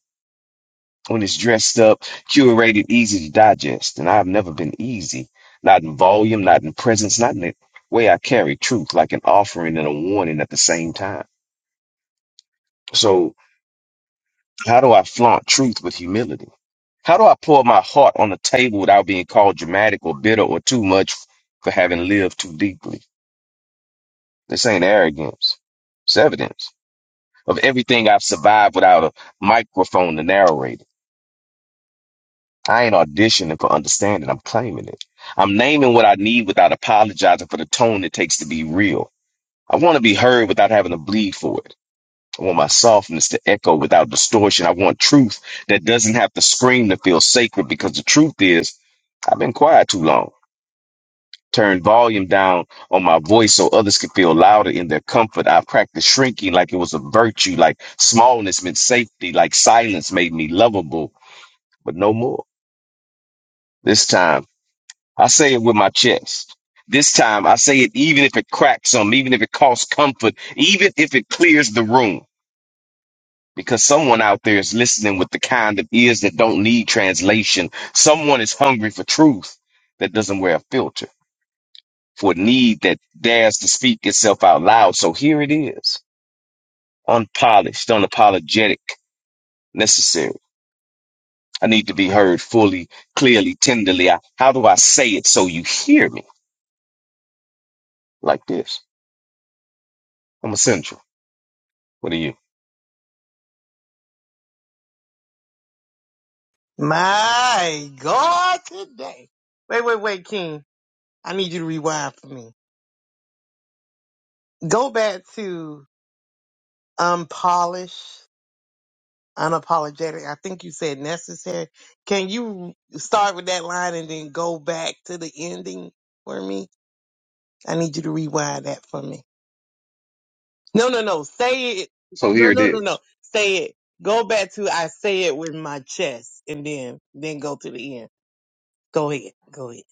when it's dressed up, curated, easy to digest. And I've never been easy, not in volume, not in presence, not in the way I carry truth, like an offering and a warning at the same time. So, how do I flaunt truth with humility? How do I pour my heart on the table without being called dramatic or bitter or too much for having lived too deeply? This ain't arrogance. It's evidence of everything I've survived without a microphone to narrate I ain't auditioning for understanding. I'm claiming it. I'm naming what I need without apologizing for the tone it takes to be real. I want to be heard without having to bleed for it. I want my softness to echo without distortion. I want truth that doesn't have to scream to feel sacred because the truth is, I've been quiet too long. Turned volume down on my voice so others could feel louder in their comfort. I practiced shrinking like it was a virtue, like smallness meant safety, like silence made me lovable, but no more. This time, I say it with my chest. This time, I say it even if it cracks some, even if it costs comfort, even if it clears the room. Because someone out there is listening with the kind of ears that don't need translation. Someone is hungry for truth that doesn't wear a filter, for a need that dares to speak itself out loud. So here it is unpolished, unapologetic, necessary. I need to be heard fully, clearly, tenderly. I, how do I say it so you hear me like this? I'm essential. What are you? My God, today. Wait, wait, wait, King. I need you to rewind for me. Go back to unpolished, unapologetic. I think you said necessary. Can you start with that line and then go back to the ending for me? I need you to rewind that for me. No, no, no. Say it. So No, here it no, no, no. is. Say it. Go back to I say it with my chest and then then go to the end. Go ahead. Go ahead.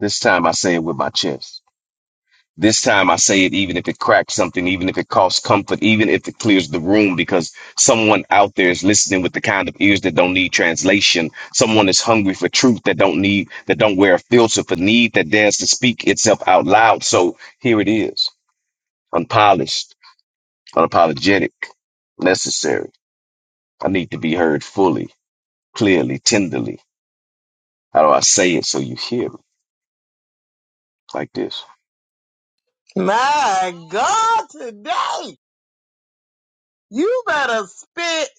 This time I say it with my chest. This time I say it even if it cracks something, even if it costs comfort, even if it clears the room, because someone out there is listening with the kind of ears that don't need translation. Someone is hungry for truth that don't need, that don't wear a filter for need, that dares to speak itself out loud. So here it is. Unpolished, unapologetic, necessary. I need to be heard fully, clearly, tenderly. How do I say it so you hear me like this? My God, today. You better spit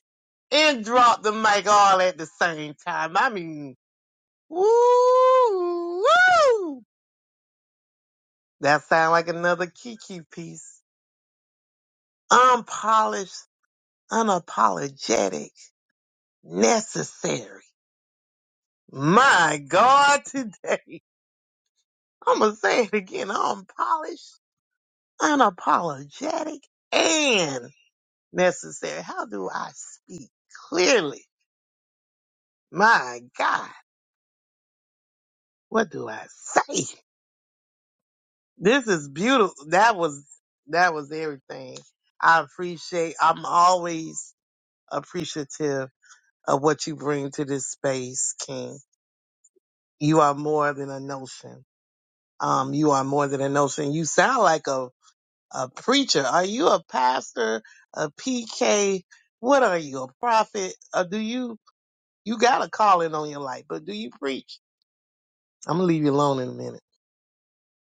and drop the mic all at the same time. I mean, woo, woo. That sound like another Kiki piece. Unpolished, unapologetic, necessary. My God, today. I'm going to say it again. Unpolished, unapologetic, and necessary. How do I speak clearly? My God, what do I say? This is beautiful. That was that was everything. I appreciate. I'm always appreciative of what you bring to this space, King. You are more than a notion. Um, you are more than a notion. You sound like a a preacher. Are you a pastor? A PK? What are you? A prophet? Or do you you got a calling on your life? But do you preach? I'm gonna leave you alone in a minute.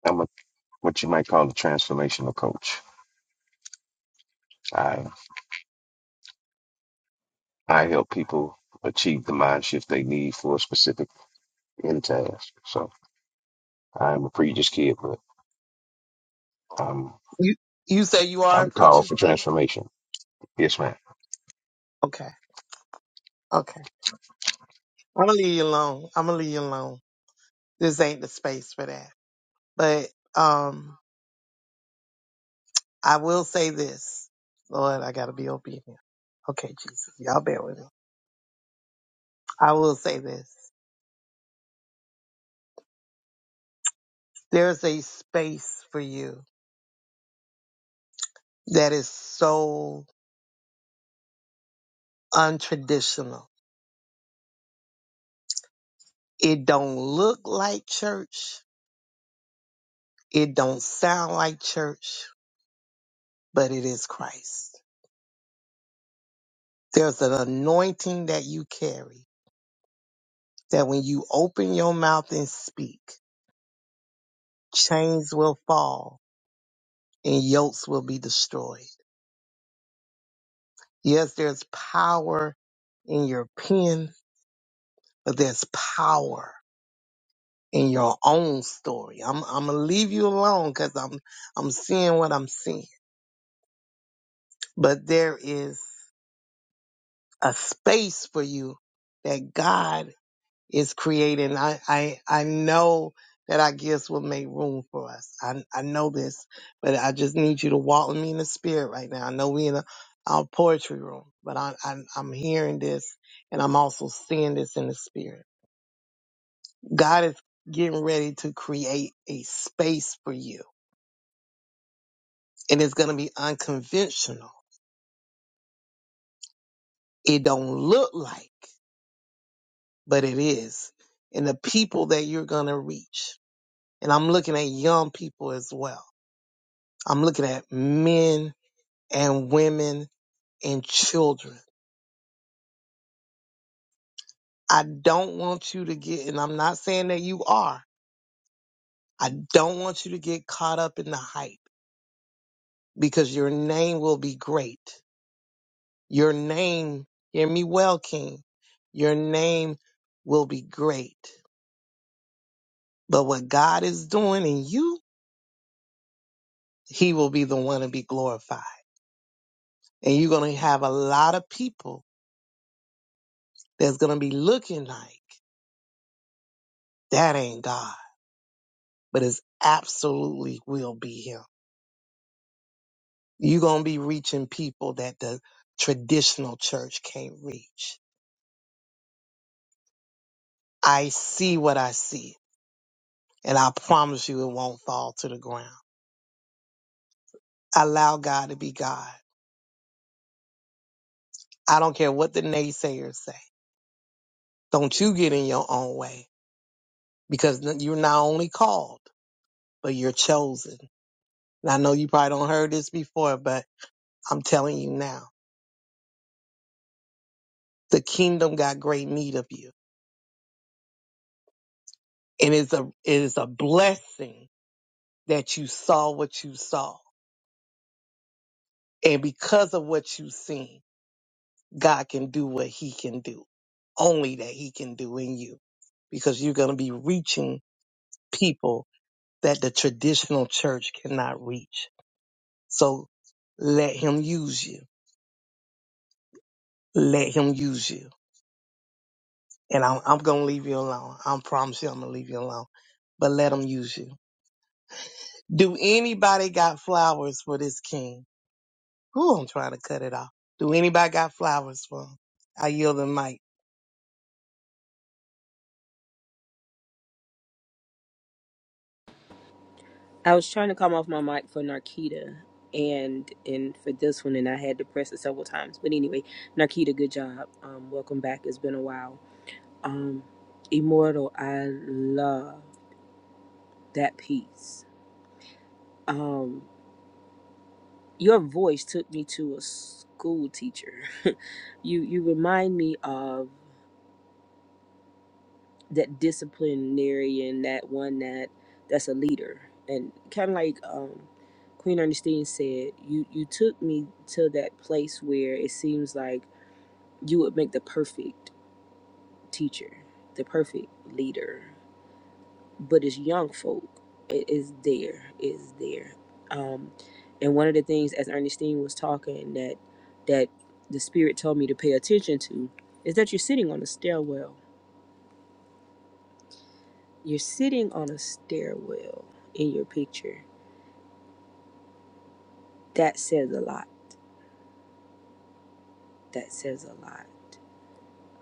I'm what you might call a transformational coach. I I help people achieve the mind shift they need for a specific end task. So I'm a preacher's kid, but I'm You you say you are a I'm preacher called for too? transformation. Yes, ma'am. Okay. Okay. I'm gonna leave you alone. I'm gonna leave you alone. This ain't the space for that. But um, I will say this, Lord, I gotta be obedient. Okay, Jesus, y'all bear with me. I will say this: there's a space for you that is so untraditional. It don't look like church. It don't sound like church, but it is Christ. There's an anointing that you carry that when you open your mouth and speak, chains will fall and yokes will be destroyed. Yes, there's power in your pen, but there's power in your own story. I'm I'm gonna leave you alone because I'm I'm seeing what I'm seeing. But there is a space for you that God is creating. I, I, I know that our gifts will make room for us. I, I know this, but I just need you to walk with me in the spirit right now. I know we in a, our poetry room, but I, I, I'm hearing this and I'm also seeing this in the spirit. God is getting ready to create a space for you and it's going to be unconventional. It don't look like, but it is. And the people that you're going to reach. And I'm looking at young people as well I'm looking at men and women and children. I don't want you to get, and I'm not saying that you are, I don't want you to get caught up in the hype because your name will be great. Your name, hear me well, King, your name will be great. But what God is doing in you, He will be the one to be glorified. And you're going to have a lot of people that's going to be looking like, that ain't God but it's absolutely will be him. You're going to be reaching people that the traditional church can't reach. I see what I see, and I promise you it won't fall to the ground. Allow God to be God. I don't care what the naysayers say. Don't you get in your own way because you're not only called, but you're chosen. And I know you probably don't heard this before, but I'm telling you now, the kingdom got great need of you. And it's a, it is a blessing that you saw what you saw. And because of what you've seen, God can do what he can do, only that he can do in you, because you're going to be reaching people that the traditional church cannot reach. So let him use you. Let him use you. And I'm, I'm going to leave you alone. I promise you I'm going to leave you alone, but let him use you. Do anybody got flowers for this king? Who I'm trying to cut it off. Do anybody got flowers for him? I yield the mic. I was trying to come off my mic for Narkita and and for this one, and I had to press it several times. But anyway, Narkita, good job. Um, welcome back. It's been a while. Um, Immortal, I love. that piece. Um, your voice took me to a school teacher. you you remind me of that disciplinarian, that one that that's a leader, and kind of like um, Queen Ernestine said, you you took me to that place where it seems like you would make the perfect teacher, the perfect leader, but it's young folk. It is there, it is there. Um, And one of the things as Ernestine was talking that that the spirit told me to pay attention to is that you're sitting on a stairwell. You're sitting on a stairwell in your picture. That says a lot. That says a lot.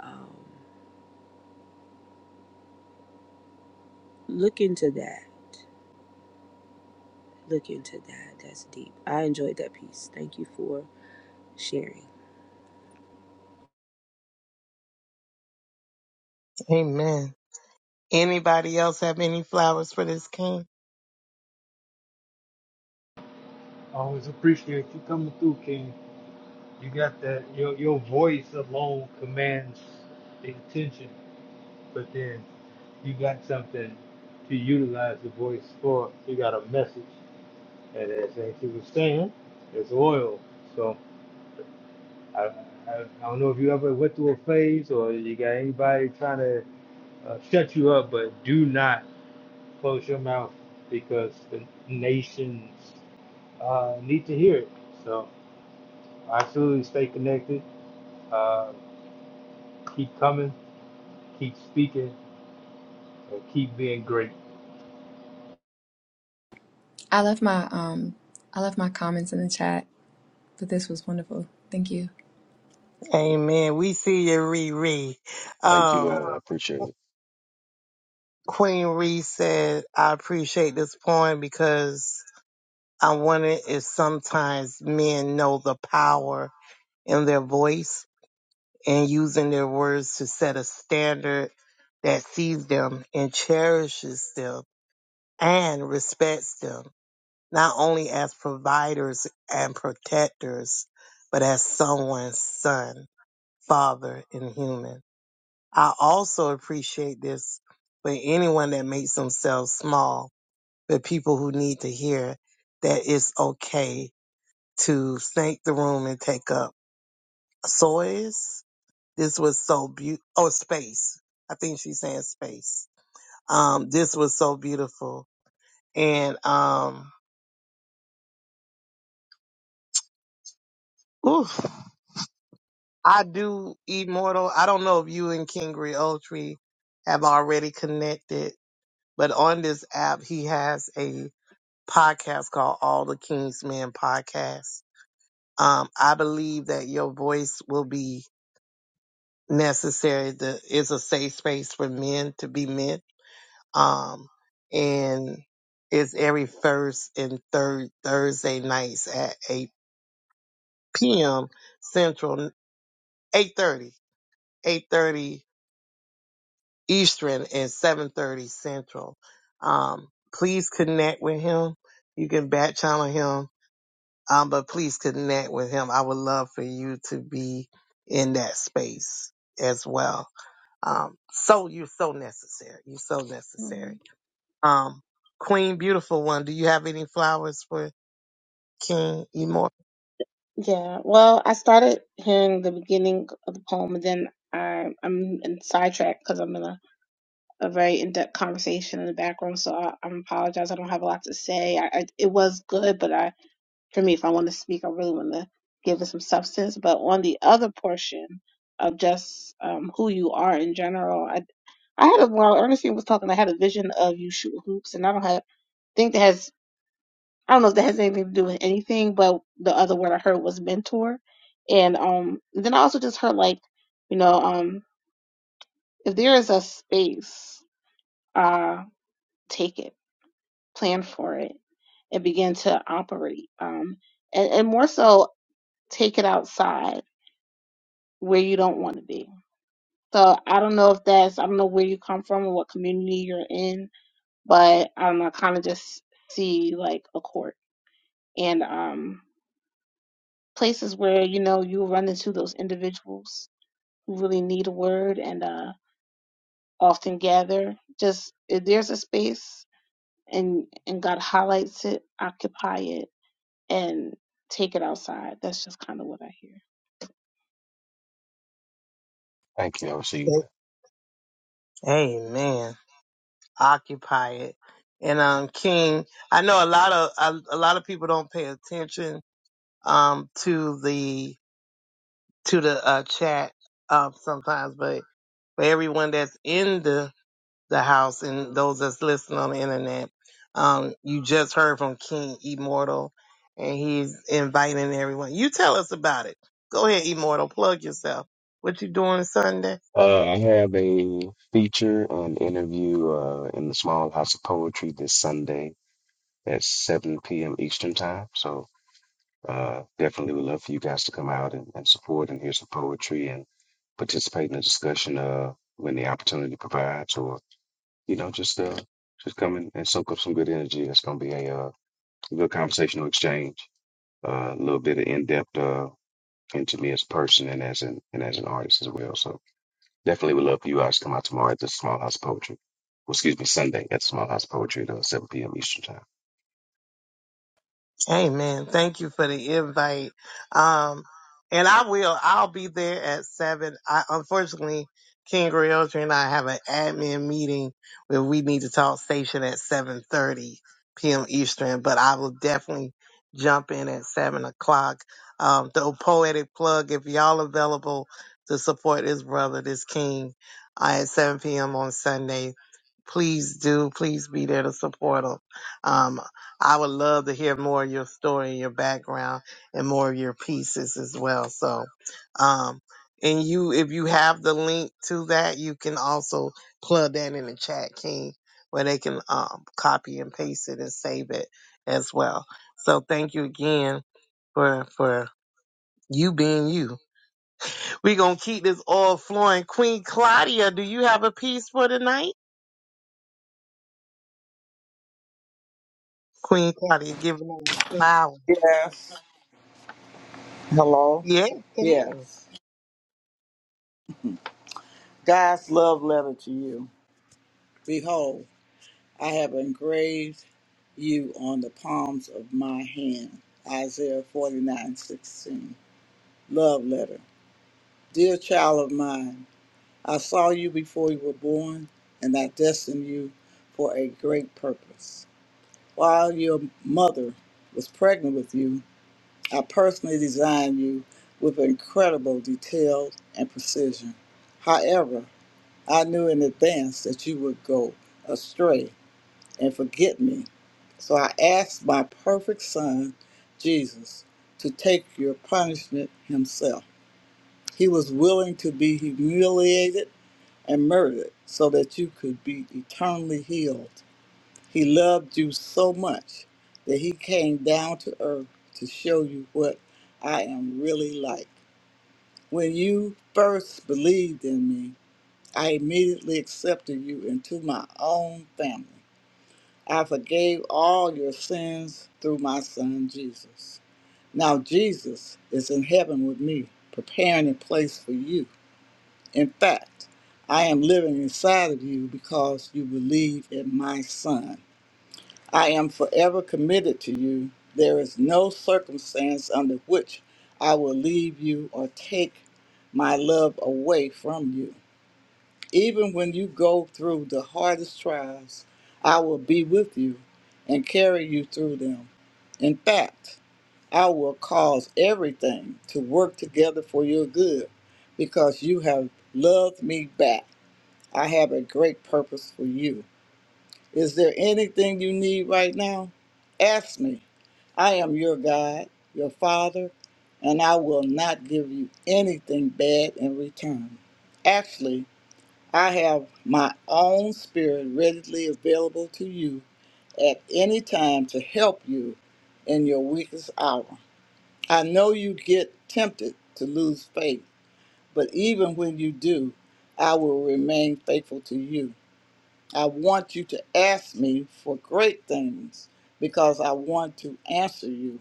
Um, look into that. Look into that. That's deep. I enjoyed that piece. Thank you for sharing. Amen. Anybody else have any flowers for this king? Always appreciate you coming through, King. You got that your your voice alone commands the attention. But then you got something to utilize the voice for. You got a message. and as as he was saying, it's oil. So I, I I don't know if you ever went through a phase or you got anybody trying to uh, shut you up, but do not close your mouth because the nations uh, need to hear it. So absolutely stay connected. Uh, keep coming, keep speaking, and keep being great. I left my um I left my comments in the chat, but this was wonderful. Thank you. Amen. We see you, Riri. Thank you. Um, Uh, I appreciate it. Queen Ree said, I appreciate this poem because I wonder if sometimes men know the power in their voice and using their words to set a standard that sees them and cherishes them and respects them, not only as providers and protectors, but as someone's son. Father, and human. I also appreciate this for anyone that makes themselves small, but people who need to hear that it's okay to snake the room and take up soils. This was so beautiful. Oh, space. I think she's saying space. Um, this was so beautiful. And, um, oof, I do immortal. I don't know if you and King Griotri have already connected, but on this app, he has a podcast called All the King's Men podcast. Um, I believe that your voice will be necessary. The, it's a safe space for men to be men. Um, and it's every first and third Thursday nights at 8 p.m. Central, 8.30, 8.30 Eastern and 7.30 Central. Um, please connect with him. You can back channel him Um, but please connect with him. I would love for you to be in that space as well. Um, so you're so necessary. You're so necessary. Mhm. Um, Queen, beautiful one. Do you have any flowers for King Immortal? Yeah. Well, I started hearing the beginning of the poem, and then I, I'm in sidetracked because I'm in a, a very in-depth conversation in the background. So I, I apologize. I don't have a lot to say. I, I it was good, but I for me, if I want to speak, I really want to give it some substance. But on the other portion of just um, who you are in general, I I had a, while Ernestine was talking, I had a vision of you shooting hoops, and I don't have think that has. I don't know if that has anything to do with anything, but the other word I heard was mentor. And um then I also just heard like, you know, um if there is a space, uh take it, plan for it, and begin to operate. Um and, and more so take it outside where you don't want to be. So I don't know if that's I don't know where you come from or what community you're in, but I don't know, I kinda just see like a court. And um places where you know you run into those individuals who really need a word and uh, often gather. Just if there's a space and and God highlights it, occupy it and take it outside. That's just kind of what I hear. Thank you. I'll see you there. Amen. Occupy it. And um, King, I know a lot of a, a lot of people don't pay attention um to the to the uh, chat um sometimes, but for everyone that's in the the house and those that's listening on the internet. Um, you just heard from King Immortal and he's inviting everyone. You tell us about it. Go ahead, Immortal, plug yourself. What you doing Sunday? Uh, I have a feature and interview uh, in the Small House of Poetry this Sunday at 7 p.m. Eastern Time. So Uh, definitely would love for you guys to come out and, and support and hear some poetry and participate in the discussion uh, when the opportunity provides, or you know, just uh, just come in and soak up some good energy. It's going to be a uh, good conversational exchange, uh, a little bit of in depth uh, into me as a person and as an and as an artist as well. So definitely would love for you guys to come out tomorrow at the Small House of Poetry. Well, excuse me, Sunday at the Small House of Poetry at uh, 7 p.m. Eastern Time. Amen. Thank you for the invite. Um, and I will, I'll be there at seven. I, unfortunately, King Realtor and I have an admin meeting where we need to talk station at 7.30 p.m. Eastern, but I will definitely jump in at seven o'clock. Um, the poetic plug, if y'all available to support this brother, this King, uh, at 7 p.m. on Sunday, please do. Please be there to support him. Um, I would love to hear more of your story and your background and more of your pieces as well. So, um, and you, if you have the link to that, you can also plug that in the chat, King, where they can um, copy and paste it and save it as well. So, thank you again for for you being you. We're gonna keep this all flowing. Queen Claudia, do you have a piece for tonight? Queen Claudia, giving them the flower. Yes. Hello. Yeah, come on. Yes. God's love letter to you. Behold, I have engraved you on the palms of my hand. Isaiah forty nine sixteen. Love letter. Dear child of mine, I saw you before you were born, and I destined you for a great purpose. While your mother was pregnant with you, I personally designed you with incredible detail and precision. However, I knew in advance that you would go astray and forget me. So I asked my perfect son, Jesus, to take your punishment himself. He was willing to be humiliated and murdered so that you could be eternally healed. He loved you so much that he came down to earth to show you what I am really like. When you first believed in me, I immediately accepted you into my own family. I forgave all your sins through my son Jesus. Now Jesus is in heaven with me, preparing a place for you. In fact, I am living inside of you because you believe in my son. I am forever committed to you. There is no circumstance under which I will leave you or take my love away from you. Even when you go through the hardest trials, I will be with you and carry you through them. In fact, I will cause everything to work together for your good because you have loved me back. I have a great purpose for you. Is there anything you need right now? Ask me I am your God, your Father, and I will not give you anything bad in return. Actually, I have my own spirit readily available to you at any time to help you in your weakest hour. I know you get tempted to lose faith, but even when you do, I will remain faithful to you. I want you to ask me for great things because I want to answer you.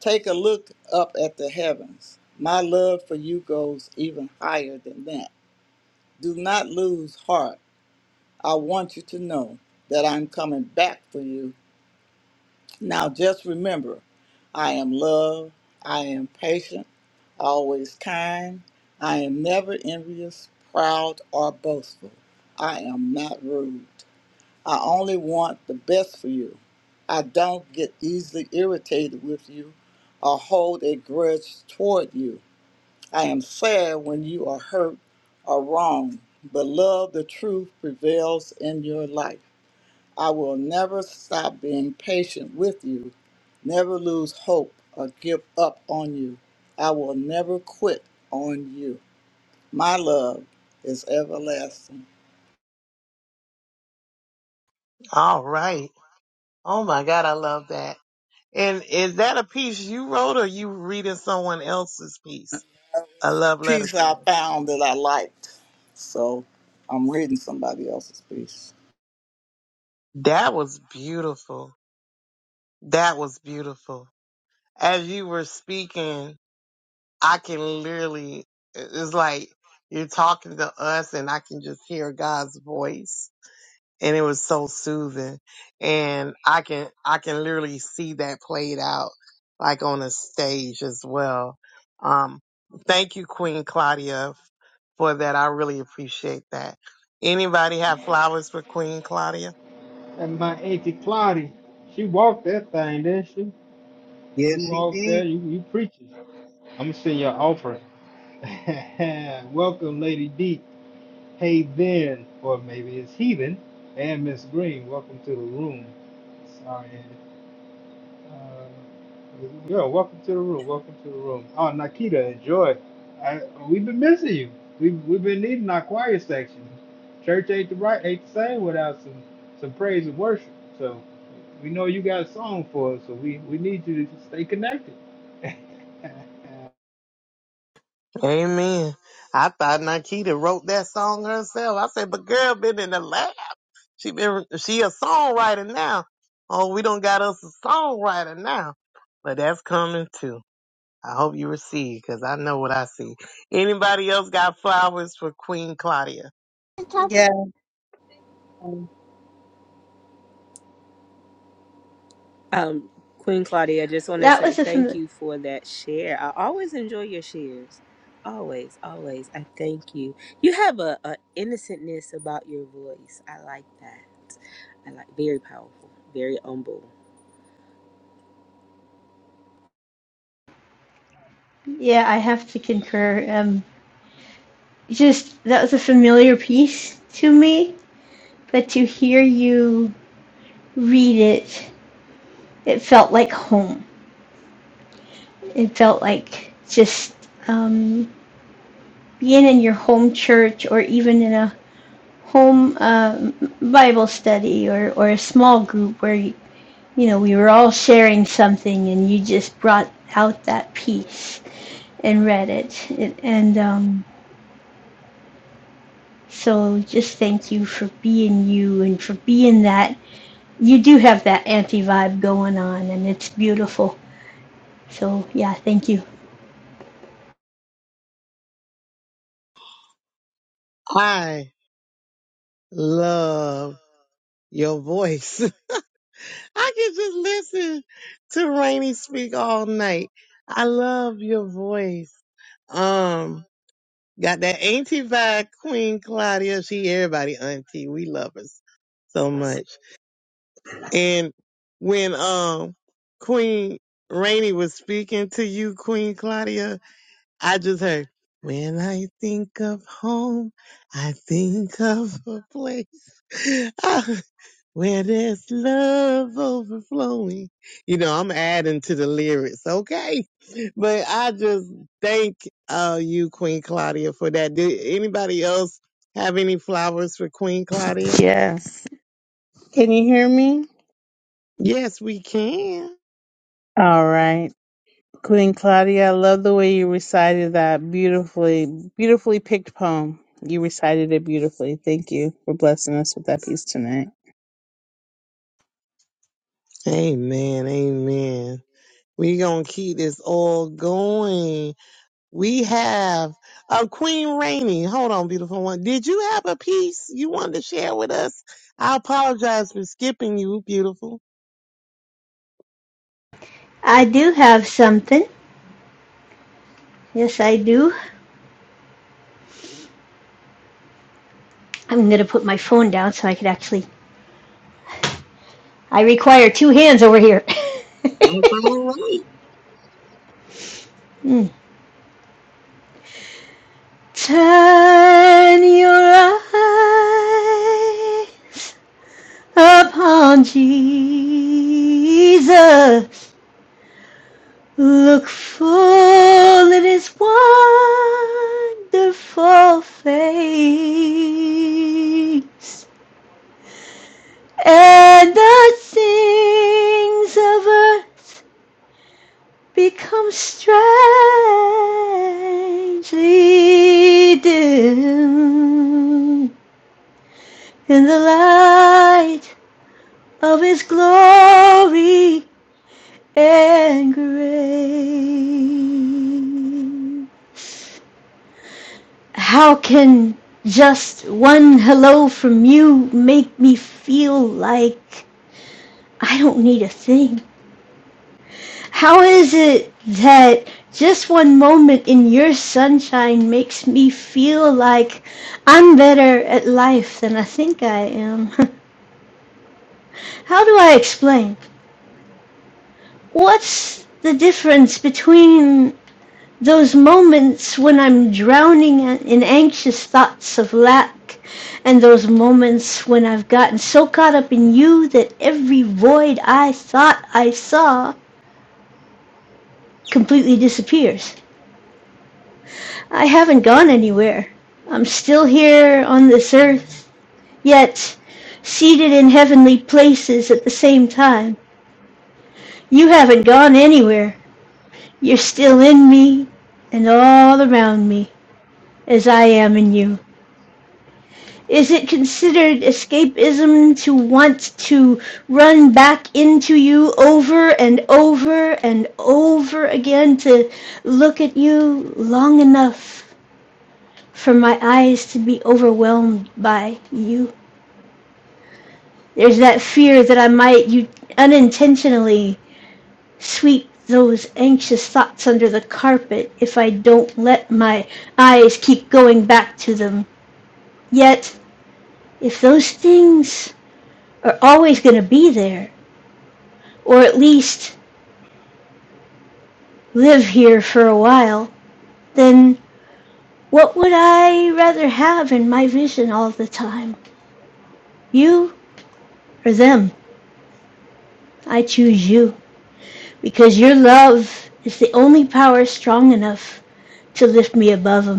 Take a look up at the heavens. My love for you goes even higher than that. Do not lose heart. I want you to know that I'm coming back for you. Now just remember, I am love, I am patient, always kind, I am never envious, proud, or boastful. I am not rude. I only want the best for you. I don't get easily irritated with you or hold a grudge toward you. I am sad when you are hurt or wrong, but love, the truth prevails in your life. I will never stop being patient with you, never lose hope or give up on you. I will never quit on you. My love is everlasting. All right. Oh my God, I love that. And is that a piece you wrote or you reading someone else's piece? A love letter piece to I me. found that I liked. So I'm reading somebody else's piece. That was beautiful. That was beautiful. As you were speaking, I can literally, it's like you're talking to us and I can just hear God's voice and it was so soothing. And I can I can literally see that played out like on a stage as well. Um, thank you, Queen Claudia, for that. I really appreciate that. Anybody have flowers for Queen Claudia? And my auntie Claudia, she walked that thing, didn't she? Yes, You she walked did. there, you you preaching. I'm gonna send your offering. Welcome, Lady D. Hey, then, or maybe it's Heathen and Miss Green. Welcome to the room. Sorry, uh, yeah, welcome to the room. Welcome to the room. Oh, Nikita, enjoy. I, we've been missing you. We've we've been needing our choir section. Church ain't the right ain't the same without some some praise and worship. So we know you got a song for us. So we we need you to stay connected. Amen. I thought Nikita wrote that song herself. I said, but girl been in the lab. She been she a songwriter now. Oh, we don't got us a songwriter now. But that's coming too. I hope you receive because I know what I see. Anybody else got flowers for Queen Claudia? Yeah. Um, Queen Claudia, I just want to That say was a, thank fam- you for that share. I always enjoy your shares. Always, always. I thank you. You have a, a innocentness about your voice. I like that. I like very powerful, very humble. yeah, I have to concur. Um, just, that was a familiar piece to me, but to hear you read it, it felt like home it felt like just um, being in your home church or even in a home um, Bible study or, or a small group where, you know, we were all sharing something and you just brought out that piece and read it. it and um, so just thank you for being you and for being that. You do have that anti vibe going on and it's beautiful. So, yeah, thank you. I love your voice. I can just listen to Rainy speak all night. I love your voice. Um, got that auntie vibe, Queen Claudia. She everybody auntie. We love her so much. And when um Queen Rainey was speaking to you, Queen Claudia, I just heard, when I think of home, I think of a place ah, where there's love overflowing. You know, I'm adding to the lyrics, okay? But I just thank uh, you, Queen Claudia, for that. Did anybody else have any flowers for Queen Claudia? Yes. Can you hear me? Yes, we can. All right. Queen Claudia, I love the way you recited that beautifully, beautifully picked poem. You recited it beautifully. Thank you for blessing us with that piece tonight. Amen, amen. We gonna keep this all going. We have uh, Queen Rainey. Hold on, beautiful one. Did you have a piece you wanted to share with us? I apologize for skipping you, beautiful. I do have something. Yes, I do. I'm gonna put my phone down so I could actually. I require two hands over here. That's all right. Mm. Turn your eyes upon Jesus. Look full in his wonderful face. And the things of earth become strangely dim in the light of his glory and grace. How can just one hello from you make me feel like I don't need a thing? How is it that just one moment in your sunshine makes me feel like I'm better at life than I think I am? How do I explain? What's the difference between those moments when I'm drowning in anxious thoughts of lack and those moments when I've gotten so caught up in you that every void I thought I saw completely disappears? I haven't gone anywhere. I'm still here on this earth, yet seated in heavenly places at the same time. You haven't gone anywhere. You're still in me and all around me as I am in you. Is it considered escapism to want to run back into you over and over and over again to look at you long enough for my eyes to be overwhelmed by you? There's that fear that I might you unintentionally sweep those anxious thoughts under the carpet if I don't let my eyes keep going back to them. Yet, if those things are always going to be there, or at least live here for a while, then what would I rather have in my vision all the time? You or them? I choose you because your love is the only power strong enough to lift me above them.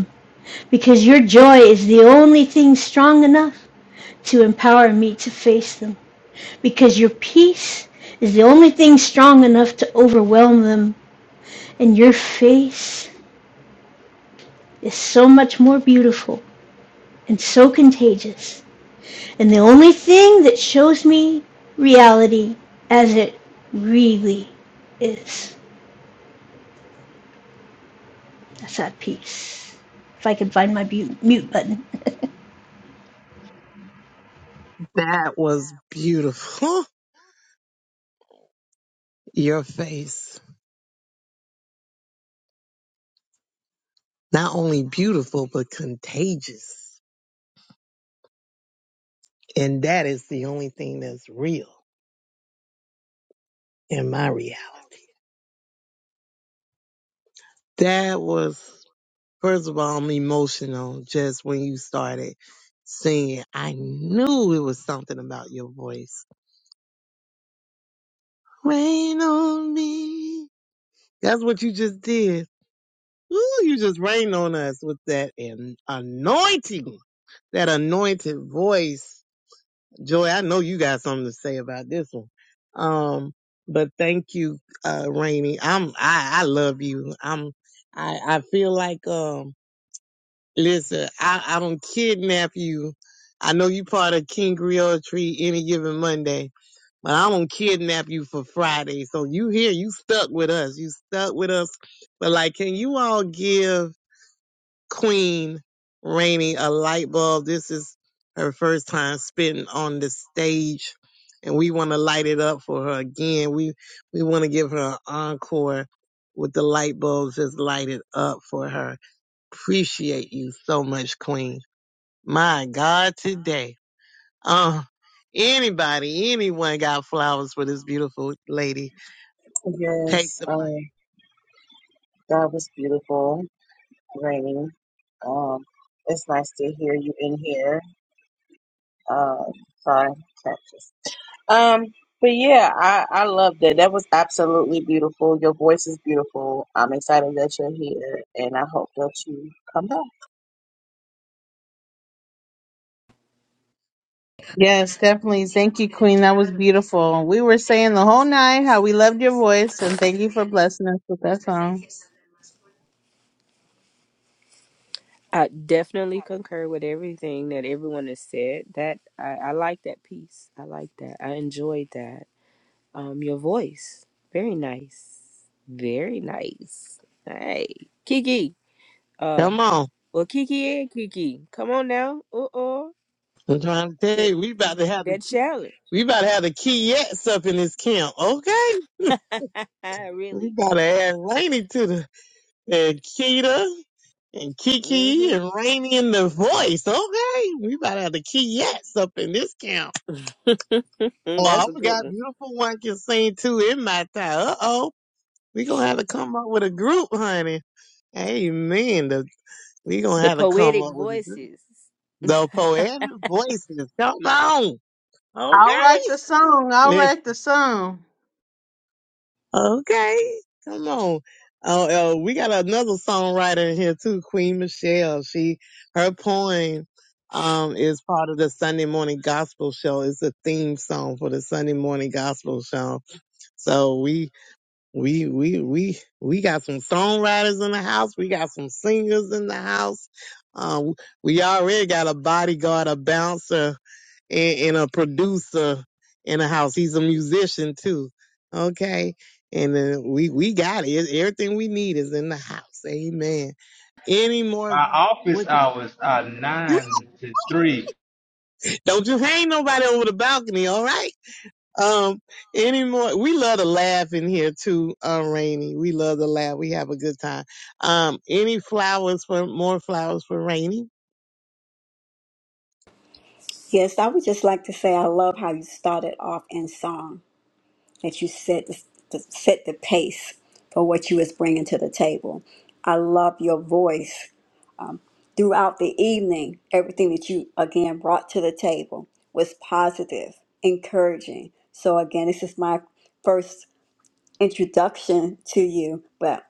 Because your joy is the only thing strong enough to empower me to face them. Because your peace is the only thing strong enough to overwhelm them. And your face is so much more beautiful and so contagious. And the only thing that shows me reality as it really is. That's that peace. If I could find my mute, mute button. That was beautiful. Your face, not only beautiful but contagious, and that is the only thing that's real in my reality. That was first of all, I'm emotional just when you started singing. I knew it was something about your voice Rain on me. That's what you just did. Ooh, you just rained on us with that an- anointing, that anointed voice. Joy, I know you got something to say about this one. Um, but thank you, uh, Rainy. I'm, I, I love you. I'm, I, I feel like, um, listen, I, I don't kidnap you. I know you part of King Creole Tree any given Monday but I won't kidnap you for Friday. So you here, you stuck with us. You stuck with us. But like, can you all give Queen Rainey a light bulb? This is her first time spitting on the stage. And we want to light it up for her again. We we want to give her an encore with the light bulbs just lighted up for her. Appreciate you so much, Queen. My God, today. Uh, anybody, anyone got flowers for this beautiful lady? Take Yes, the mic. um, that was beautiful, Rainy. Um, it's nice to hear you in here. uh, sorry, Texas. Um, but yeah, I I loved it. That was absolutely beautiful. Your voice is beautiful. I'm excited that you're here, and I hope that you come back. Yes, definitely. Thank you, Queen. That was beautiful. We were saying the whole night how we loved your voice, and thank you for blessing us with that song. I definitely concur with everything that everyone has said. That I, I like that piece. I like that. I enjoyed that. Um, your voice, very nice, very nice. Hey, Kiki. uh, Come on. Well, Kiki and Kiki, come on now. Uh oh, I'm trying to tell that you, we about to have the that challenge. we about to have the Kiets up in this camp. Okay, we really. about to add Rainy to the and Kita and Kiki Mm-hmm. and Rainy in the voice. Okay, we about to have the Kiets up in this camp. Oh, I That's a good forgot, one. beautiful one can sing too in my time. Uh oh, we gonna have to come up with a group, honey. Amen. We gonna The have to come poetic up with a good, voices. the poetic voices. Come on, I'll okay? write the song. I'll Let's write the song. okay. Come on. Oh, uh, we got another songwriter in here too, Queen Michelle. She her poem um is part of the Sunday morning gospel show. It's a theme song for the Sunday morning gospel show. So we we we we we got some songwriters in the house. We got some singers in the house. Um, we already got a bodyguard, a bouncer, and, and a producer in the house. He's a musician too. Okay. And then we, we got it. Everything we need is in the house. Amen. Any more? My office What the, hours are nine to three. don't you hang nobody over the balcony. All right. Um, any more? We love to laugh in here too, uh, Rainy. We love to laugh. We have a good time. Um, any flowers for more flowers for Rainy? Yes, I would just like to say I love how you started off in song that you set the, the set the pace for what you was bringing to the table. I love your voice Throughout the evening, everything that you again brought to the table was positive, encouraging. So, again, this is my first introduction to you. But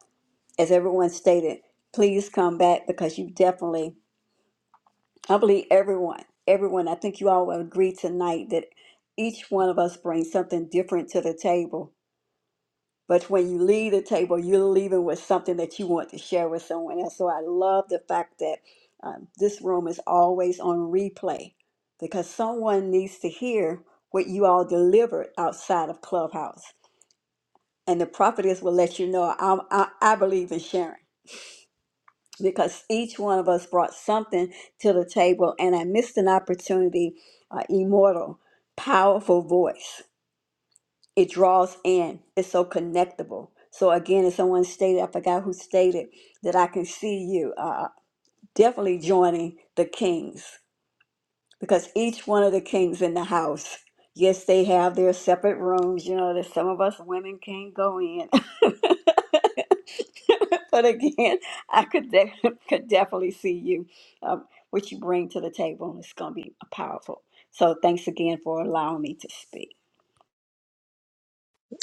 as everyone stated, please come back because you definitely, I believe everyone, everyone, I think you all will agree tonight that each one of us brings something different to the table but when you leave the table, you're leaving with something that you want to share with someone else. So I love the fact that um, this room is always on replay because someone needs to hear what you all delivered outside of Clubhouse. And the prophetess will let you know I, I, I believe in sharing because each one of us brought something to the table. And I missed an opportunity, uh, immortal, powerful voice it draws in. It's so connectable. So again, as someone stated, I forgot who stated that I can see you uh, uh, definitely joining the kings because each one of the kings in the house, yes, they have their separate rooms. You know that some of us women can't go in. but again, I could de- could definitely see you um, what you bring to the table. It's going to be powerful. So thanks again for allowing me to speak.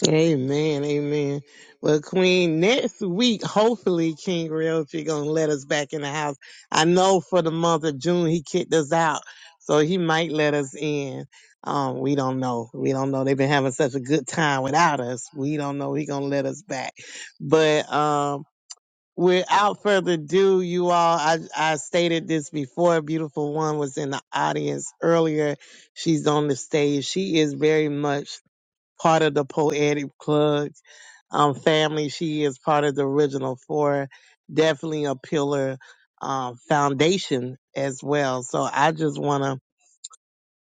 Amen, amen. Well, Queen, next week, hopefully King Realty gonna let us back in the house. I know for the month of June he kicked us out, so he might let us in. Um, we don't know. We don't know. They've been having such a good time without us. We don't know he gonna let us back. But um, without further ado, you all, I I stated this before. Beautiful one was in the audience earlier. She's on the stage. She is very much part of the Poetic Plug um, family. She is part of the original four, definitely a pillar um, foundation as well. So I just want to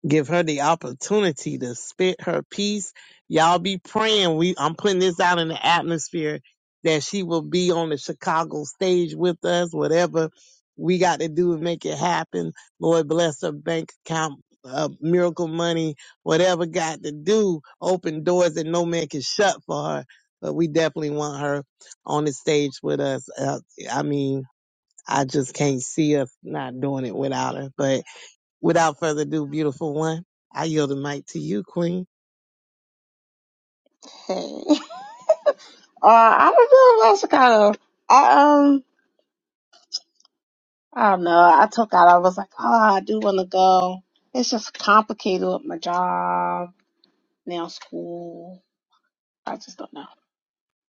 give her the opportunity to spit her piece. Y'all be praying. We I'm putting this out in the atmosphere that she will be on the Chicago stage with us, whatever we got to do to make it happen. Lord bless her bank account, uh, miracle money, whatever got to do, open doors that no man can shut for her. But we definitely want her on the stage with us. Uh, I mean, I just can't see us not doing it without her. But Without further ado, beautiful one, I yield the mic to you, Queen. Hey, uh, I don't know. That's kind of I um I don't know. I took out. I was like, oh, I do want to go. It's just complicated with my job now, school. I just don't know.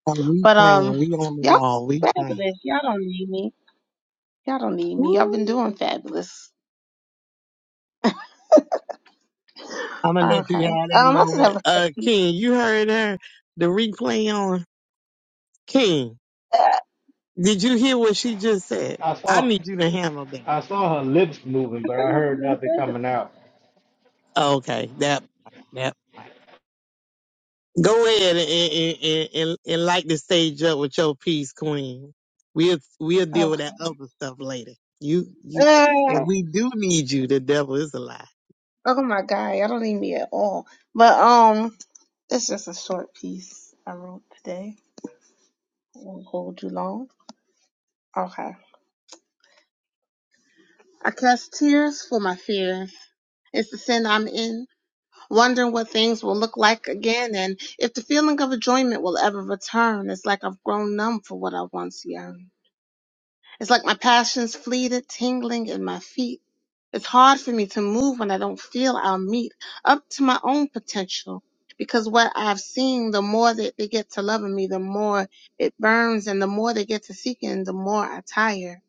Are we But praying? um, We on the y'all wall. We praying. fabulous. Y'all don't need me. Y'all don't need me. Y'all been Woo. doing fabulous. I'm gonna let you Okay. have Um, that I just moment. have a Uh, question. King, you heard her. The replay on. King, Uh, did you hear what she just said? I I saw need you to handle that. I saw her lips moving, I but thought I y'all been heard doing nothing coming fabulous. out. Oh, Okay, that that part. Go ahead and and, and, and and light the stage up with your piece, Queen. We'll we'll deal Oh. with that other stuff later. You you, Uh, and we do need you, the devil is alive. oh my God, y'all don't need me at all. But um, it's just a short piece I wrote today. Won't hold you long. Okay. I cast tears for my fears. It's the sin I'm in, wondering what things will look like again, and if the feeling of enjoyment will ever return. It's like I've grown numb for what I once yearned. It's like my passions fleeted, tingling in my feet. It's hard for me to move when I don't feel I'll meet up to my own potential. Because what I've seen, the more that they get to loving me, the more it burns, and the more they get to seeking, the more I tire.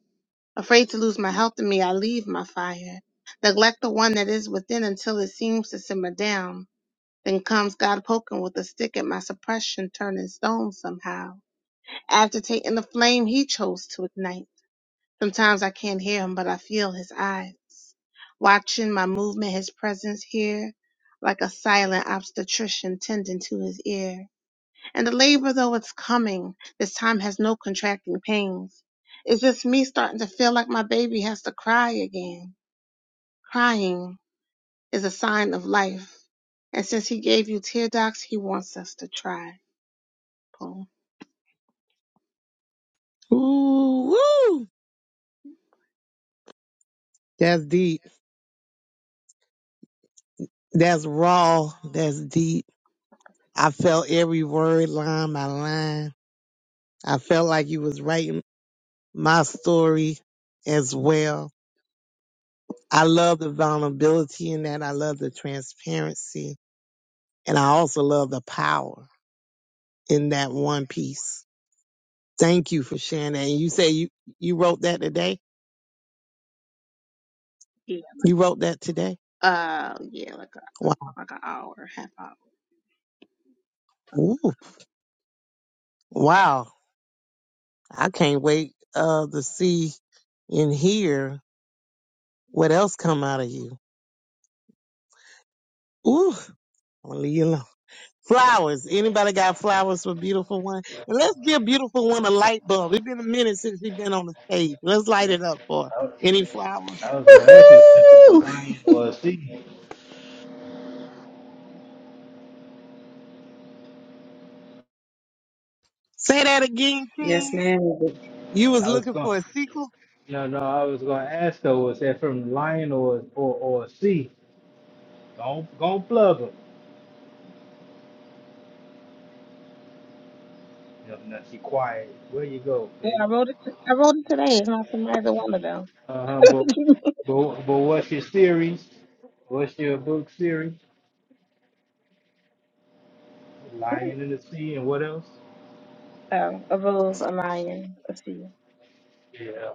Afraid to lose my health in me, I leave my fire. Neglect the one that is within until it seems to simmer down. Then comes God poking with a stick at my suppression, turning stone somehow, agitating the flame he chose to ignite. Sometimes I can't hear him, but I feel his eyes watching my movement, his presence here, like a silent obstetrician tending to his ear. And the labor, though it's coming, this time has no contracting pains. It's just me starting to feel like my baby has to cry again. Crying is a sign of life. And since he gave you tear ducts, he wants us to try. Boom. Ooh, woo. That's deep. That's raw. That's deep. I felt every word line by line. I felt like you was writing my story as well. I love the vulnerability in that. I love the transparency. And I also love the power in that one piece. Thank you for sharing that. And you say you, you wrote that today? Yeah. You wrote that today? Uh, yeah, like Wow. a, like an hour, half hour. Ooh, So. wow. I can't wait uh, to see and hear What else come out of you? Ooh, I'm gonna leave you alone. Flowers. Anybody got flowers for beautiful one? And let's give beautiful one a light bulb. It's been a minute since she's been on the stage. Let's light it up for her. I was, Any flowers? I was gonna ask her was that from a lion Woohoo! or a sea. Say that again, Yes, King. ma'am. You was I was looking going for a sequel? no no I was gonna ask her was that from lion or or, or a sea. Don't don't plug her. No, no, she quiet. Where you go, Yeah, baby? I wrote it. T- I wrote it today. It's not from either one of them. Uh huh. But but but what's your series? What's your book series? Lion in the Sea and what else? oh, a rose, a lion, a sea. Yeah.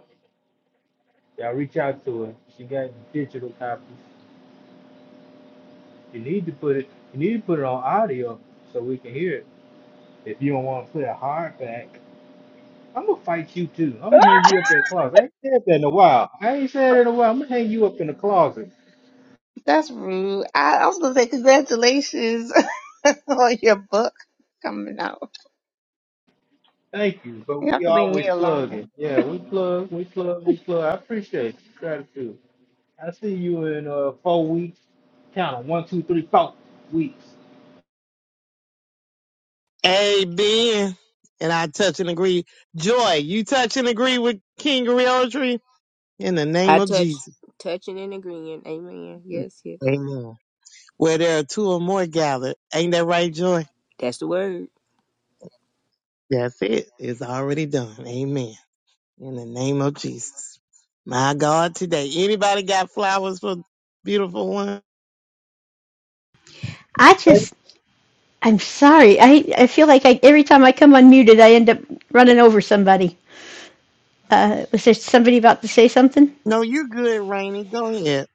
Y'all reach out to her. She got digital copies. You need to put it. You need to put it on audio so we can hear it. If you don't want to put a hardback, I'm gonna fight you too. I'm gonna hang you up in the closet. I ain't said that in a while. I ain't said it in a while. I'm gonna hang you up in the closet. That's rude. I, I was gonna say congratulations on your book coming out. Thank you. But You all we to leave me always alone. plugging. Yeah, we plug, we plug, we plug. I appreciate you. Gratitude. I see you in uh four weeks. Count 'em. one, two, three, four weeks. Amen. And I touch and agree. Joy, you touch and agree with King Tree in the name I of touch, Jesus. touching and agreeing. Amen. Yes, yes. Amen. Where there are two or more gathered. Ain't that right, Joy? That's the word. That's it. It's already done. Amen. In the name of Jesus. My God, today. Anybody got flowers for beautiful one? I just I'm sorry. I, I feel like I, every time I come unmuted, I end up running over somebody. Uh, was there somebody about to say something? No, you're good, Rainy. Go ahead.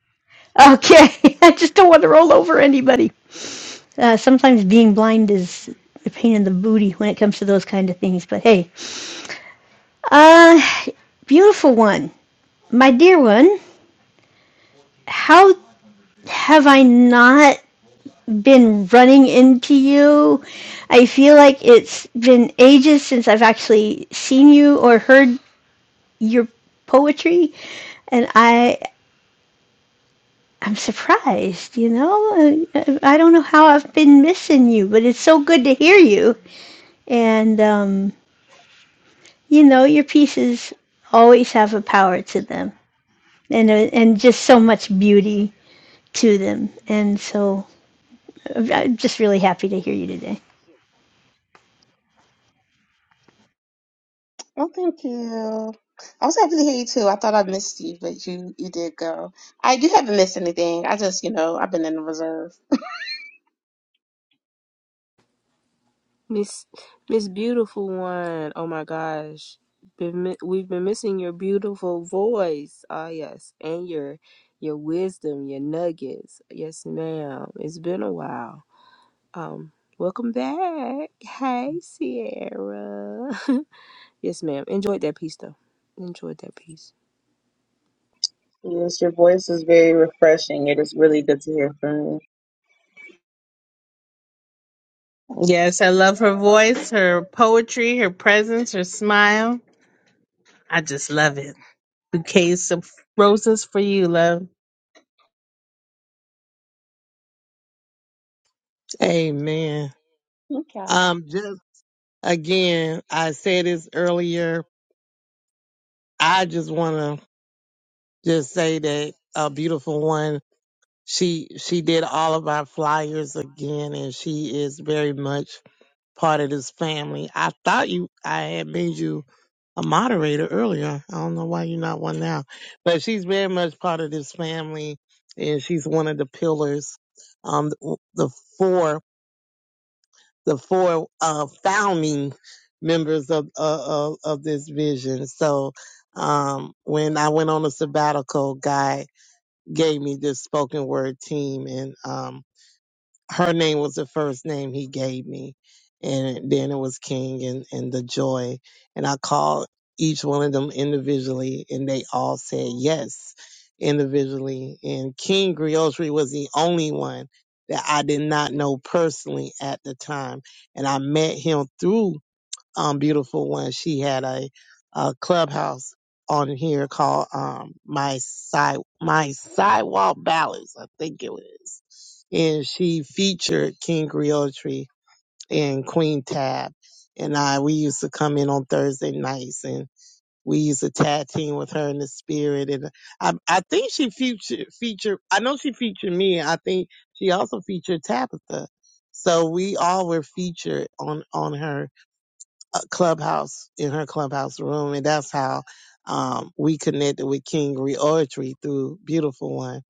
Okay. I just don't want to roll over anybody. Uh, sometimes being blind is a pain in the booty when it comes to those kind of things. But hey, uh, beautiful one, my dear one, how have I not been running into you? I feel like it's been ages since I've actually seen you or heard your poetry and I I'm surprised, you know. I, I don't know how I've been missing you, but it's so good to hear you. And um, you know, your pieces always have a power to them, and uh, and just so much beauty to them. And so uh, I'm just really happy to hear you today. Oh, thank you. I was happy to hear you too. I thought I missed you, but you you did go. I you haven't missed anything. I just you know I've been in the reserve. Miss Miss Beautiful One. Oh my gosh. Been, mi- we've been missing your beautiful voice. Ah yes. And your your wisdom, your nuggets. Yes, ma'am. It's been a while. Um, welcome back. Hey, Sierra. yes, ma'am. Enjoyed that piece though. Enjoyed that piece. Yes, your voice is very refreshing. It is really good to hear from you. Yes, I love her voice, her poetry, her presence, her smile. I just love it. Bouquets of roses for you, love. Amen. Thank y'all. Um, just again, I said this earlier. I just want to just say that a beautiful one. She she did all of our flyers again, and she is very much part of this family. I thought you, I had made you a moderator earlier. I don't know why you're not one now, but she's very much part of this family, and she's one of the pillars, um, the, the four, the four uh, founding members of, uh, of of this vision. So, um, when I went on a sabbatical, guy gave me this spoken word team, and um, her name was the first name he gave me. And then it was King and, and the joy. And I called each one of them individually and they all said yes individually. And King Griotri was the only one that I did not know personally at the time. And I met him through um, beautiful one. She had a, a clubhouse on here called um, my side my sidewalk ballads, I think it was, and she featured King Griotri and Queen Tab, and I. We used to come in on Thursday nights and. We used to tag team with her in the spirit, and I, I think she featured featured. I know she featured me. I think she also featured Tabitha, so we all were featured on on her uh, clubhouse in her clubhouse room, and that's how um, we connected with King Reoratory through Beautiful One.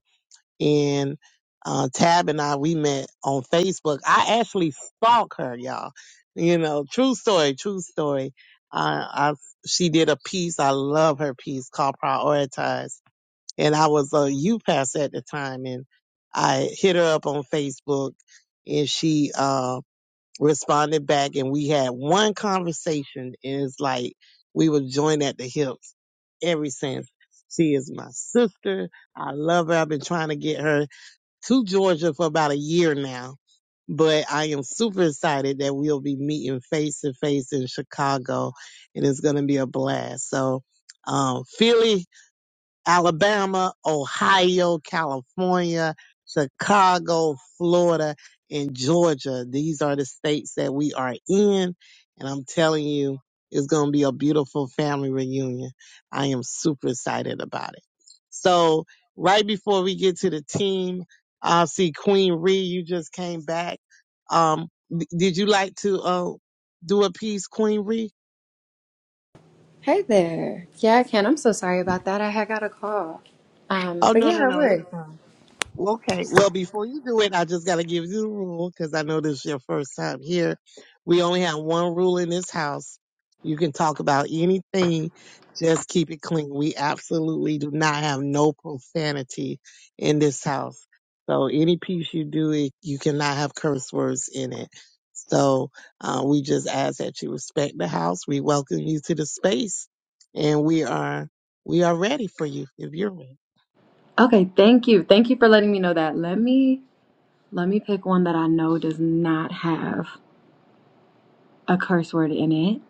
And uh, Tab and I, we met on Facebook. I actually stalked her, y'all. You know, true story, true story. I, I she did a piece. I love her piece called Prioritize, and I was a youth pastor at the time, and I hit her up on Facebook, and she um responded back and we had one conversation and it's like we were joined at the hips ever since. She is my sister. I love her. I've been trying to get her to Georgia for about a year now. But I am super excited that we'll be meeting face to face in Chicago and it's gonna be a blast. So um Philly Alabama, Ohio, California, Chicago, Florida, and Georgia. These are the states that we are in. And I'm telling you, it's going to be a beautiful family reunion. I am super excited about it. So, right before we get to the team, I see Queen Ree, you just came back. Um, d- did you like to uh, do a piece, Queen Ree? Hey there. Yeah, I can. I'm so sorry about that. I had got a call. Um, Oh, but no, yeah, no, I no. It's would. fine. Okay. Well, before you do it, I just got to give you the rule because I know this is your first time here. We only have one rule in this house. You can talk about anything. Just keep it clean. We absolutely do not have no profanity in this house. So any piece you do, it, you cannot have curse words in it. So uh, we just ask that you respect the house. We welcome you to the space, and we are we are ready for you if you're ready. Okay, thank you. Thank you for letting me know that. Let me let me pick one that I know does not have a curse word in it.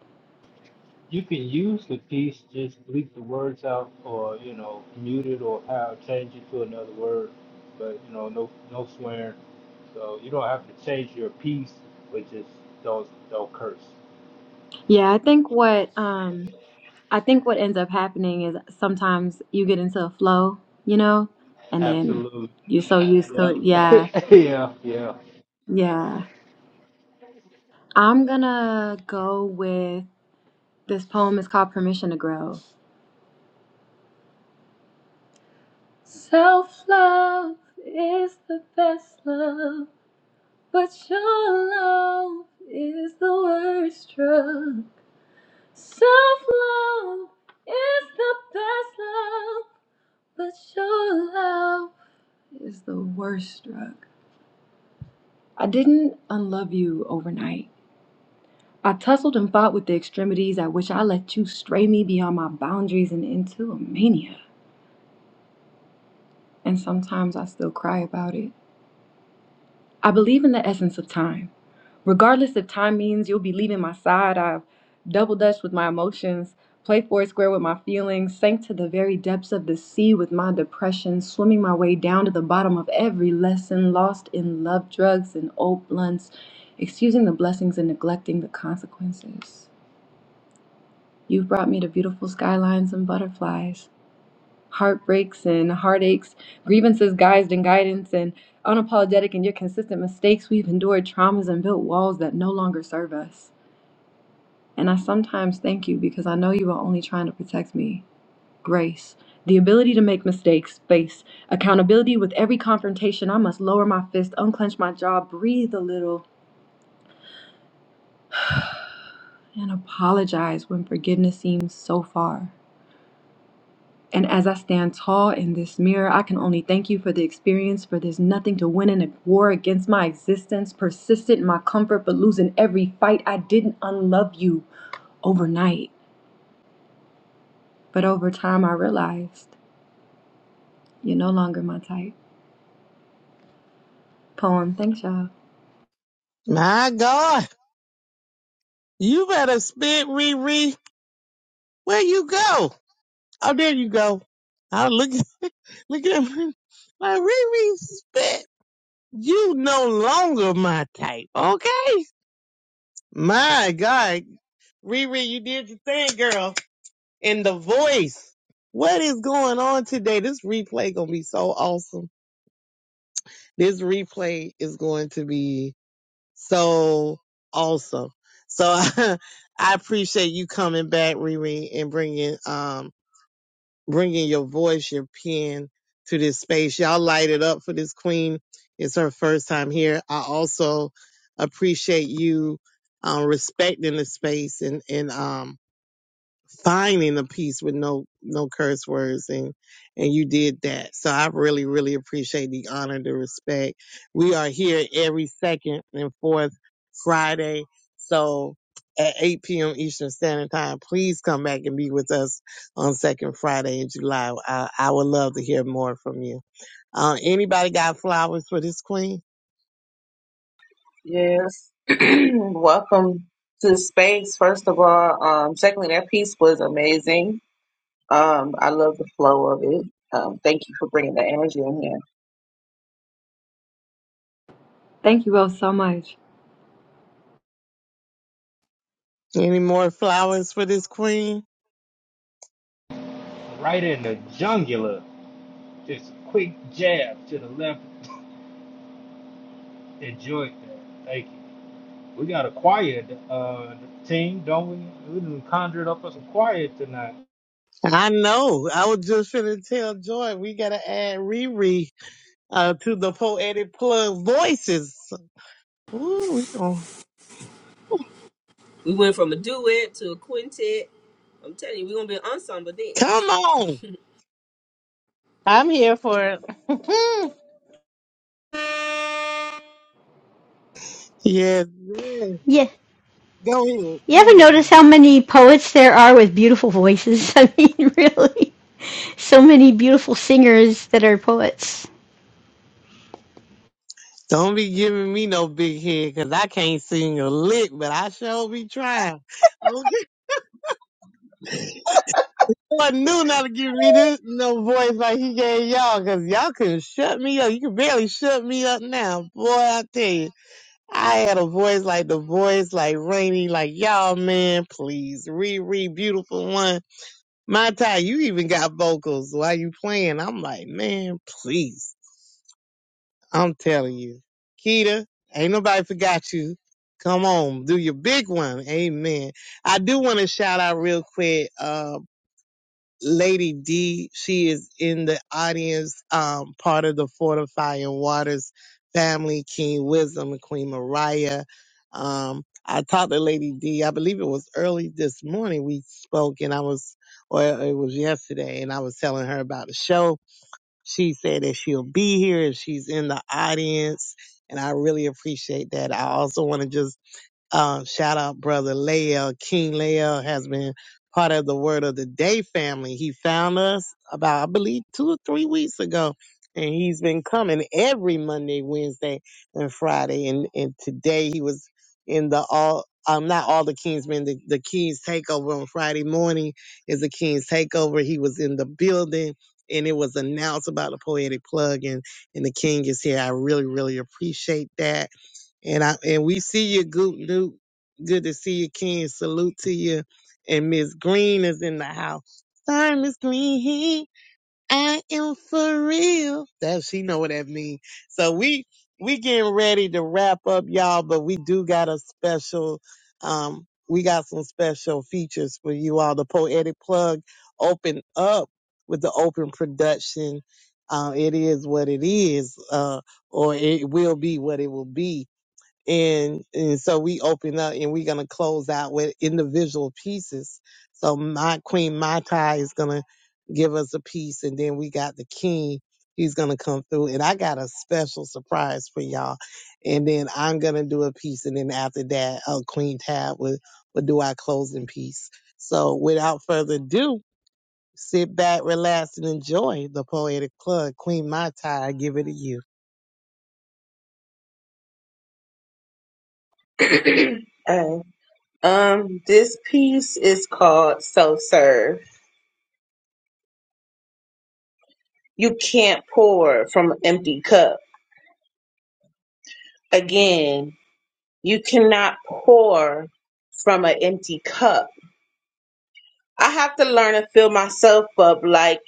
You can use the piece, just bleep the words out, or you know, mute it, or how change it to another word. But you know, no no swearing. So you don't have to change your piece, but just don't don't curse. Yeah, I think what um I think what ends up happening is sometimes you get into a flow, you know, and then Absolutely. you're so used to it. Yeah. Yeah. yeah. Yeah. Yeah. I'm gonna go with This poem is called Permission to Grow. Self love is the best love, but your love is the worst drug. Self love is the best love, but your love is the worst drug. I didn't unlove you overnight. I tussled and fought with the extremities at which I let you stray me beyond my boundaries and into a mania. And sometimes I still cry about it. I believe in the essence of time. Regardless if time means you'll be leaving my side, I've double dutched with my emotions, played four square with my feelings, sank to the very depths of the sea with my depression, swimming my way down to the bottom of every lesson, lost in love drugs and old blunts, excusing the blessings and neglecting the consequences. You've brought me to beautiful skylines and butterflies heartbreaks and heartaches, grievances guised in guidance, and unapologetic and yet consistent mistakes, we've endured traumas and built walls that no longer serve us. And I sometimes thank you because I know you are only trying to protect me. Grace. The ability to make mistakes, space, accountability with every confrontation. I must lower my fist, unclench my jaw, breathe a little, and apologize when forgiveness seems so far. And as I stand tall in this mirror, I can only thank you for the experience, for there's nothing to win in a war against my existence, persistent in my comfort, but losing every fight. I didn't unlove you overnight, but over time I realized you're no longer my type. Poem, thanks y'all. My God. You better spit, Riri. Where you go? Oh, there you go. I look look at him. Like Riri spit. You no longer my type, okay? My God, Riri, you did your thing, girl. In the voice. What is going on today? This replay gonna be so awesome. This replay is going to be so awesome. So I appreciate you coming back, Riri, and bringing um bringing your voice, your pen to this space. Y'all light it up for this queen. It's her first time here. I also appreciate you um, respecting the space and and um, finding a piece with no no curse words and and you did that so i really really appreciate the honor the respect we are here every second and fourth friday so at 8 p.m eastern standard time please come back and be with us on second friday in july i, I would love to hear more from you uh, anybody got flowers for this queen Yes. Welcome to the space, first of all. Um, secondly, that piece was amazing. Um, I love the flow of it. Um, thank you for bringing the energy in here. Thank you all so much. Any more flowers for this queen? Right in the jungular. Just a quick jab to the left. Enjoy that. Thank you. We got a quiet uh, team, don't we? We done conjured up us a quiet tonight. I know. I was just finna tell Joy we gotta add Riri uh, to the poetic plug voices. Ooh, we gon' We went from a duet to a quintet. I'm telling you, we're gonna be an ensemble then. come on. I'm here for it. Yes, yes. Yeah. Go ahead. You Go ever notice ahead. how many poets there are with beautiful voices? I mean, really, so many beautiful singers that are poets. Don't be giving me no big head because I can't sing a lick, but I sure be trying. Okay. I knew not to give me this no voice like he gave y'all because y'all couldn't shut me up. You can barely shut me up now. Boy, I tell you. I had a voice like the voice, like Rainy, like y'all, man, please, Riri, beautiful one. My tie, you even got vocals. Why you playing? I'm like, man, please. I'm telling you, Keita, ain't nobody forgot you. Come on, do your big one. Amen. I do want to shout out real quick. uh, Lady D, she is in the audience, um, part of the Fortifying Waters family, King Wisdom and Queen Mariah. Um, I talked to Lady D, I believe it was early this morning we spoke and I was, or it was yesterday and I was telling her about the show. She said that she'll be here and she's in the audience and I really appreciate that. I also want to just um, shout out brother Lael. King Lael has been part of the Word of the Day family. He found us about, I believe, two or three weeks ago. And he's been coming every Monday, Wednesday, and Friday. And, and today he was in the all, um, not all the Kingsmen, the, the King's Takeover on Friday morning is the King's Takeover. He was in the building and it was announced about the poetic plug and, and the King is here. I really, really appreciate that and I and we see you, Goop Duke. Good to see you, Ken. Salute to you. And Miss Green is in the house. Sorry, Miss Green. Hey, I am for real. That she know what that means. So we we getting ready to wrap up, y'all. But we do got a special. Um, we got some special features for you all. The poetic plug open up with the open production. Uh, it is what it is, uh, or it will be what it will be and and so we open up and we're gonna close out with individual pieces. So my queen Mata is gonna give us a piece, and then we got the king. He's gonna come through, and I got a special surprise for y'all. And then I'm gonna do a piece, and then after that, uh, Queen Tab will will do our closing piece. So without further ado, sit back, relax, and enjoy the poetic plug. Queen Mata, I give it to you. Oh, um, this piece is called So Serve. You can't pour from an empty cup. Again, you cannot pour from an empty cup. I have to learn to fill myself up. Like,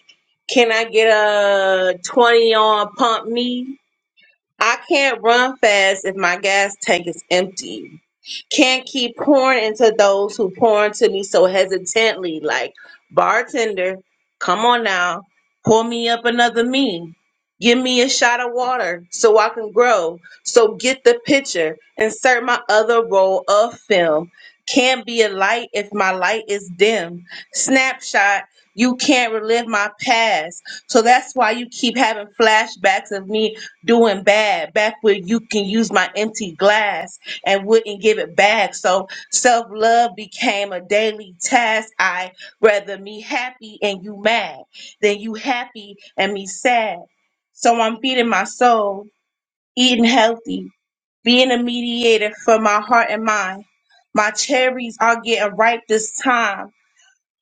can I get a 20 on pump me? I can't run fast if my gas tank is empty. Can't keep pouring into those who pour into me so hesitantly, like bartender, come on now, pour me up another me. Give me a shot of water so I can grow. So get the picture. Insert my other roll of film. Can't be a light if my light is dim. Snapshot, you can't relive my past. So that's why you keep having flashbacks of me doing bad back where you can use my empty glass and wouldn't give it back so self-love became a daily task i rather me happy and you mad than you happy and me sad so i'm feeding my soul eating healthy being a mediator for my heart and mind my cherries are getting ripe this time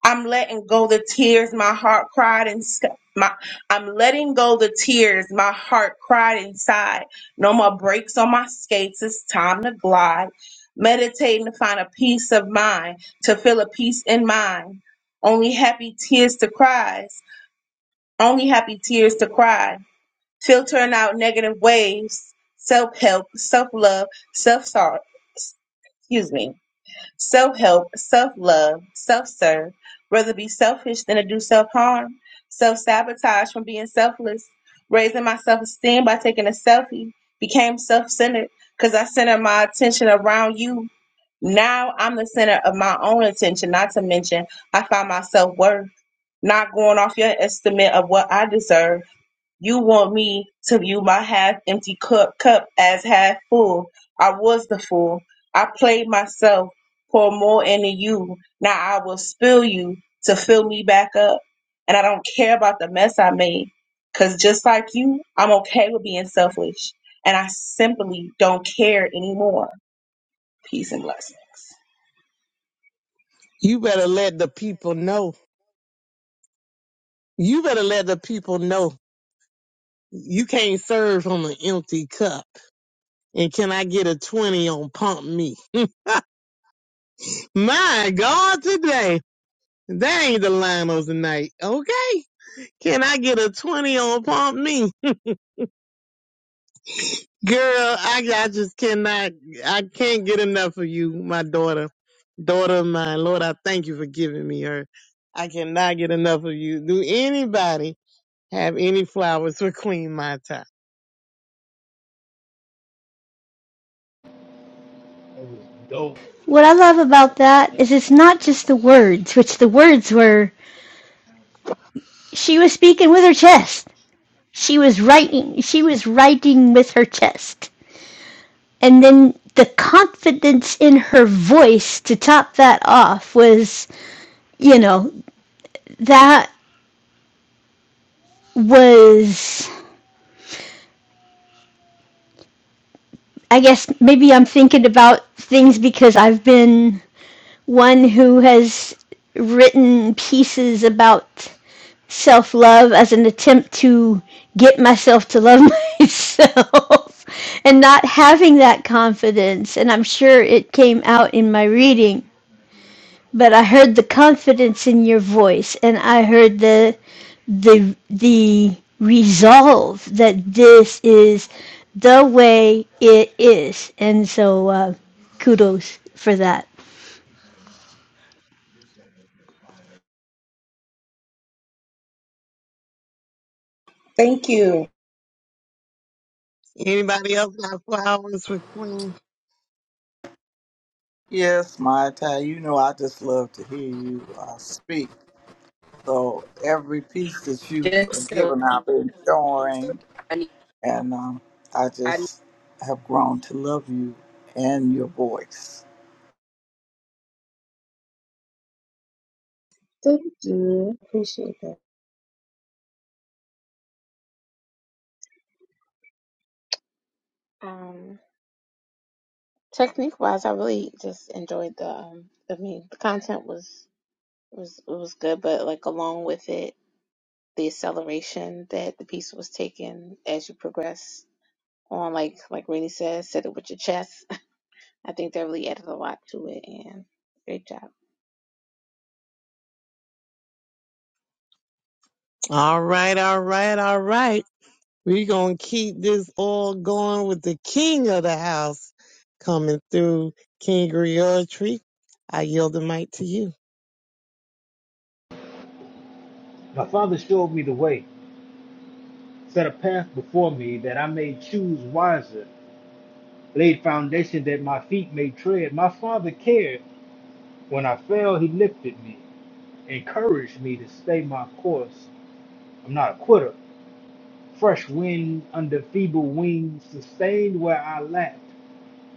I'm letting go the tears my heart cried and sc- my I'm letting go the tears my heart cried inside. No more brakes on my skates. It's time to glide. Meditating to find a peace of mind, to feel a peace in mind. Only happy tears to cries. Only happy tears to cry. Filtering out negative waves. Self help, self love, self sorrow. Excuse me Self help, self love, self serve. Rather be selfish than to do self harm. Self sabotage from being selfless. Raising my self esteem by taking a selfie. Became self centered because I centered my attention around you. Now I'm the center of my own attention, not to mention I find my self worth. Not going off your estimate of what I deserve you want me to view my half empty cup, cup as half full. I was the fool. I played myself, pour more into you. Now I will spill you to fill me back up. And I don't care about the mess I made. Because just like you, I'm okay with being selfish. And I simply don't care anymore. Peace and blessings. You better let the people know You better let the people know you can't serve from an empty cup. And can I get a 20 on pump me? My God, today. That ain't the Lionel's tonight. Okay. Can I get a 20 on pump me? Girl, I, I just cannot, I can't get enough of you, my daughter, daughter of mine. Lord, I thank you for giving me her. I cannot get enough of you. Do anybody have any flowers for Queen Mata? It was dope. What I love about that is it's not just the words, which the words were she was speaking with her chest. She was writing she was writing with her chest. And then the confidence in her voice to top that off was, you know, that was I guess maybe I'm thinking about things because I've been one who has written pieces about self love as an attempt to get myself to love myself and not having that confidence. And I'm sure it came out in my reading. But I heard the confidence in your voice and I heard the the the resolve that this is the way it is. And so uh, kudos for that. Thank you. Anybody else got flowers for Queen? Yes, my Ty, you know I just love to hear you uh, speak. So every piece that you've Just uh, given, simple. I've been So enjoying, I need, and um, I I need just have grown to love you and your voice. Thank you. Appreciate that. Um, technique wise, I really just enjoyed the. Um, I mean, the content was was was good, but like along with it. the acceleration that the piece was taking as you progress on like like Rainey says, said it with your chest. I think that really added a lot to it and great job. All right, all right, all right. We're going to keep this all going with the king of the house coming through, King Tree. I yield the mic to you. My father showed me the way. Set a path before me that I may choose wiser. Laid foundation that my feet may tread. My father cared. When I fell, he lifted me, encouraged me to stay my course. I'm not a quitter. Fresh wind under feeble wings, sustained where I lacked,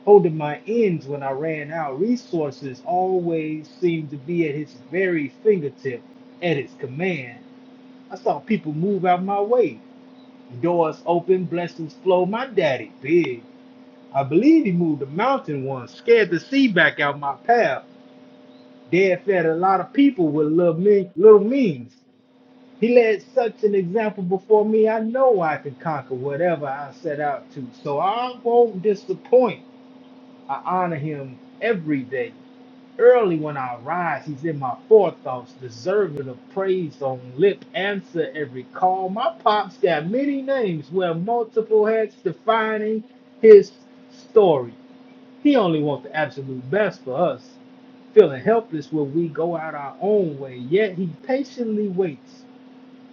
holding my ends when I ran out. Resources always seemed to be at his very fingertip, at his command. I saw people move out my way. Doors open, blessings flow. My daddy big. I believe he moved a mountain once, scared the sea back out my path. Dad fed a lot of people with little, me- little means. He led such an example before me, I know I can conquer whatever I set out to. So I won't disappoint. I honor him every day. Early when I rise, he's in my forethoughts, deserving of praise on lip, answer every call. My pops got many names where multiple heads defining his story. He only wants the absolute best for us. Feeling helpless when we go out our own way, yet he patiently waits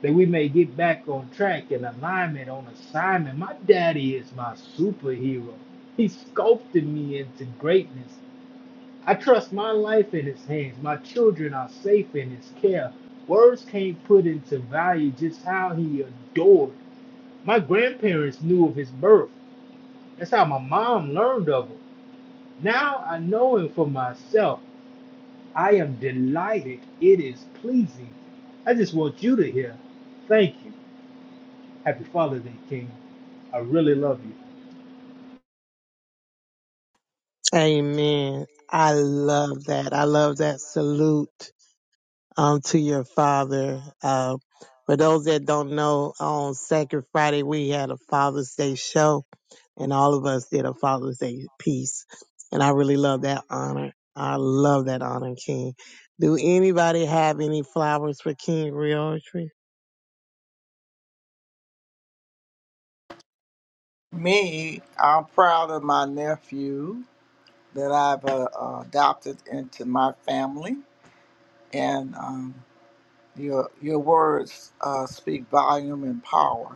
that we may get back on track and alignment on assignment. My daddy is my superhero. He sculpted me into greatness. I trust my life in his hands. My children are safe in his care. Words can't put into value just how he adored. My grandparents knew of his birth. That's how my mom learned of him. Now I know him for myself. I am delighted. It is pleasing. I just want you to hear. Thank you. Happy Father's Day, King. I really love you. Amen. I love that. I love that salute. um, to your father. Uh, for those that don't know, on Sacred Friday, we had a Father's Day show, and all of us did a Father's Day piece. And I really love that honor. I love that honor, King. Do anybody have any flowers for King Realtree? Me, I'm proud of my nephew that I've uh, uh, adopted into my family, and um, Your your words uh, speak volume and power.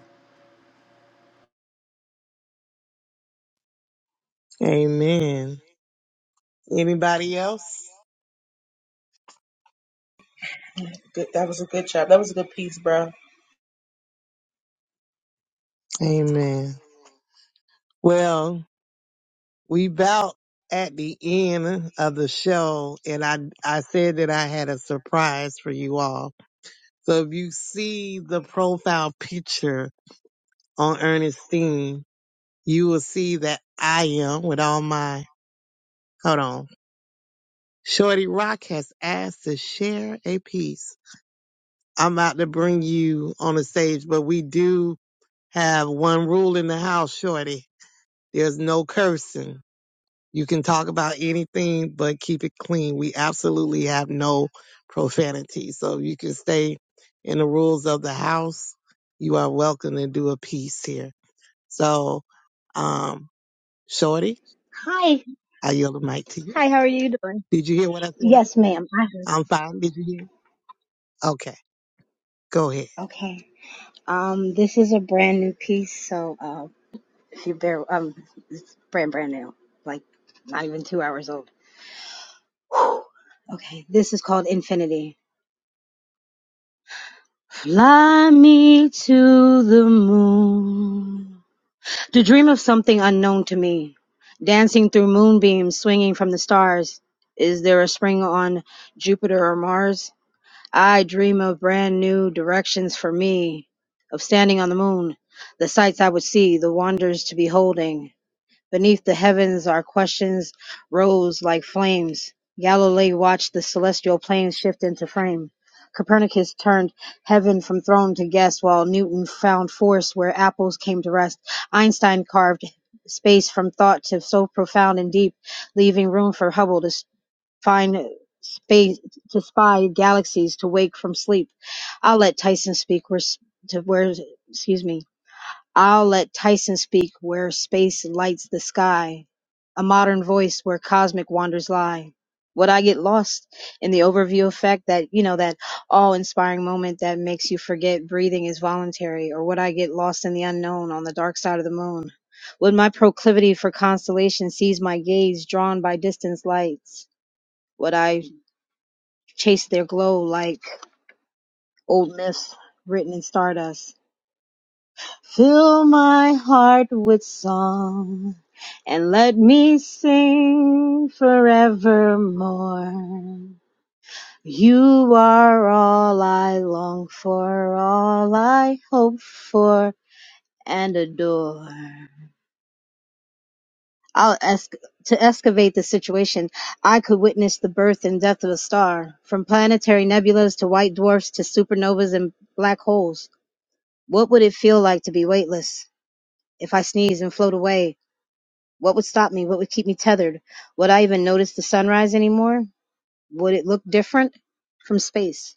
Amen. Anybody else? Good. That was a good job. That was a good piece, bro. Amen. Well, we about at the end of the show, and I I said that I had a surprise for you all So if you see the profile picture on Ernestine, you will see that I am with all my, hold on. Shorty Rock has asked to share a piece. I'm about to bring you on the stage, but we do have one rule in the house, Shorty. There's no cursing. You can talk about anything, but keep it clean. We absolutely have no profanity. So you can stay in the rules of the house, you are welcome to do a piece here. So, um, Shorty, Hi. I yield the mic to you. Hi, how are you doing? Did you hear what I said? Yes, ma'am. I heard. I'm fine. Did you hear? Okay, go ahead. Okay. Um, this is a brand new piece, so uh, if you bear, um, it's brand brand new, like not even two hours old. Whew. Okay, this is called Infinity. Fly me to the moon. To dream of something unknown to me, dancing through moonbeams, swinging from the stars. Is there a spring on Jupiter or Mars? I dream of brand new directions for me, of standing on the moon, the sights I would see, the wonders to beholding. Beneath the heavens our questions rose like flames. Galilee watched the celestial planes shift into frame. Copernicus turned heaven from throne to guest, while Newton found force where apples came to rest. Einstein carved space from thought to so profound and deep, leaving room for Hubble to find space to spy galaxies to wake from sleep. I'll let Tyson speak where to where excuse me. I'll let Tyson speak where space lights the sky, a modern voice where cosmic wonders lie. Would I get lost in the overview effect that, you know, that awe inspiring moment that makes you forget breathing is voluntary? Or would I get lost in the unknown on the dark side of the moon? Would my proclivity for constellation seize my gaze drawn by distant lights? Would I chase their glow like old myths written in stardust. Fill my heart with song and let me sing forevermore. You are all I long for, all I hope for and adore. I'll esc- to excavate the situation, I could witness the birth and death of a star, from planetary nebulas to white dwarfs to supernovas and black holes. What would it feel like to be weightless? If I sneezed and float away, what would stop me? What would keep me tethered? Would I even notice the sunrise anymore? Would it look different from space?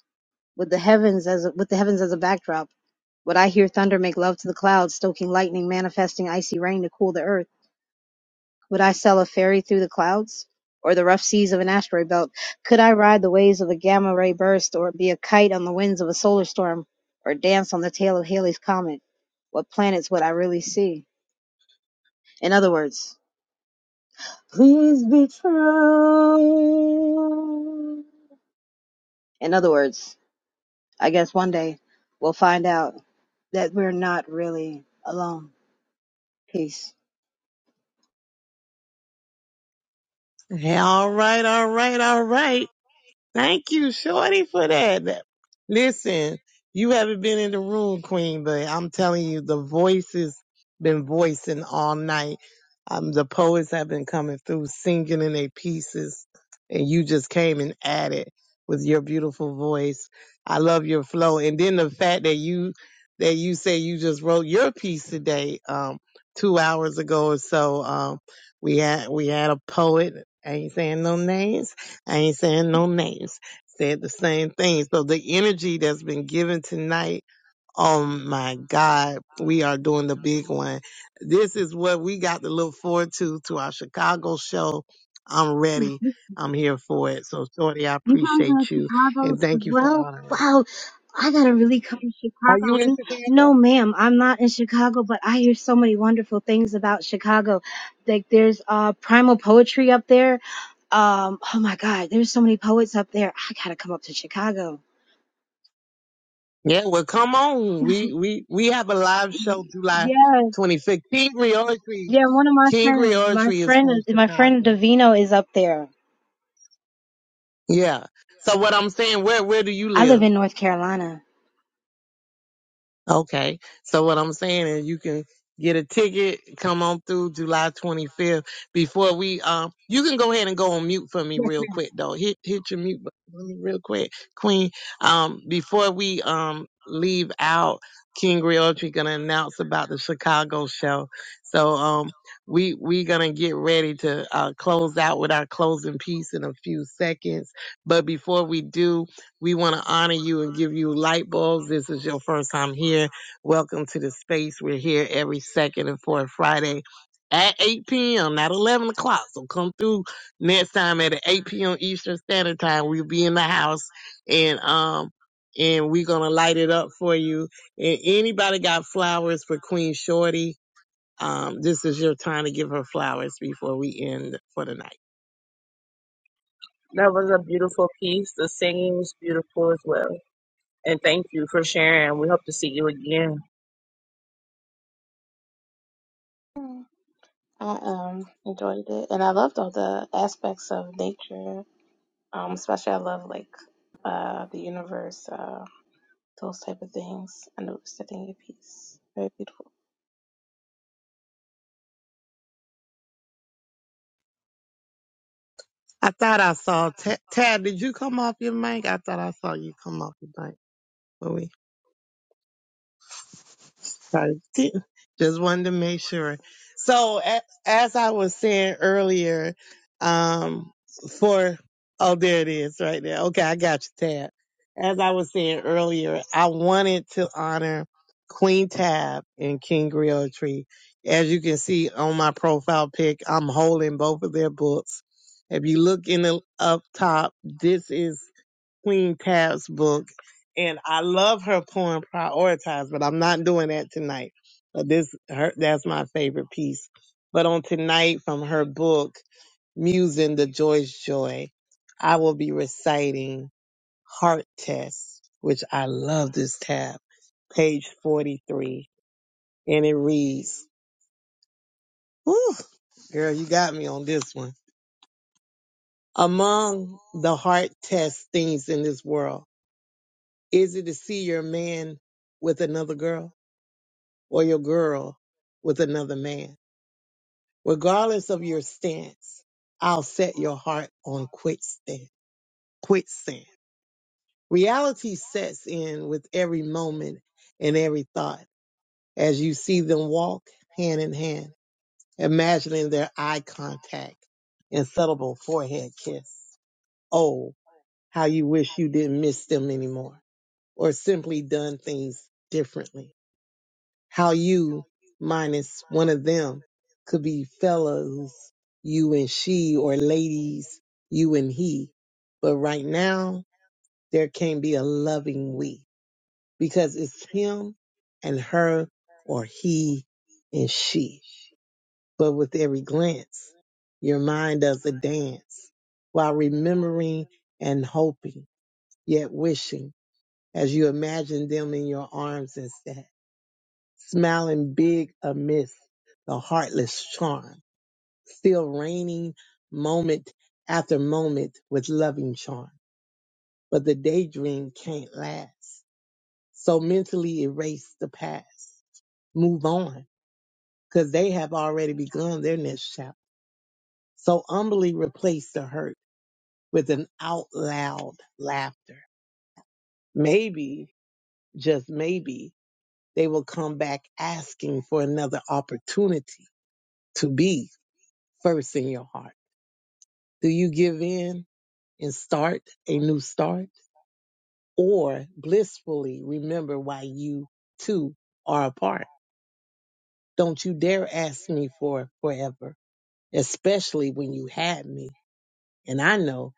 With the heavens as a, with the heavens as a backdrop, would I hear thunder make love to the clouds, stoking lightning, manifesting icy rain to cool the earth? Would I sail a ferry through the clouds? Or the rough seas of an asteroid belt? Could I ride the waves of a gamma ray burst? Or be a kite on the winds of a solar storm? Or dance on the tail of Halley's Comet? What planets would I really see? In other words, please be true. In other words, I guess one day we'll find out that we're not really alone. Peace. Okay, all right, all right, all right. Thank you, Shorty, for that. That- Listen, you haven't been in the room, Queen, but I'm telling you, the voice has been voicing all night. Um, the poets have been coming through singing in their pieces, and you just came and added with your beautiful voice. I love your flow, and then the fact that you that you say you just wrote your piece today, um, two hours ago or so. Um, we had we had a poet. I ain't saying no names I ain't saying no names, said the same thing. So the energy that's been given tonight, oh my God, we are doing the big one. This is what we got to look forward to, to our Chicago show. I'm ready. I'm here for it. So Shorty, I You guys are in appreciate you Chicago and as thank you for well? honoring. Wow. I gotta really come to Are you in Chicago. No, Chicago? ma'am, I'm not in Chicago, but I hear so many wonderful things about Chicago. Like there's uh primal poetry up there. Um, oh my God, there's so many poets up there. I gotta come up to Chicago. Yeah, well come on. We we we have a live show Y- July Yeah, 25th. King Reoetry. yeah. One of my King friends, my Reoetry is friend, from my friend Chicago. Davino is up there. Yeah. So what I'm saying, where where do you I live live? in North Carolina. Okay. So what I'm saying is you can get a ticket, come on through July 25th before we um you can go ahead and go on mute for me real quick though. Hit hit your mute button for me real quick, Queen. Um before we um leave out, King Realtree gonna announce about the Chicago show. So um we we gonna get ready to uh close out with our closing piece in a few seconds. But before we do, we want to honor you and give you light bulbs. This is your first time here. Welcome to the space. We're here every second and fourth Friday at 8 p.m., not 11 o'clock. So come through next time at 8 p.m. Eastern Standard Time. We'll be in the house and, um, and we're going to light it up for you. And anybody got flowers for Queen Shorty? Um, this is your time to give her flowers before we end for the night. That was a beautiful piece. The singing was beautiful as well. And thank you for sharing. We hope to see you again. Mm. I um enjoyed it and I loved all the aspects of nature. Um especially I love like uh the universe. Uh, those type of things, and setting your piece. Very beautiful. I thought I saw Tad. Tad, did you come off your mic? I thought I saw you come off your mic when we started. Just wanted to make sure. So a- as I was saying earlier, um, for oh there it is right there. Okay, I got you, Tad. As I was saying earlier, I wanted to honor Queen Tab and King Tree. As you can see on my profile pic, I'm holding both of their books. If you look in the up top, this is Queen Tab's book. And I love her poem Prioritize, but I'm not doing that tonight. But this her that's my favorite piece. But on tonight from her book, Musing the Joy's Joy, I will be reciting Heart Test, which I love this tab, page 43. And it reads, Whew, girl, you got me on this one. Among the heart test things in this world, Is it to see your man with another girl or your girl with another man? Regardless of your stance, I'll set your heart on quicksand. Quicksand. Reality sets in with every moment and every thought as you see them walk hand in hand, imagining their eye contact and subtle forehead kiss. Oh, how you wish you didn't miss them anymore or simply done things differently how you minus one of them could be fellows, you and she, or ladies, you and he. But right now, there can't be a loving we because it's him and her or he and she. But with every glance, your mind does a dance while remembering and hoping, yet wishing as you imagine them in your arms instead smiling big amidst the heartless charm, still reigning moment after moment with loving charm. But the daydream can't last. So mentally erase the past. Move on, cause they have already begun their next chapter. So humbly replace the hurt with an out loud laughter. Maybe, just maybe, they will come back asking for another opportunity to be first in your heart Do you give in and start a new start or blissfully remember why you two are apart? Don't you dare ask me for forever, especially when you had me. And I know,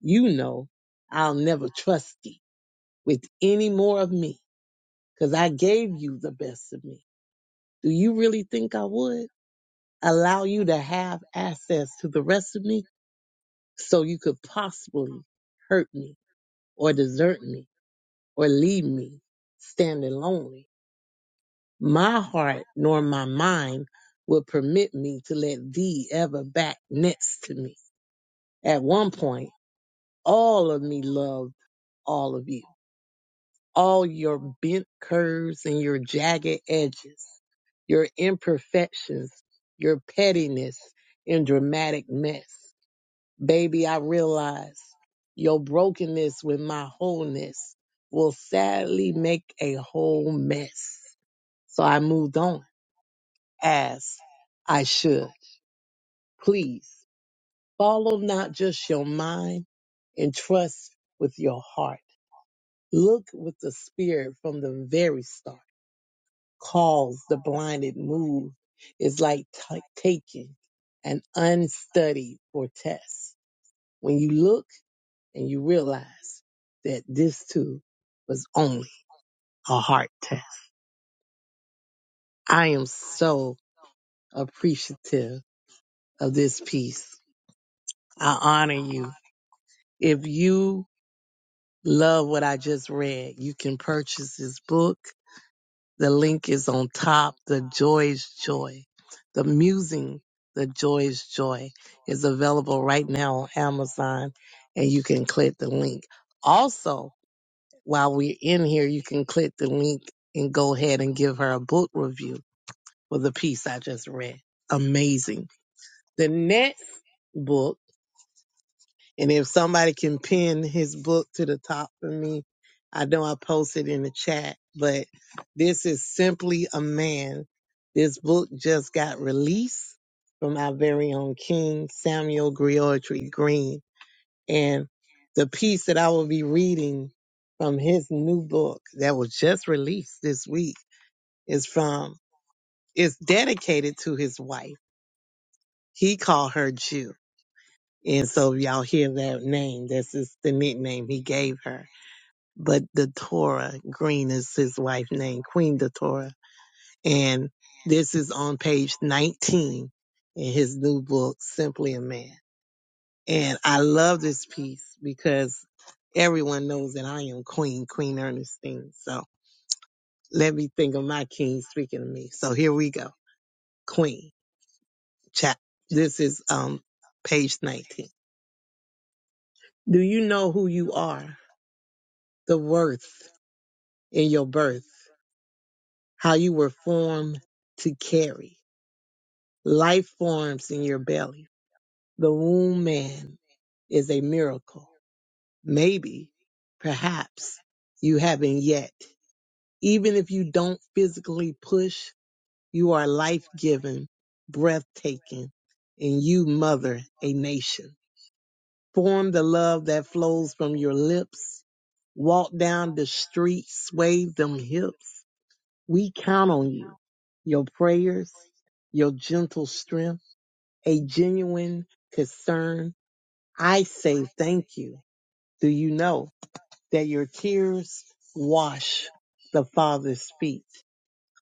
you know, I'll never trust you with any more of me because I gave you the best of me. Do you really think I would allow you to have access to the rest of me so you could possibly hurt me or desert me? or leave me standing lonely. My heart nor my mind will permit me to let thee ever back next to me. At one point, all of me loved all of you, all your bent curves and your jagged edges, your imperfections, your pettiness and dramatic mess. Baby, I realize your brokenness with my wholeness will sadly make a whole mess. So I moved on as I should. Please follow not just your mind and trust with your heart. Look with the spirit from the very start. Cause the blinded move is like t- taking an unstudied for test. When you look and you realize that this too was only a heart test. I am so appreciative of this piece. I honor you If you love what I just read, you can purchase his book. The link is on top. The Joy Joy. The Musing, The Joy Joy is available right now on Amazon and you can click the link. Also, while we're in here, you can click the link and go ahead and give her a book review for the piece I just read. Amazing. The next book And if somebody can pin his book to the top for me, I know I posted in the chat, but this is simply a man. This book just got released from our very own King Samuel Griotry Green. And the piece that I will be reading from his new book that was just released this week is from is dedicated to his wife. He called her Jew. And so y'all hear that name. This is the nickname he gave her but Datora Green is his wife's name, Queen Datora. And this is on page 19 in his new book, Simply a Man. And I love this piece because everyone knows that I am Queen, Queen Ernestine. So let me think of my king speaking to me. So here we go. Queen, chap. This is um page 19. Do you know who you are? The worth in your birth, how you were formed to carry Life forms in your belly. The womb man is a miracle. Maybe, perhaps, you haven't yet. Even if you don't physically push, you are life giving, breathtaking, and you mother a nation. Form the love that flows from your lips. Walk down the street, sway them hips. We count on you, your prayers, your gentle strength a genuine concern, I say thank you. Do you know that your tears wash the Father's feet?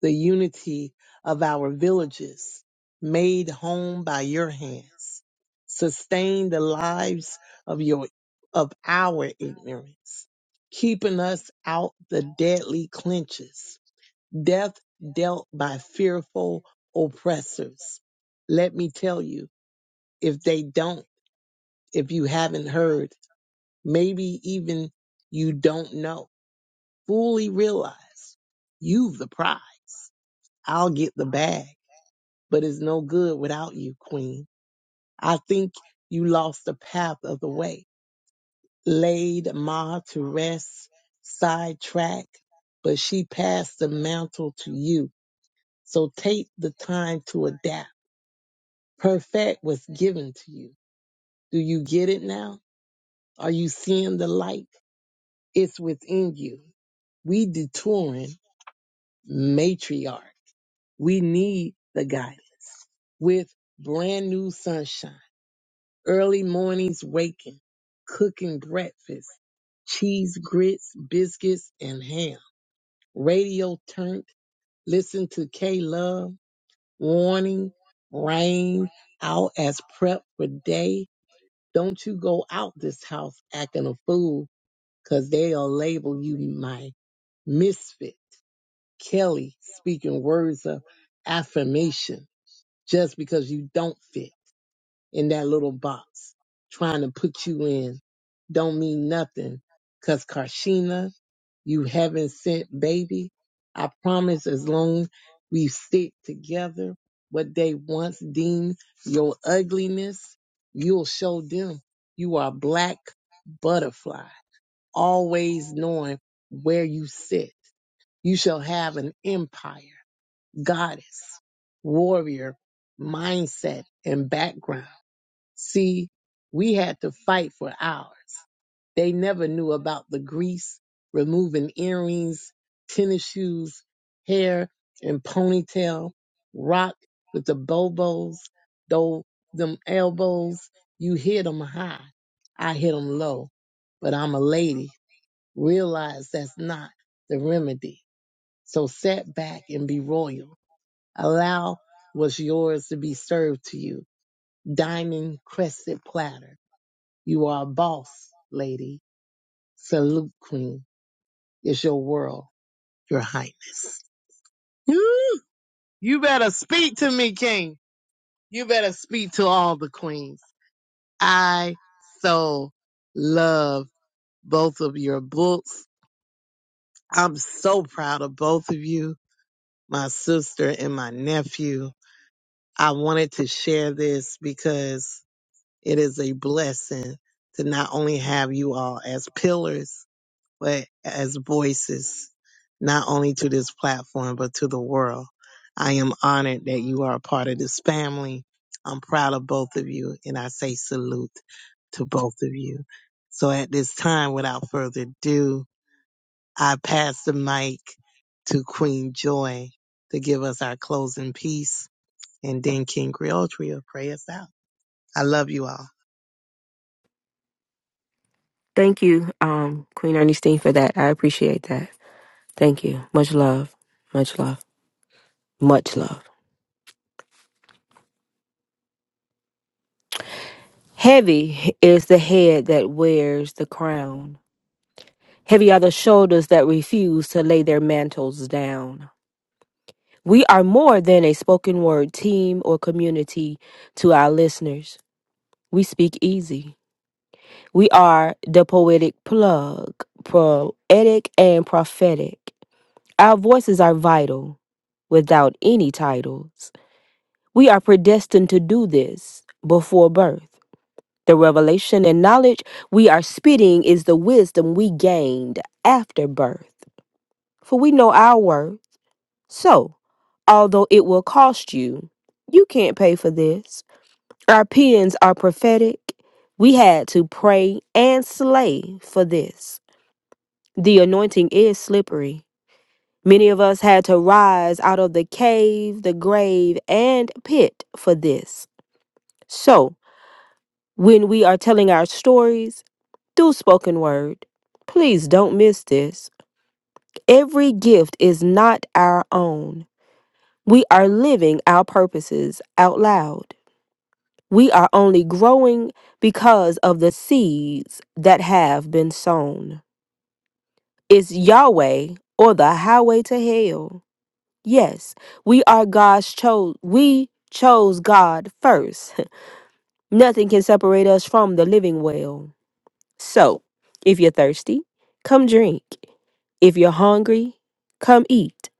The unity of our villages, made home by your hands, sustain the lives of your of our ignorance, keeping us out the deadly clinches, death dealt by fearful oppressors. Let me tell you, if they don't if you haven't heard, maybe even you don't know, fully realize you've the prize. I'll get the bag, but it's no good without you, Queen. I think you lost the path of the way, laid Ma to rest, sidetrack, but she passed the mantle to you. So take the time to adapt. Perfect was given to you. Do you get it now? Are you seeing the light? It's within you. We detouring matriarch. We need the guidance with brand new sunshine, early mornings waking, cooking breakfast, cheese, grits, biscuits, and ham. Radio turned, listen to K Love, warning, rain, out as prep for day. Don't you go out this house acting a fool, they they'll label you my misfit Kelly speaking words of affirmation just because you don't fit in that little box trying to put you in don't mean nothing. Cause Karshina, you haven't sent baby. I promise as long we stick together, what they once deemed your ugliness, you'll show them you are black butterfly, always knowing where you sit. You shall have an empire goddess, warrior mindset and background. See, we had to fight for ours. They never knew about the grease, removing earrings, tennis shoes, hair and ponytail, rock with the bobos, though them elbows, you hit 'em high. I hit 'em low, but I'm a lady. Realize that's not the remedy. So set back and be royal Allow what's yours to be served to you. Diamond crested platter. You are a boss, lady. Salute, queen. It's your world, your highness. Woo! You better speak to me, king. You better speak to all the queens. I so love both of your books. I'm so proud of both of you, my sister and my nephew. I wanted to share this because It is a blessing to not only have you all as pillars, but as voices, not only to this platform, but to the world. I am honored that you are a part of this family. I'm proud of both of you, and I say salute to both of you. So at this time, without further ado, I pass the mic to Queen Joy to give us our closing piece, and then King Creole Trio pray us out. I love you all. Thank you, um, Queen Ernestine, for that. I appreciate that. Thank you. Much love. Much love. Much love. Heavy is the head that wears the crown. Heavy are the shoulders that refuse to lay their mantles down. We are more than a spoken word team or community to our listeners. We speak easy. We are the poetic plug, poetic and prophetic. Our voices are vital without any titles. We are predestined to do this before birth. The revelation and knowledge we are spitting is the wisdom we gained after birth. For we know our worth. So, although it will cost you, you can't pay for this. Our pens are prophetic. We had to pray and slay for this. The anointing is slippery. Many of us had to rise out of the cave, the grave, and pit for this. So, when we are telling our stories through spoken word, please don't miss this. Every gift is not our own. We are living our purposes out loud. We are only growing because of the seeds that have been sown. It's Yahweh or the highway to hell. Yes, we are God's chose. We chose God first. Nothing can separate us from the living well. So, if you're thirsty, come drink. If you're hungry, come eat.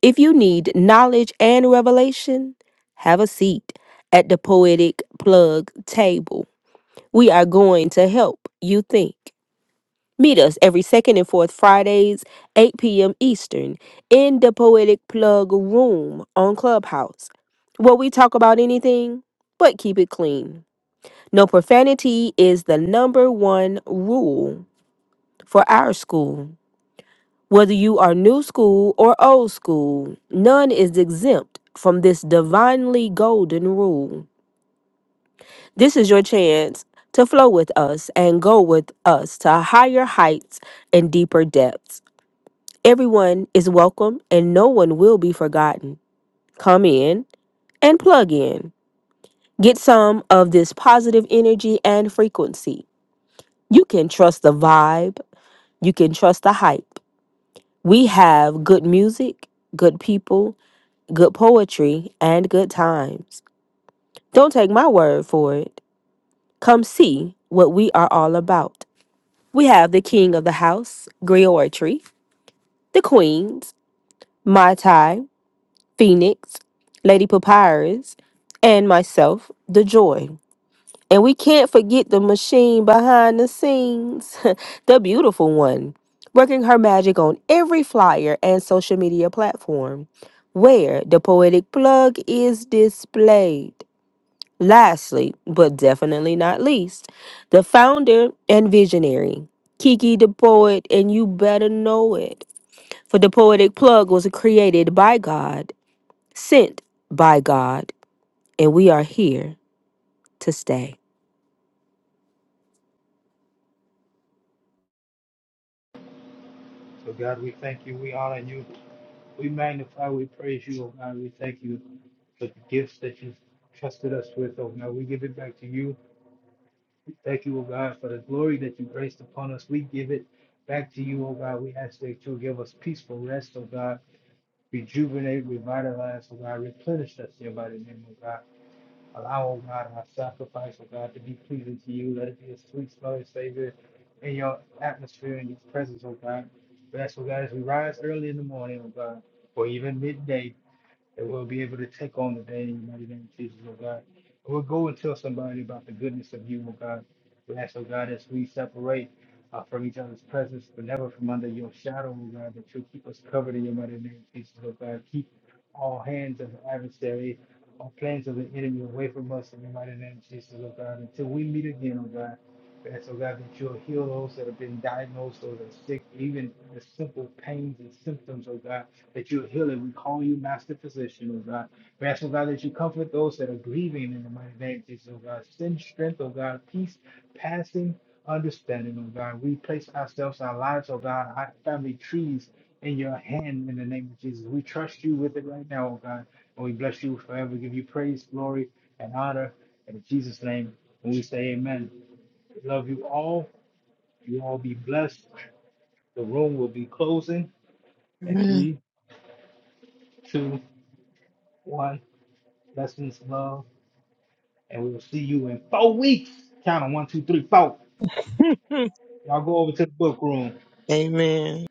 If you need knowledge and revelation, have a seat at the Poetic Plug table We are going to help you think. Meet us every second and fourth Fridays, 8 p.m. Eastern, in the Poetic Plug Room on Clubhouse, where we talk about anything but keep it clean. No profanity is the number one rule for our school. Whether you are new school or old school, none is exempt from this divinely golden rule. This is your chance to flow with us and go with us to higher heights and deeper depths. Everyone is welcome and no one will be forgotten. Come in and plug in. Get some of this positive energy and frequency. You can trust the vibe, you can trust the hype. We have good music, good people, good poetry, and good times. Don't take my word for it. Come see what we are all about. We have the king of the house, Griotry, the queens, Mai Tai, Phoenix, Lady Papyrus, and myself, The Joy. And we can't forget the machine behind the scenes, the beautiful one, working her magic on every flyer and social media platform where the poetic plug is displayed. Lastly, but definitely not least, the founder and visionary, Kiki the Poet, and you better know it. For the Poetic Plug was created by God, sent by God, and we are here to stay. So, God, we thank you. We honor you. We magnify, we praise you, oh God. We thank you for the gifts that you've trusted us with, oh God. We give it back to you. We thank you, oh God, for the glory that you graced upon us. We give it back to you, oh God. We ask that you give us peaceful rest, oh God. rejuvenate, revitalize, oh God, replenish us, dear by the name of God. Allow, oh God, our sacrifice, oh God, to be pleasing to you. Let it be a sweet smelling Savior in your atmosphere, in your presence, oh God. Bless, oh God, as we rise early in the morning, oh God, or even midday that we'll be able to take on today in the mighty name of Jesus, oh God. And We'll go and tell somebody about the goodness of you, oh God. We ask, oh God, as we separate uh, from each other's presence, but never from under your shadow, oh God, that you'll keep us covered in your mighty name, of Jesus, oh God. Keep all hands of the adversary, all plans of the enemy away from us in your mighty name, of Jesus, oh God, until we meet again, oh God. And so, God, that you'll heal those that have been diagnosed, those that are sick, even the simple pains and symptoms, oh God, that you'll heal it. We call you Master Physician, oh God. We ask, oh God, that you comfort those that are grieving in the mighty name of Jesus, oh God. Send strength, oh God, peace, passing understanding, oh God. We place ourselves, our lives, oh God, our family trees in your hand in the name of Jesus. We trust you with it right now, oh God. And we bless you forever. Give you praise, glory, and honor. And in Jesus' name, and we say amen. Love you all. You all be blessed. The room will be closing in Amen. three, two, one. Blessings, love. And we will see you in four weeks. Count on one, two, three, four. Y'all go over to the book room. Amen.